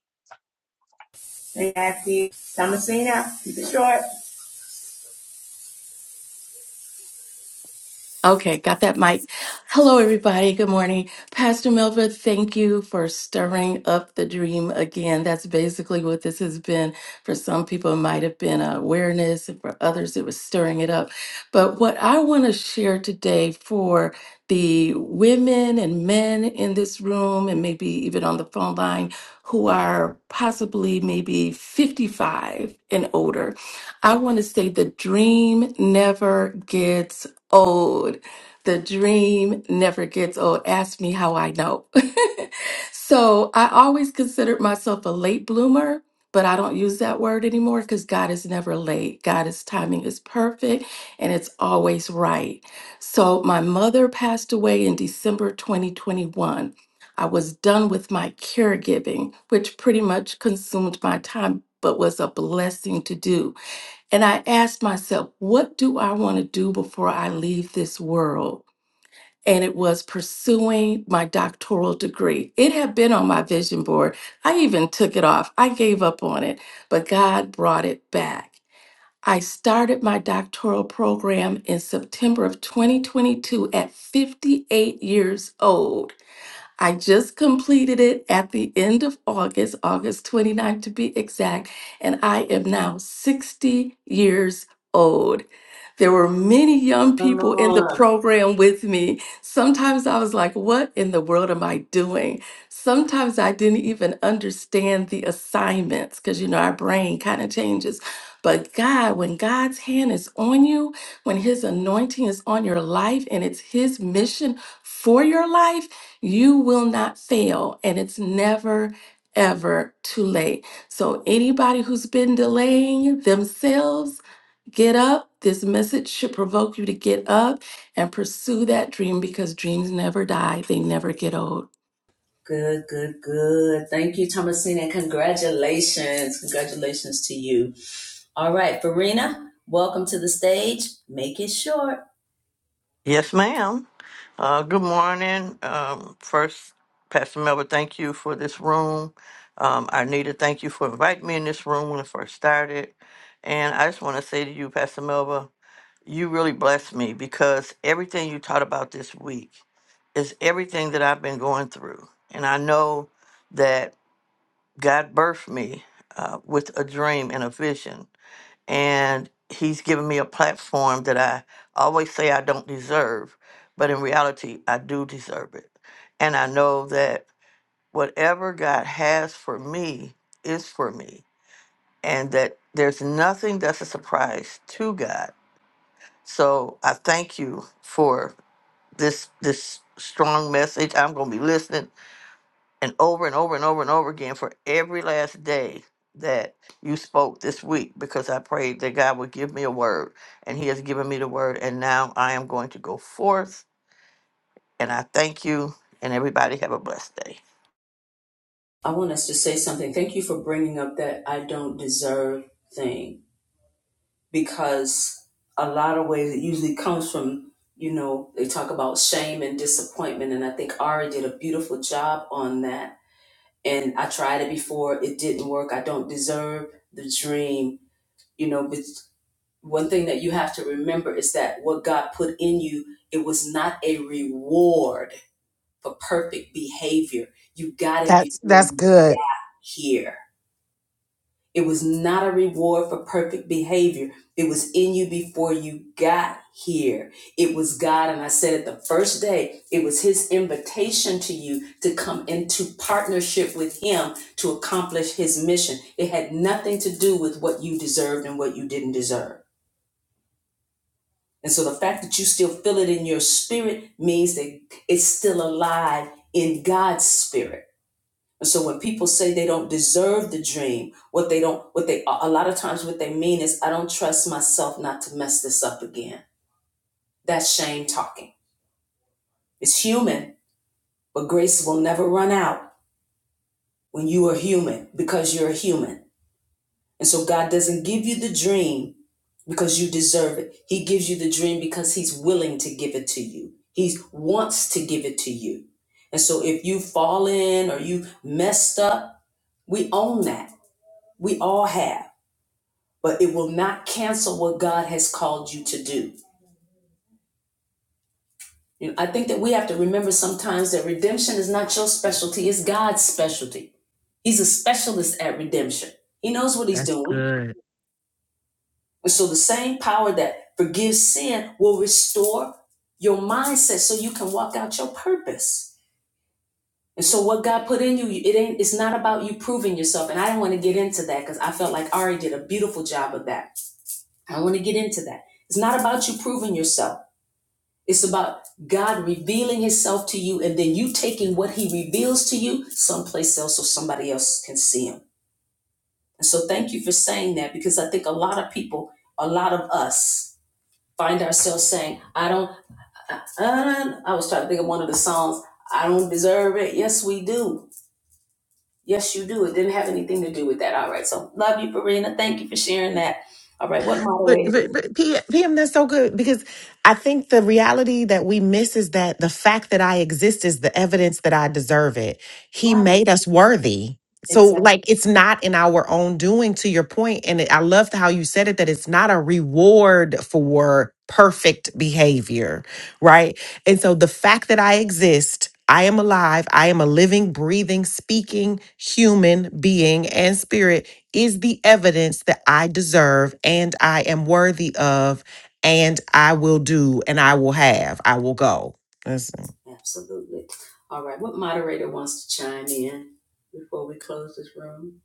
Speaker 12: Okay, got that mic. Hello, everybody. Good morning. Pastor Melva, thank you for stirring up the dream again. That's basically what this has been. For some people, it might have been awareness, and for others, it was stirring it up. But what I want to share today for the women and men in this room, and maybe even on the phone line, who are possibly maybe 55 and older, I want to say the dream never gets old. The dream never gets old. Ask me how I know. so I always considered myself a late bloomer, but I don't use that word anymore because God is never late. God's timing is perfect and it's always right. So my mother passed away in December 2021. I was done with my caregiving, which pretty much consumed my time, but was a blessing to do. And I asked myself, what do I want to do before I leave this world? And it was pursuing my doctoral degree. It had been on my vision board. I even took it off. I gave up on it, but God brought it back. I started my doctoral program in September of 2022 at 58 years old. I just completed it at the end of August, August twenty ninth, to be exact, and I am now 60 years old. There were many young
Speaker 1: come on.
Speaker 12: people in the program with me. Sometimes I was like, what in the world am I doing? Sometimes I didn't even understand the assignments because, you know, our brain kind of changes. But God, when God's hand is on you, when His anointing is on your life and it's His mission for your life, you will not fail, and it's never, ever too late. So, anybody who's been delaying themselves, get up. This message should provoke you to get up and pursue that dream because dreams never die, they never get old.
Speaker 1: Good, good, good. Thank you, Thomasina. Congratulations. Congratulations to you. All right, Verena, welcome to the stage. Make it short.
Speaker 13: Yes, ma'am. Uh, good morning. Um, first, Pastor Melba, thank you for this room. Um, Arnita, thank you for inviting me in this room when I first started. And I just want to say to you, Pastor Melba, you really blessed me because everything you taught about this week is everything that I've been going through. And I know that God birthed me uh, with a dream and a vision and he's given me a platform that I always say I don't deserve, but in reality, I do deserve it. And I know that whatever God has for me is for me, and that there's nothing that's a surprise to God. So I thank you for this this strong message. I'm going to be listening and over and over and over and over again for every last day that you spoke this week because I prayed that God would give me a word and he has given me the word and now I am going to go forth and I thank you and everybody have a blessed day.
Speaker 1: I want us to say something. Thank you for bringing up that I don't deserve thing because a lot of ways it usually comes from, you know, they talk about shame and disappointment. And I think Ari did a beautiful job on that. And I tried it before, it didn't work. I don't deserve the dream, you know, but one thing that you have to remember is that what God put in you, it was not a reward for perfect behavior. You got it
Speaker 5: That's
Speaker 1: before
Speaker 5: that's
Speaker 1: you
Speaker 5: good.
Speaker 1: got here. It was not a reward for perfect behavior. It was in you before you got here. It was God, and I said it the first day, it was His invitation to you to come into partnership with Him to accomplish His mission. It had nothing to do with what you deserved and what you didn't deserve. And so the fact that you still feel it in your spirit means that it's still alive in God's spirit. And so when people say they don't deserve the dream, what they don't, what they, a lot of times what they mean is, I don't trust myself not to mess this up again. That's shame talking. It's human, but grace will never run out when you are human because you're a human. And so God doesn't give you the dream because you deserve it. He gives you the dream because he's willing to give it to you. He wants to give it to you. And so if you fall in or you messed up, we own that. We all have. But it will not cancel what God has called you to do. You know, I think that we have to remember sometimes that redemption is not your specialty, it's God's specialty. He's a specialist at redemption. He knows what he's
Speaker 5: That's
Speaker 1: doing.
Speaker 5: it.
Speaker 1: And so the same power that forgives sin will restore your mindset so you can walk out your purpose. And so what God put in you, it ain't it's not about you proving yourself. And I didn't want to get into that because I felt like Ari did a beautiful job of that. I want to get into that. It's not about you proving yourself. It's about God revealing himself to you and then you taking what he reveals to you someplace else so somebody else can see him. And so thank you for saying that because I think a lot of people, a lot of us find ourselves saying, I don't, I, I, I was trying to think of one of the songs, I don't deserve it. Yes, we do. Yes, you do. It didn't have anything to do with that. All right. So love you, Farina. Thank you for sharing that. All right. What
Speaker 5: But,
Speaker 1: moderator?
Speaker 5: but, but P- PM, that's so good because I think the reality that we miss is that the fact that I exist is the evidence that I deserve it. He
Speaker 1: Right.
Speaker 5: made us worthy. So,
Speaker 1: Exactly.
Speaker 5: like, it's not in our own doing, to your point, And I loved how you said it that it's not a reward for perfect behavior, right? And so, the fact that I exist, I am alive, I am a living, breathing, speaking human being and spirit is the evidence that I deserve and I am worthy of and I will do and I will have. I will go. Listen.
Speaker 1: Absolutely. All right. What moderator wants to chime in before we close this room?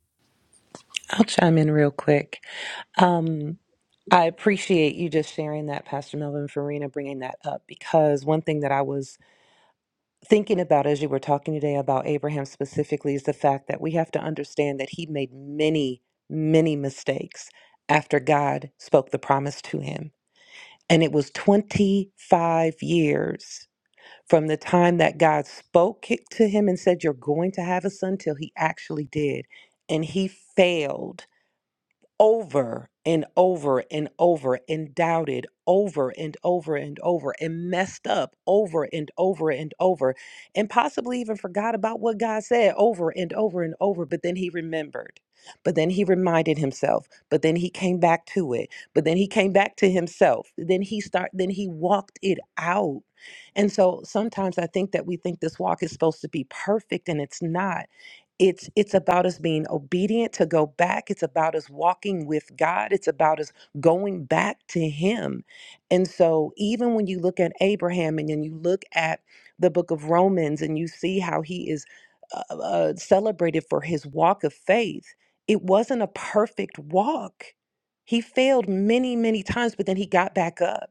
Speaker 14: I'll chime in real quick. Um, I appreciate you just sharing that, Pastor Melvin Farina, bringing that up because one thing that I was thinking about as you were talking today about Abraham specifically is the fact that we have to understand that he made many, many mistakes after God spoke the promise to him. And it was 25 years from the time that God spoke it to him and said, You're going to have a son, till he actually did. And he failed over and over and over and doubted over and over and over and messed up over and over and over and possibly even forgot about what God said over and over and over. But then he remembered. But then he reminded himself. But then he came back to it. But then he came back to himself. Then he start. Then he walked it out. And so sometimes I think that we think this walk is supposed to be perfect, and it's not it's it's about us being obedient to go back it's about us walking with god it's about us going back to him and so even when you look at abraham and then you look at the book of romans and you see how he is uh, uh, celebrated for his walk of faith it wasn't a perfect walk he failed many many times but then he got back up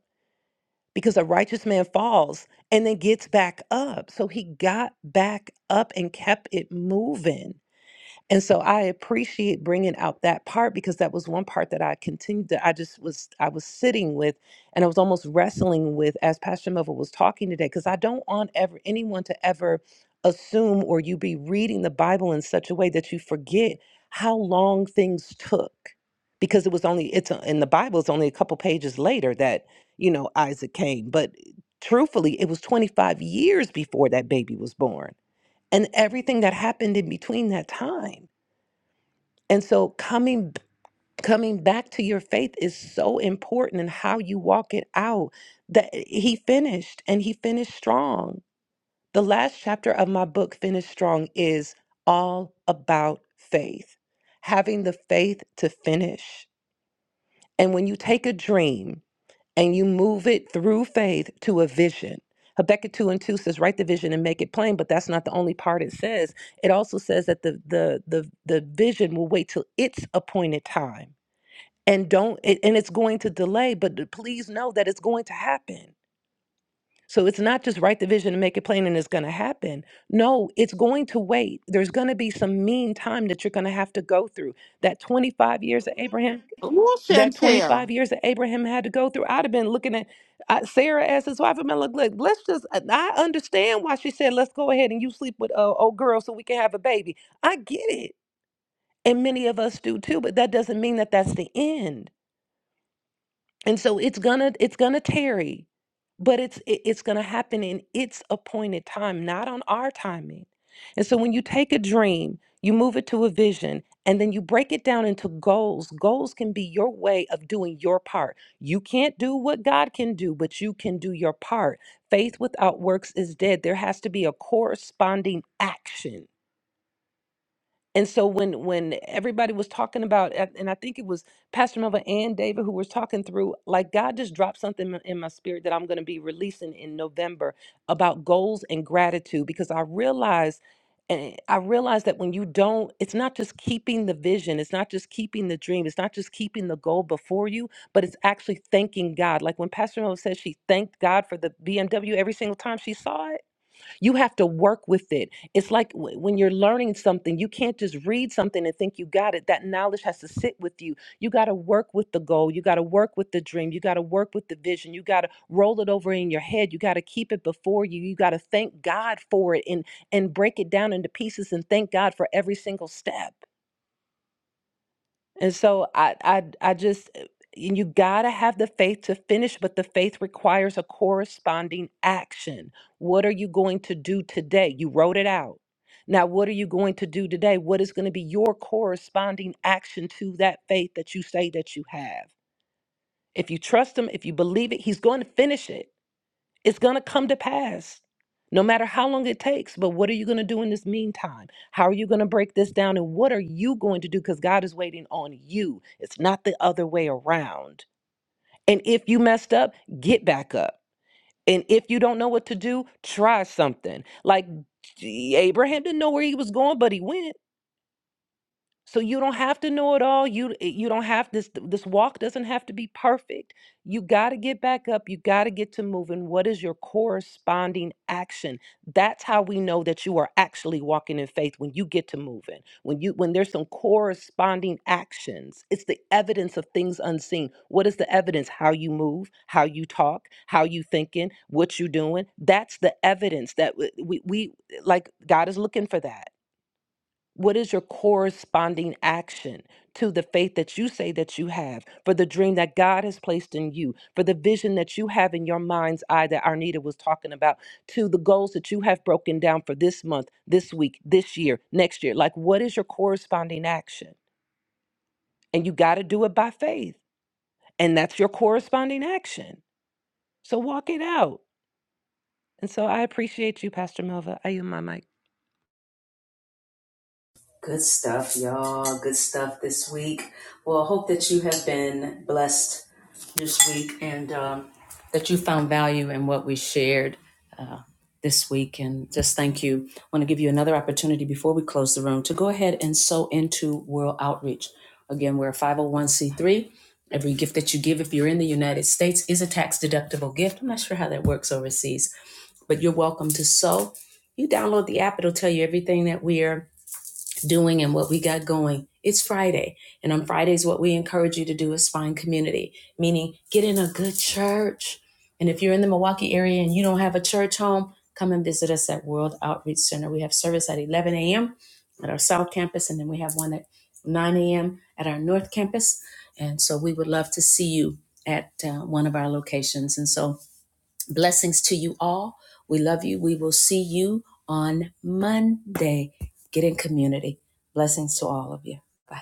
Speaker 14: because a righteous man falls and then gets back up so he got back up and kept it moving and so I appreciate bringing out that part because that was one part that I continued to, I just was, I was sitting with and I was almost wrestling with as Pastor Melville was talking today, because I don't want ever anyone to ever assume or you be reading the Bible in such a way that you forget how long things took. Because it was only, it's a- in the Bible, it's only a couple pages later that, you know, Isaac came. But truthfully, it was 25 years before that baby was born and everything that happened in between that time. And so coming b- coming back to your faith is so important in how you walk it out. That eh, he finished and he finished strong. The last chapter of my book Finish Strong is all about faith. Having the faith to finish. And when you take a dream and you move it through faith to a vision. Habakkuk 2 and 2 says, write the vision and make it plain, but that's not the only part it says. It also says that the the the, the vision will wait till its appointed time and don't it, and it's going to delay but th- please know that it's going to happen so it's not just write the vision and make it plain and it's going to happen no it's going to wait there's going to be some mean time that you're going to have to go through that 25 years of abraham
Speaker 2: Ooh,
Speaker 14: that
Speaker 2: Chantel.
Speaker 14: 25 years that abraham had to go through i'd have been looking at uh, sarah as his wife i've been like look let's just i I understand why she said let's go ahead and you sleep with uh, old girl so we can have a baby i get it and many of us do too but that doesn't mean that that's the end and so it's gonna it's gonna tarry but it's it- it's gonna happen in its appointed time not on our timing and so when you take a dream you move it to a vision and then you break it down into goals goals can be your way of doing your part you can't do what god can do but you can do your part faith without works is dead there has to be a corresponding action and so when when everybody was talking about and and i think it was pastor Melva and david who was talking through like god just dropped something in in my spirit that i'm going to be releasing in november about goals and gratitude because i realized and i realized that when you don't it's not just keeping the vision it's not just keeping the dream it's not just keeping the goal before you but it's actually thanking god like when pastor Melva says she thanked god for the bmw every single time she saw it you have to work with it. It's like w- when you're learning something, you can't just read something and think you got it. That knowledge has to sit with you. You got to work with the goal. You got to work with the dream. You got to work with the vision. You got to roll it over in your head. You got to keep it before you. You got to thank God for it and and break it down into pieces and thank God for every single step and so I I I just uh, and you got to have the faith to finish, but the faith requires a corresponding action. What are you going to do today? You wrote it out. Now, what are you going to do today? What is going to be your corresponding action to that faith that you say that you have? If you trust him, if you believe it, he's going to finish it. It's going to come to pass, no matter how long it takes. But what are you going to do in this meantime? How are you going to break this down? And what are you going to do? Because God is waiting on you, it's not the other way around. And if you messed up, get back up. And if you don't know what to do, try something. Like Abraham didn't know where he was going, but he went. So you don't have to know it all. You eh, you don't have this this walk doesn't have to be perfect. You got to get back up. You got to get to moving. What is your corresponding action? That's how we know that you are actually walking in faith when you get to moving. When you when there's some corresponding actions. It's the evidence of things unseen. What is the evidence? How you move, how you talk, how you thinking, what you doing. That's the evidence that w- we we like God is looking for that. What is your corresponding action to the faith that you say that you have, for the dream that God has placed in you, for the vision that you have in your mind's eye that Arnita was talking about, to the goals that you have broken down for this month, this week, this year, next year? Like, what is your corresponding action? And you got to do it by faith. And that's your corresponding action. So walk it out. And so I appreciate you, Pastor Melva. I yield my mic.
Speaker 1: Good stuff, y'all. Good stuff this week. Well, I hope that you have been blessed this week and um, that you found value in what we shared uh, this week. And just thank you. I want to give you another opportunity before we close the room to go ahead and sow into World Outreach. Again, we're a 501c3. Every gift that you give, if you're in the United States, is a tax deductible gift. I'm not sure how that works overseas, but you're welcome to sow. You download the app, it'll tell you everything that we are doing and what we got going. It's Friday. And on Fridays, what we encourage you to do is find community, meaning get in a good church. And if you're in the Milwaukee area and you don't have a church home, come and visit us at World Outreach Center. We have service at 11 a.m. at our South Campus, and then we have one at 9 a.m. at our North Campus. And so we would love to see you at uh, one of our locations. And so Blessings to you all. We love you. We will see you on Monday. Get in community. Blessings to all of you. Bye.